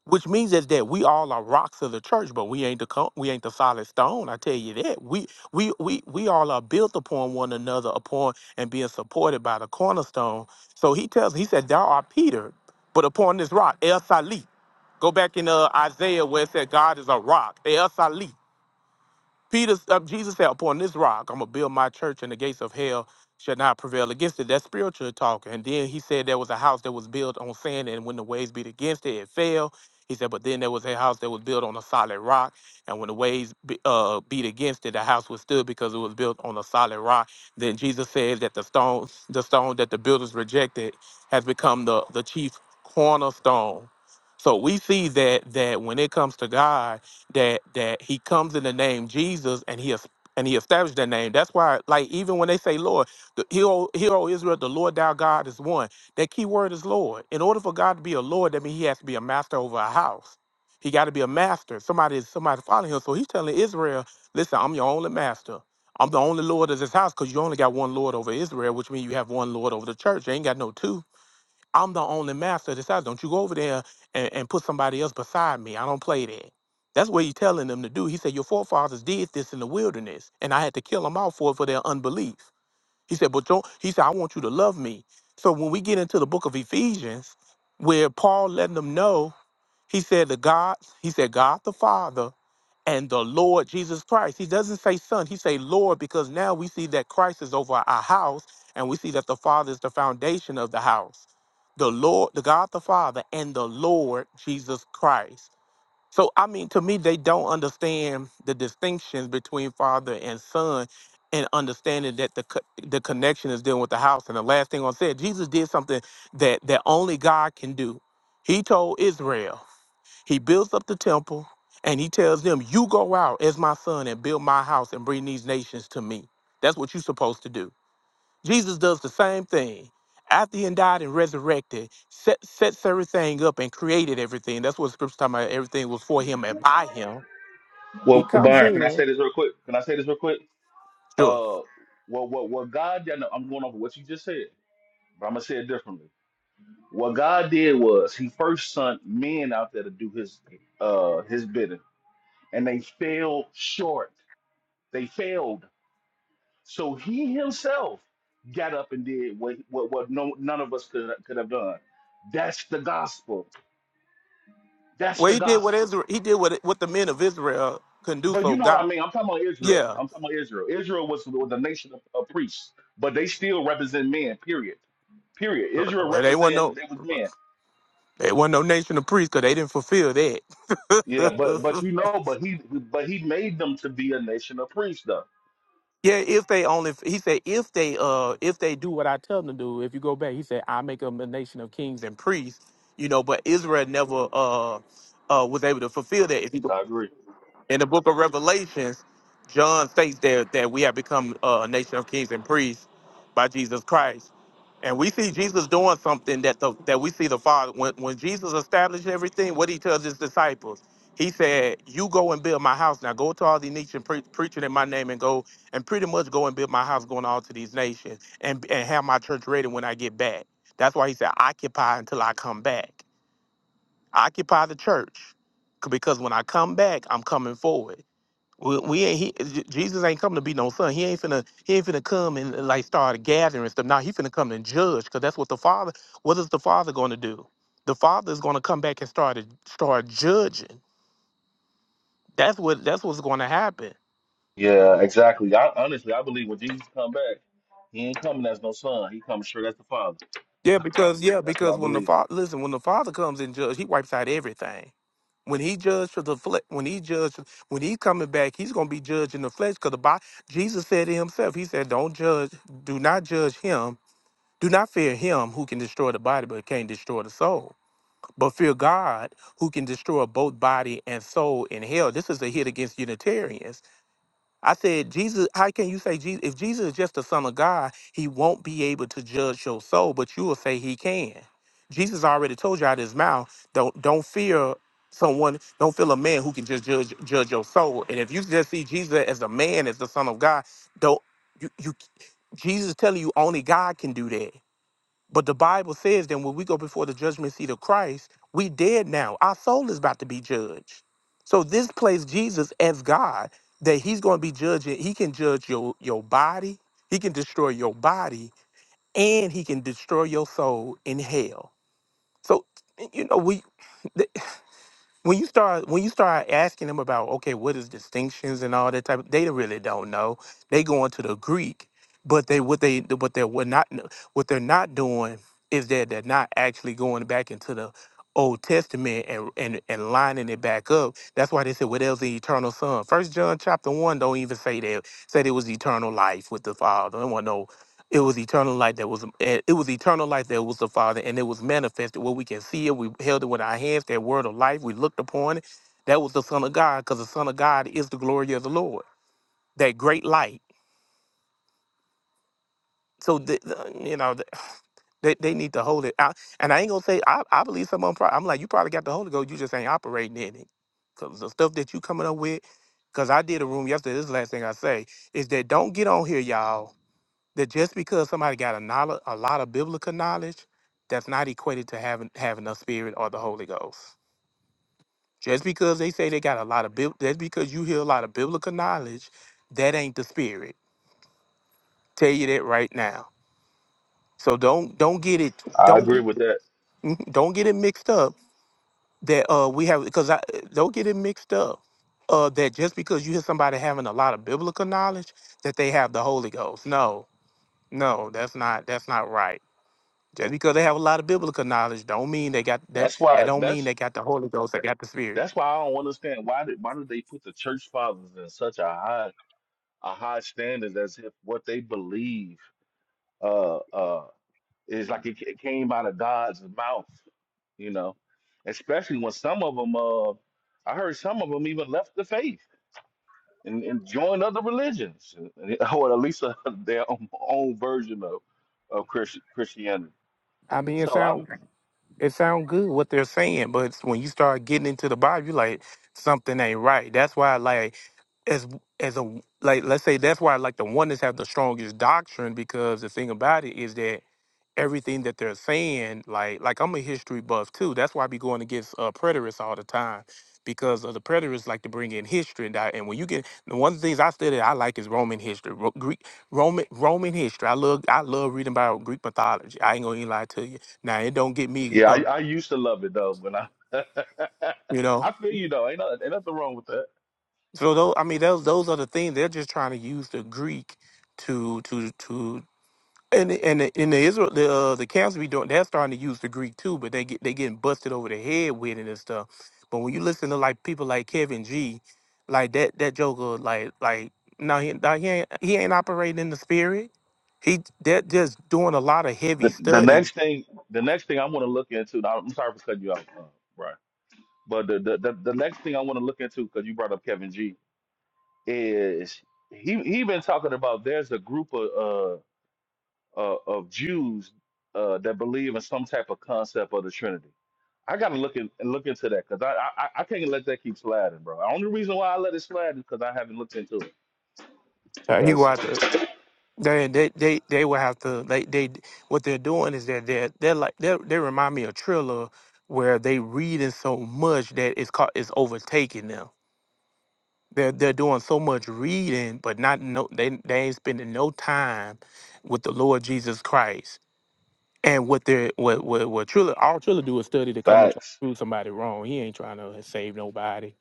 Speaker 13: Which means is that we all are rocks of the church, but we ain't the co- we ain't the solid stone. I tell you that we we we we all are built upon one another, upon and being supported by the cornerstone. So he tells he said, "Thou art Peter, but upon this rock, El Salit." Go back in uh, Isaiah where it said God is a rock, El Salit. Peter, uh, Jesus said, upon this rock, I'm going to build my church, and the gates of hell shall not prevail against it. That's spiritual talk. And then he said there was a house that was built on sand, and when the waves beat against it, it fell. He said, but then there was a house that was built on a solid rock, and when the waves be, uh, beat against it, the house was stood because it was built on a solid rock. Then Jesus said that the stone, the stone that the builders rejected, has become the the chief cornerstone. So we see that that when it comes to God that that he comes in the name Jesus and he es- and he established that name. That's why, like, even when they say Lord, the hero, hero Israel, the Lord thou God is one. That key word is Lord. In order for God to be a Lord, that means he has to be a master over a house. He got to be a master. Somebody, somebody following him. So he's telling Israel, listen, I'm your only master. I'm the only Lord of this house because you only got one Lord over Israel, which means you have one Lord over the church. You ain't got no two. I'm the only master that decides. Don't you go over there and, and put somebody else beside me. I don't play that. That's what he's telling them to do. He said, Your forefathers did this in the wilderness, and I had to kill them all for it for their unbelief. He said, But don't, he said, I want you to love me. So when we get into the book of Ephesians, where Paul letting them know, he said, The God, he said, God the Father and the Lord Jesus Christ. He doesn't say son, he say Lord because now we see that Christ is over our house and we see that the Father is the foundation of the house. The Lord, the God the Father and the Lord Jesus Christ. So I mean to me they don't understand the distinctions between father and son and understanding that the co- the connection is dealing with the house and the last thing I said Jesus did something that that only God can do. He told Israel he builds up the temple and he tells them, You go out as my son and build my house and bring these nations to me. That's what you're supposed to do. Jesus does the same thing. After he died and resurrected, set, sets everything up and created everything. That's what scriptures talking about. Everything was for him and by him. He
Speaker 7: Well,
Speaker 13: comes
Speaker 7: Byron, can I
Speaker 13: in.
Speaker 7: say this real quick? Can I say this real quick?
Speaker 13: Sure.
Speaker 7: Uh well what what God did I'm going over what you just said, but I'm gonna say it differently. What God did was he first sent men out there to do his uh his bidding, and they fell short. They failed. So he himself got up and did what what, what no none of us could could have done. That's the gospel. That's
Speaker 13: Well,
Speaker 7: the
Speaker 13: he did what
Speaker 7: gospel.
Speaker 13: Israel, he did what what the men of Israel couldn't do.
Speaker 7: But you
Speaker 13: So
Speaker 7: know what
Speaker 13: God,
Speaker 7: I mean. I'm talking about Israel.
Speaker 13: yeah.
Speaker 7: I'm talking about Israel. Israel was the the nation of, of priests, but they still represent men. Period. Period. Israel
Speaker 13: Well, they weren't
Speaker 7: represented
Speaker 13: no
Speaker 7: they was men.
Speaker 13: they weren't no nation of priests because they didn't fulfill
Speaker 7: Yeah, but
Speaker 13: that. <laughs>
Speaker 7: but you know, but he but he made them to be a nation of priests, though.
Speaker 13: Yeah, if they only, he said, if they, uh, if they do what I tell them to do, if you go back, he said, I make them a nation of kings and priests, you know. But Israel never, uh, uh, was able to fulfill that. If you
Speaker 7: So, I agree.
Speaker 13: in the book of Revelations, John states there that we have become uh, a nation of kings and priests by Jesus Christ. And we see Jesus doing something that the that we see the Father when when Jesus established everything, what he tells his disciples, he said, "You go and build my house. Now go to all these nations, pre- preaching in my name, and go and pretty much go and build my house, going all to these nations, and and have my church ready when I get back." That's why he said, "Occupy until I come back. Occupy the church, c- because when I come back, I'm coming forward." We, we ain't he, J- Jesus ain't coming to be no son. He ain't finna he ain't finna come and like start gathering stuff. Now he finna come and judge because that's what the father. What is the father going to do? The father is going to come back and start start judging. That's what that's what's going to happen.
Speaker 7: Yeah, exactly. I honestly I believe when Jesus come back, he ain't coming as no son. He comes straight as the father.
Speaker 13: Yeah, because yeah,
Speaker 7: That's what
Speaker 13: because
Speaker 7: I
Speaker 13: when the
Speaker 7: believe.
Speaker 13: father listen, when the father comes and judge, he wipes out everything. When he judged for the flesh, when he judged, when he coming back, he's gonna be judging the flesh. Cause the Bi- Jesus said to himself, he said, "Don't judge, do not judge him." Do not fear him who can destroy the body but can't destroy the soul, but fear God who can destroy both body and soul in hell. This is a hit against Unitarians. I said, Jesus, how can you say Jesus? If Jesus is just the Son of God, he won't be able to judge your soul, but you will say he can. Jesus already told you out of his mouth, don't don't fear someone, don't fear a man who can just judge judge your soul. And if you just see Jesus as a man, as the Son of God, don't you you Jesus telling you only God can do that. But the Bible says then when we go before the judgment seat of Christ, we dead now. Our soul is about to be judged. So this place Jesus as God that he's going to be judging. He can judge your your body. He can destroy your body and he can destroy your soul in hell. So you know we when you start when you start asking them about okay what is distinctions and all that type of, they really don't know they go into the greek but they what they what they're what not what they're not doing is that they're not actually going back into the old testament and and, and lining it back up that's why they said what else the eternal son first john chapter 1 don't even say that said it was eternal life with the father there wasn't no it was eternal light that was eh, it was eternal light that was the Father, and it was manifested where we can see it. We held it with our hands, that word of life. We looked upon it. That was the Son of God, because the Son of God is the glory of the Lord, that great light. So the, the- you know th- they, they need to hold it out. And I ain't gonna say I, I believe someone. Probably, I'm like you probably got the Holy Ghost, you just ain't operating in it. Cause the stuff that you coming up with, cause I did a room yesterday. This is the last thing I say is that don't get on here, y'all that just because somebody got a knowledge, a lot of biblical knowledge, that's not equated to having having the Spirit or the Holy Ghost. Just because they say they got a lot of bib, that's because you hear a lot of biblical knowledge, that ain't the Spirit. Tell you that right now. So don't don't get it
Speaker 7: I
Speaker 13: don't
Speaker 7: agree
Speaker 13: get
Speaker 7: with that.
Speaker 13: <laughs> don't get it mixed up that uh we have because I don't get it mixed up uh that just because you hear somebody having a lot of biblical knowledge that they have the Holy Ghost. No, no, that's not that's not right Just because they have a lot of biblical knowledge, don't mean they got that.
Speaker 7: That's
Speaker 13: That
Speaker 7: why
Speaker 13: don't mean
Speaker 7: that's
Speaker 13: they got the Holy Ghost. They got the Spirit.
Speaker 7: that's why I don't understand why did why did they put the church fathers in such a high a high standards as if what they believe uh uh is like it, ca- it came out of God's mouth, you know. Especially when some of them uh I heard some of them even left the faith and, and joined other religions <laughs> or at least uh, <laughs> their own, own version of of Christi- Christianity.
Speaker 13: I mean, it
Speaker 7: So I
Speaker 13: sound it sound good what they're saying, but when you start getting into the Bible, you like something ain't right. That's why, like, as as a like, let's say that's why, like, the oneness have the strongest doctrine because the thing about it is that everything that they're saying. Like like I'm a history buff too. That's why I be going against uh, preterists all the time because of the preterists like to bring in history and that. And when you get the one of the things I study, I like is Roman history, Ro- Greek Roman Roman history. I love I love reading about Greek mythology. I ain't gonna even lie to you. Now it don't get me
Speaker 7: yeah, I,
Speaker 13: up,
Speaker 7: I used to love it though when I
Speaker 13: you
Speaker 7: <laughs>
Speaker 13: know.
Speaker 7: I feel you though. Ain't, no- ain't nothing wrong with that.
Speaker 13: So those I mean those those are the things they're just trying to use the Greek to to to And the- and the, and the Israel the uh, the council be doing they're starting to use the Greek too, but they get they getting busted over the head with it and stuff. But when you listen to like people like Kevin G, like that that Joker like like no he no, he ain't he ain't operating in the spirit. He that just doing a lot of heavy
Speaker 7: The, the
Speaker 13: study.
Speaker 7: next thing the next thing I want to look into, Now, I'm sorry for cutting you out, uh, Brian But the the, the, the next thing I want to look into because you brought up Kevin G is he he been talking about there's a group of uh, uh of Jews uh that believe in some type of concept of the Trinity. I gotta look in, look into that because I, I I I can't let that keep sliding, bro. The only reason why I let it slide is because I haven't looked into it.
Speaker 13: Uh, he go
Speaker 7: Because
Speaker 13: out to they they they they will have to they they what they're doing is that they're they're like they they remind me of Triller where they reading so much that it's caught it's overtaking them They're they're doing so much reading, but not no they they ain't spending no time with the Lord Jesus Christ. And what they're what what what Trilla all Trilla do is study to come and try to
Speaker 7: facts
Speaker 13: prove somebody wrong. He ain't trying to save nobody.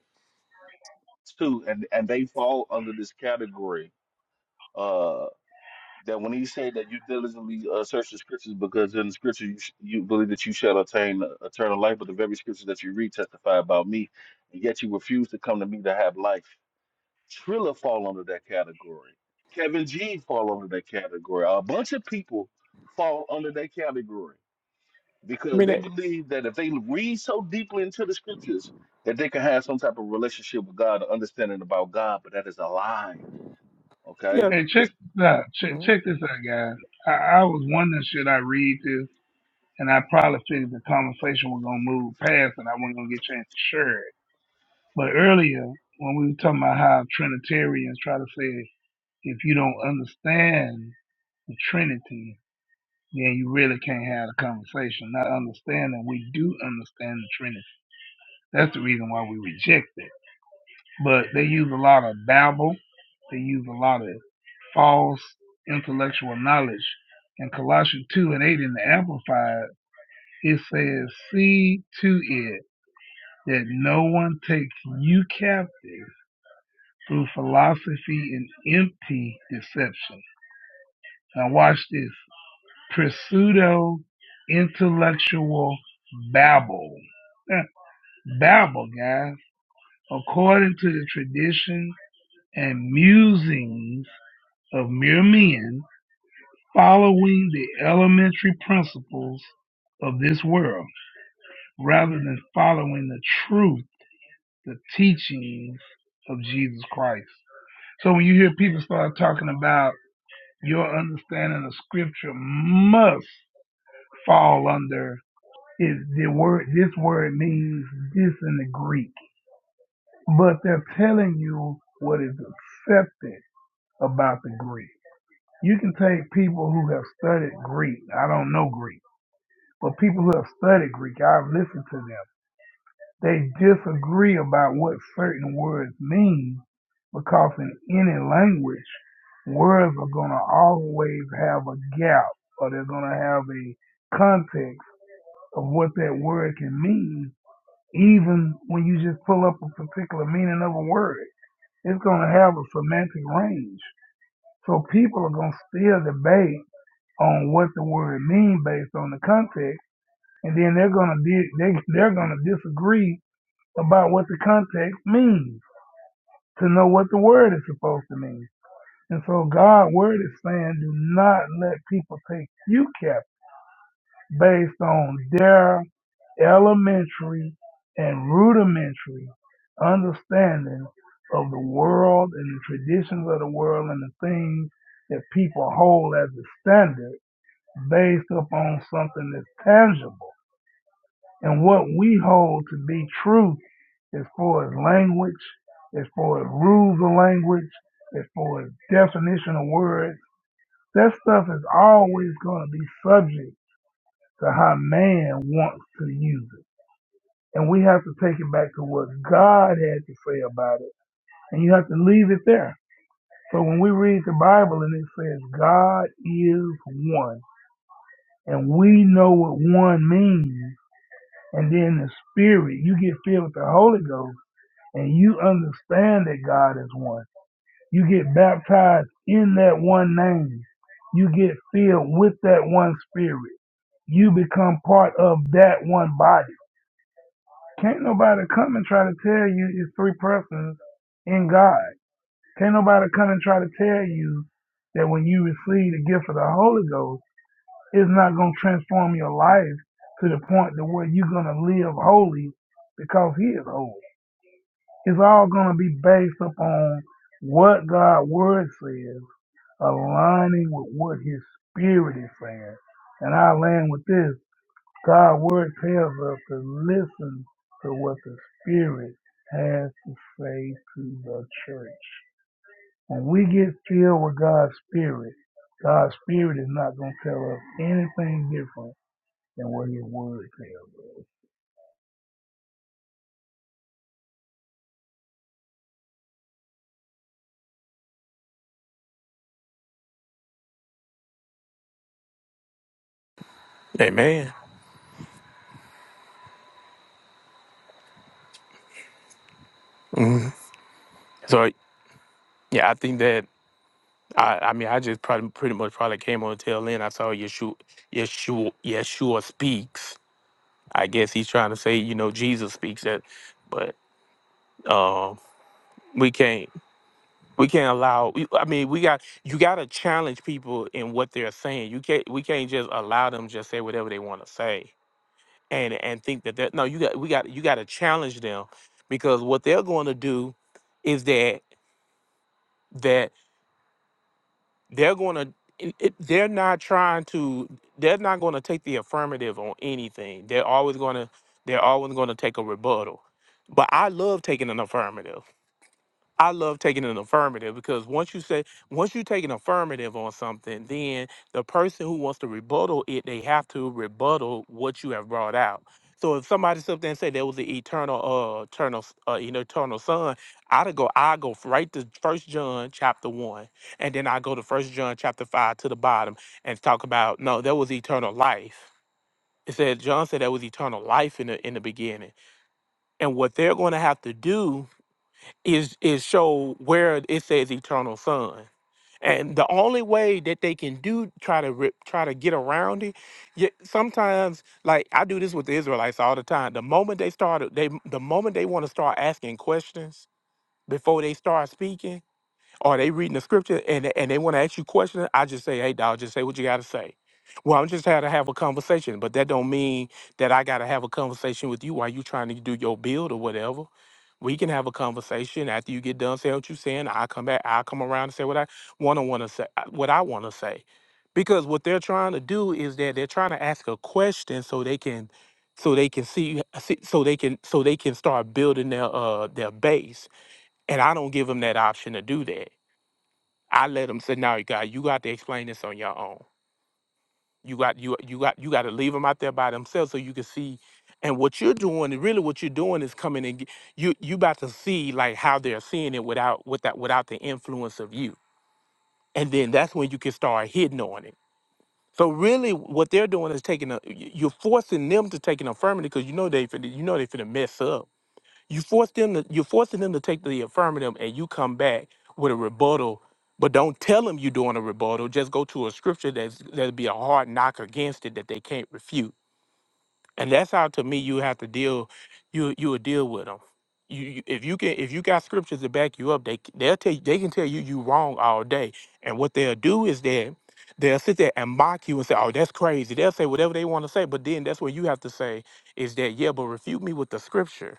Speaker 7: too, and and they fall under this category uh, that when he said that you diligently uh, search the scriptures because in the scripture you, sh- you believe that you shall obtain eternal life, but the very scriptures that you read testify about me, and yet you refuse to come to me to have life. Triller fall under that category. Kevin G fall under that category. A bunch of people fall under that category
Speaker 13: I
Speaker 7: because
Speaker 13: mean,
Speaker 7: they
Speaker 13: that,
Speaker 7: believe that if they read so deeply into the scriptures that they can have some type of relationship with God, or understanding about God, but that is a lie.
Speaker 13: yeah.
Speaker 7: Okay
Speaker 1: hey,
Speaker 7: the
Speaker 1: check this out. Check,
Speaker 13: Mhm.
Speaker 1: check this out, guys. I, I was wondering should I read this, and I probably figured the conversation was gonna move past, and I wasn't gonna get a chance to share it. But earlier, when we were talking about how Trinitarians try to say if you don't understand the Trinity, then you really can't have a conversation. Not understanding, we do understand the Trinity. That's the reason why we reject it. But they use a lot of babble, they use a lot of false intellectual knowledge. In Colossians 2 and 8 in the Amplified, it says, See to it that no one takes you captive through philosophy and empty deception. Now, watch this. pseudo intellectual babble. <laughs> babble, guys, according to the tradition and musings of mere men, following the elementary principles of this world rather than following the truth, the teachings of Jesus Christ. So when you hear people start talking about your understanding of scripture must fall under Is the word this word means this in the Greek, but they're telling you what is accepted about the Greek. You can take people who have studied Greek. I don't know Greek, but people who have studied Greek, I've listened to them. They disagree about what certain words mean because in any language, words are going to always have a gap or they're going to have a context of what that word can mean Even when you just pull up a particular meaning of a word, it's going to have a semantic range. So people are going to still debate on what the word means based on the context, and then they're going to di- they, they're going to disagree about what the context means to know what the word is supposed to mean. And so God's word is saying, do not let people take you captive based on their elementary and rudimentary understanding of the world and the traditions of the world and the things that people hold as a standard based upon something that's tangible. And what we hold to be truth as far as language, as far as rules of language, as far as definition of words, that stuff is always going to be subject to how man wants to use it. And we have to take it back to what God had to say about it. And you have to leave it there. So when we read the Bible and it says God is one, and we know what one means, and then the Spirit, you get filled with the Holy Ghost, and you understand that God is one. You get baptized in that one name. You get filled with that one Spirit. You become part of that one body Can't nobody come and try to tell you it's three persons in God. Can't nobody come and try to tell you that when you receive the gift of the Holy Ghost, it's not going to transform your life to the point to where you're going to live holy because He is holy. It's all going to be based upon what God's Word says, aligning with what His Spirit is saying. And I land with this. God word tells us to listen to what the Spirit has to say to the church. When we get filled with God's Spirit, God's Spirit is not going to tell us anything different than what His Word tells us.
Speaker 13: Amen. Mhm. So yeah, I think that I I mean I just probably pretty much probably came on the tail end. I saw Yeshua Yeshua Yeshua speaks. I guess he's trying to say you know Jesus speaks that, but um we can't. We can't allow. we- I mean, we got you got to challenge people in what they're saying. You can't. We can't just allow them just say whatever they want to say and and think that that no. You got. We got. You got to challenge them because what they're going to do is that that they're going to. It, it- they're not trying to. They're not going to take the affirmative on anything. They're always going to. They're always going to take a rebuttal. But I love taking an affirmative. I love taking an affirmative because once you say once you take an affirmative on something, then the person who wants to rebuttal it, they have to rebuttal what you have brought out. So if somebody sit up there and say there was the eternal, uh, eternal, s- uh, you know, eternal son, I'd go, I go f- right to First John chapter one, and then I go to First John chapter five to the bottom and talk about no, there was eternal life. It said John said there was eternal life in the in the beginning, and what they're going to have to do is is show where it says eternal son and the only way that they can do try to rip, try to get around it yeah, sometimes like i do this with the israelites all the time the moment they start, they the moment they want to start asking questions before they start speaking are they reading the scripture and and they want to ask you questions? I just say, hey, dog, just say what you got to say. Well, I'm just had to have a conversation, but that don't mean that I got to have a conversation with you while you trying to do your build or whatever. We can have a conversation after you get done. Say what you saying. I come back. I come around and say what I want to want to say. uh, What I want to say, because what they're trying to do is that they're trying to ask a question so they can, so they can see, see so they can, so they can start building their uh their base. And I don't give them that option to do that. I let them say, "Now, God, you got to explain this on your own. You got you you got you got to leave them out there by themselves so you can see." And what you're doing, really, what you're doing is coming and get, you you about to see like how they're seeing it without without without the influence of you, and then that's when you can start hitting on it. So really, what they're doing is taking a you- you're forcing them to take an affirmative because you know they finna- you know they finna mess up you force them to, you're forcing them to take the affirmative and you come back with a rebuttal, but don't tell them you're doing a rebuttal. Just go to a scripture that's that'd be a hard knock against it that they can't refute and that's how to me you have to deal you you will deal with them you, you if you can if you got scriptures to back you up they they'll tell you, they can tell you you wrong all day and what they'll do is that they'll sit there and mock you and say oh that's crazy they'll say whatever they want to say but then that's what you have to say is that yeah but refute me with the scripture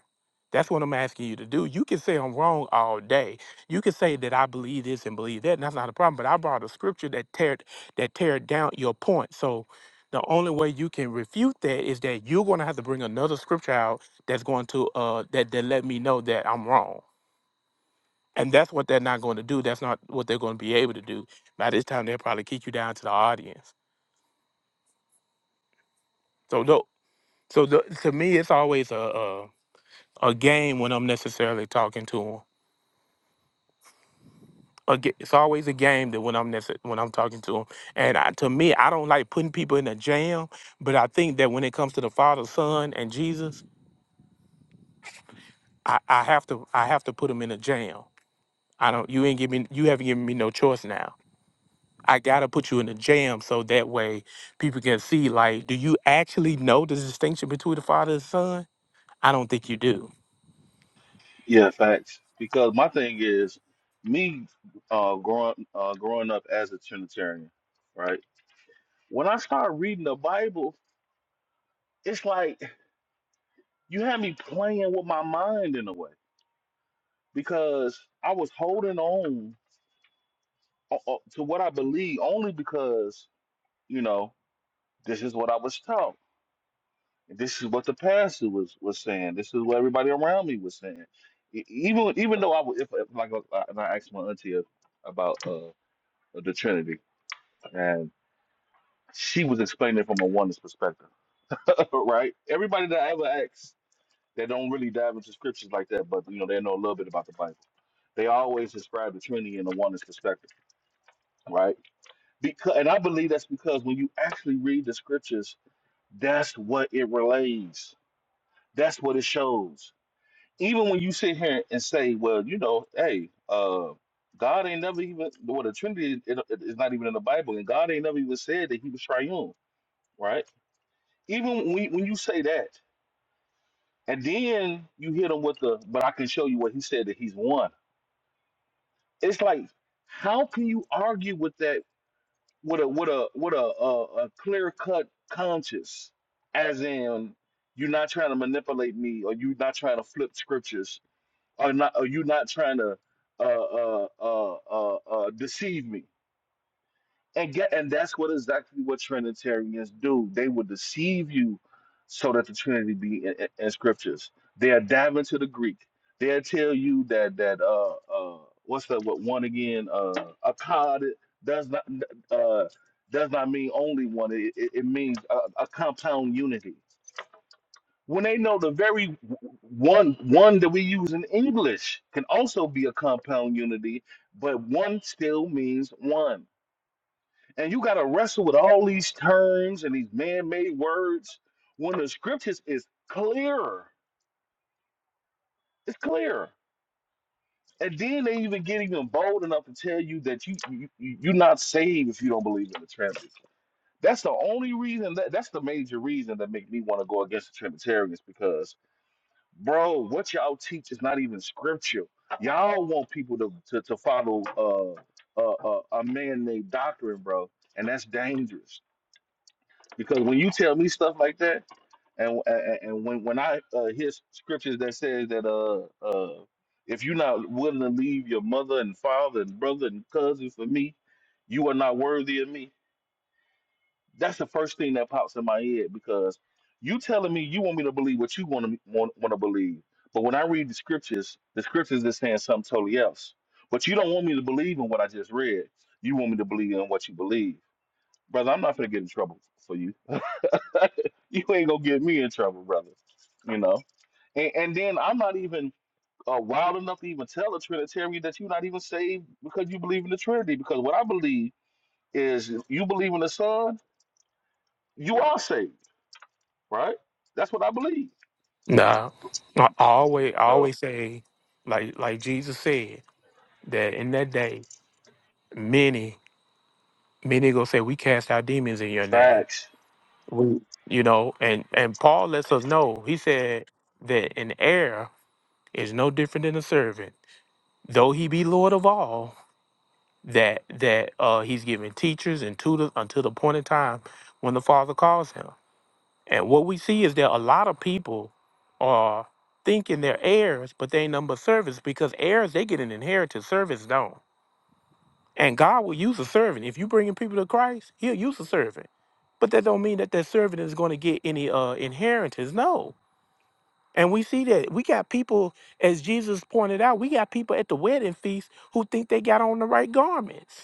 Speaker 13: that's what I'm asking you to do. You can say I'm wrong all day. You can say that I believe this and believe that, and that's not a problem. But I brought a scripture that tear that tear down your point. So the only way you can refute that is that you're going to have to bring another scripture out that's going to uh that that let me know that I'm wrong. And that's what they're not going to do. That's not what they're going to be able to do. By this time, they'll probably kick you down to the audience. So no, so the, to me, it's always a, a a game when I'm necessarily talking to them. Aga It's always a game that when I'm necess- when I'm talking to them. And I, to me, I don't like putting people in a jam. But I think that when it comes to the Father, Son, and Jesus, I, I have to I have to put them in a jam I don't. You ain't give me. You haven't given me no choice now. I gotta put you in a jam so that way people can see. Like, do you actually know the distinction between the father and son? I don't think you do.
Speaker 7: Yeah, facts. Because my thing is, me uh, growing uh, growing up as a Trinitarian, right? When I start reading the Bible, it's like you had me playing with my mind in a way because I was holding on uh, uh, to what I believe only because you know this is what I was taught. This is what the pastor was was saying. This is what everybody around me was saying. E- Even even though I was, if, if like uh, and I asked my auntie about uh, the Trinity. she was explaining it from a oneness perspective, <laughs> right? Everybody that I ever asked they don't really dive into scriptures like that, but you know they know a little bit about the Bible. They always describe the Trinity in a oneness perspective, right? Because, and I believe that's because when you actually read the scriptures, that's what it relays. That's what it shows. Even when you sit here and say, "Well, you know, hey, uh, God ain't never even well, the Trinity is is not even in the Bible, and God ain't never even said that He was triune, right?" Even when, when you say that, And then you hit him with the, but I can show you what he said that he's won. It's like, how can you argue with that with a with a with a a, a clear cut conscience, as in you're not trying to manipulate me, or you're not trying to flip scriptures, or not, or you're not trying to uh, uh, uh, uh, uh, deceive me. And get and that's what exactly what Trinitarians do. They will deceive you so that the Trinity be in, in, in scriptures. They are diving to the Greek. They'll tell you that that uh uh what's that what one again uh akkad does not uh does not mean only one. It, it, it means a, a compound unity. When they know the very w- one one that we use in English can also be a compound unity, but one still means one. And you got to wrestle with all these terms and these man made words when the scriptures is clearer. It's clear. And then they even get even bold enough to tell you that you, you you- you're not saved if you don't believe in the Trinity. That's the only reason. That, that's the major reason that make me want to go against the Trinitarians because, bro, what y'all teach is not even scripture. Y'all want people to to, to follow uh, uh, uh, a man named doctrine, bro, and that's dangerous. Because when you tell me stuff like that, And and, and when when I uh, hear scriptures that says that uh uh if you're not willing to leave your mother and father and brother and cousin for me, you are not worthy of me. That's the first thing that pops in my head because you telling me you want me to believe what you want to want, want to believe, but when I read the scriptures, the scriptures is saying something totally else. But you don't want me to believe in what I just read. You want me to believe in what you believe, brother. I'm not gonna get in trouble for you. <laughs> you ain't gonna get me in trouble, brother. You know. And, and then I'm not even uh, wild enough to even tell a Trinitarian that you're not even saved because you believe in the Trinity. Because what I believe is if you believe in the Son, you are saved, right? That's what I believe.
Speaker 13: No. I always, I
Speaker 7: So
Speaker 13: always say, like, like Jesus said that in that day, many, many gonna say, "We cast out demons in your name."
Speaker 7: facts,
Speaker 13: We- You know, and and Paul lets us know. He said that an heir is no different than a servant, though he be lord of all that that uh, he's giving teachers and tutors until the point in time when the father calls him. And what we see is that a lot of people are thinking they're heirs, but they ain't number servants because heirs they get an inheritance, servants don't. And God will use a servant. If you bringing people to Christ, He'll use a servant. But that don't mean that that servant is going to get any uh, inheritance. No. And we see that we got people, as Jesus pointed out, we got people at the wedding feast who think they got on the right garments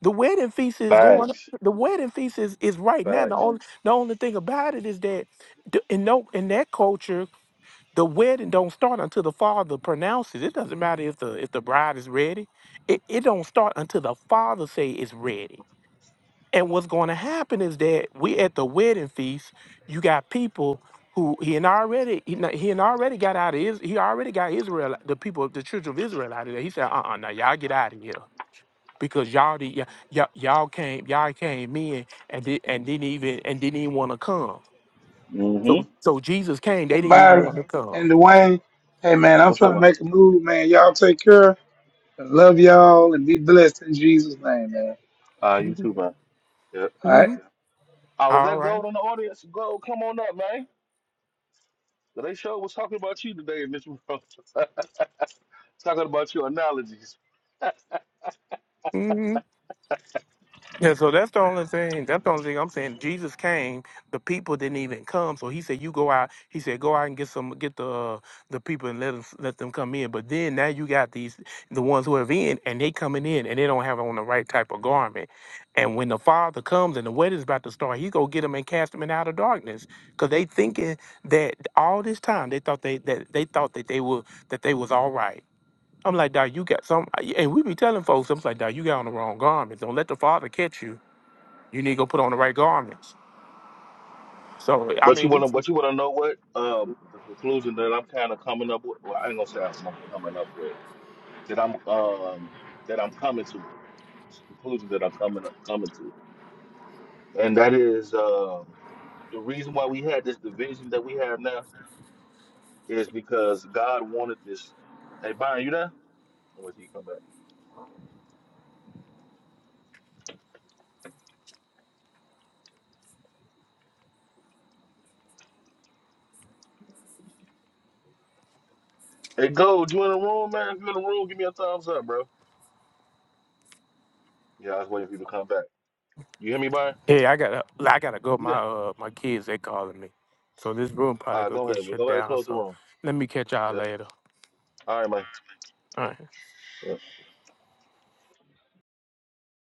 Speaker 13: The wedding feast is going.
Speaker 7: facts,
Speaker 13: The wedding feast is, is right now. The
Speaker 7: facts.
Speaker 13: only the only thing about it is that the, in no in that culture, the wedding don't start until the father pronounces. It doesn't matter if the if the bride is ready. It it don't start until the father say it's ready. And what's going to happen is that we at the wedding feast, you got people who he and already he, n- he and already got out of his he already got Israel the people the children of Israel out of there. He said, uh uh now y'all get out of here because y'all did y'all, y'all y'all came y'all came in and did and didn't even and didn't even want to come.
Speaker 7: hmm
Speaker 13: So so Jesus came, they
Speaker 1: And
Speaker 13: didn't even want to
Speaker 1: Byron
Speaker 13: come.
Speaker 1: and Dwayne, hey man, I'm
Speaker 7: What's
Speaker 1: trying
Speaker 7: up,
Speaker 1: to
Speaker 7: man?
Speaker 1: make a move, man. Y'all take care. I love y'all and be blessed in Jesus' name, man.
Speaker 7: Uh, you too, man. Yep.
Speaker 1: All right.
Speaker 13: <laughs>
Speaker 7: Oh, is
Speaker 13: All
Speaker 7: that
Speaker 13: right.
Speaker 7: Gold in the audience? Gold, come on up, man. They sure was talking about you today in this room. <laughs> talking about your analogies.
Speaker 13: Mm-hmm. Yeah, so that's the only thing. That's the only thing I'm saying. Jesus came, the people didn't even come. So he said, "You go out." He said, "Go out and get some, get the uh, the people and let them let them come in." But then now you got these the ones who have in, and they coming in, and they don't have on the right type of garment. And when the Father comes and the wedding's about to start, he go get them and cast them in out of darkness, because they thinking that all this time they thought they that they thought that they were that they was all right. I'm like, Doc, you got some, and we be telling folks, I'm like, Doc, you got on the wrong garments. Don't let the Father catch you you need to go put on the right garments. So I
Speaker 7: But you
Speaker 13: mean,
Speaker 7: wanna, but you wanna know what? Um, the conclusion that I'm kind of coming up with. Well, I ain't gonna say I'm, I'm coming up with that. I'm um that I'm coming to It's the conclusion that I'm coming coming to, and that is um the reason why we had this division that we have now is because God wanted this. Hey, Byron, you there? Oh, Wait till you come back. Hey, Gold, you in the room, man? If you in the room, give me a thumbs up, bro. Yeah, I was waiting for you to come back. You hear me, Byron?
Speaker 13: hey, I gotta, I gotta go.
Speaker 7: You there?
Speaker 13: My uh, my kids they calling me, so this room
Speaker 7: All
Speaker 13: probably
Speaker 7: right,
Speaker 13: gonna
Speaker 7: go
Speaker 13: get
Speaker 7: ahead. man. Go
Speaker 13: shut
Speaker 7: ahead and
Speaker 13: down.
Speaker 7: close the
Speaker 13: So
Speaker 7: room.
Speaker 13: let me catch y'all
Speaker 7: Yep.
Speaker 13: later.
Speaker 7: All right, man.
Speaker 13: All right.
Speaker 7: Yeah.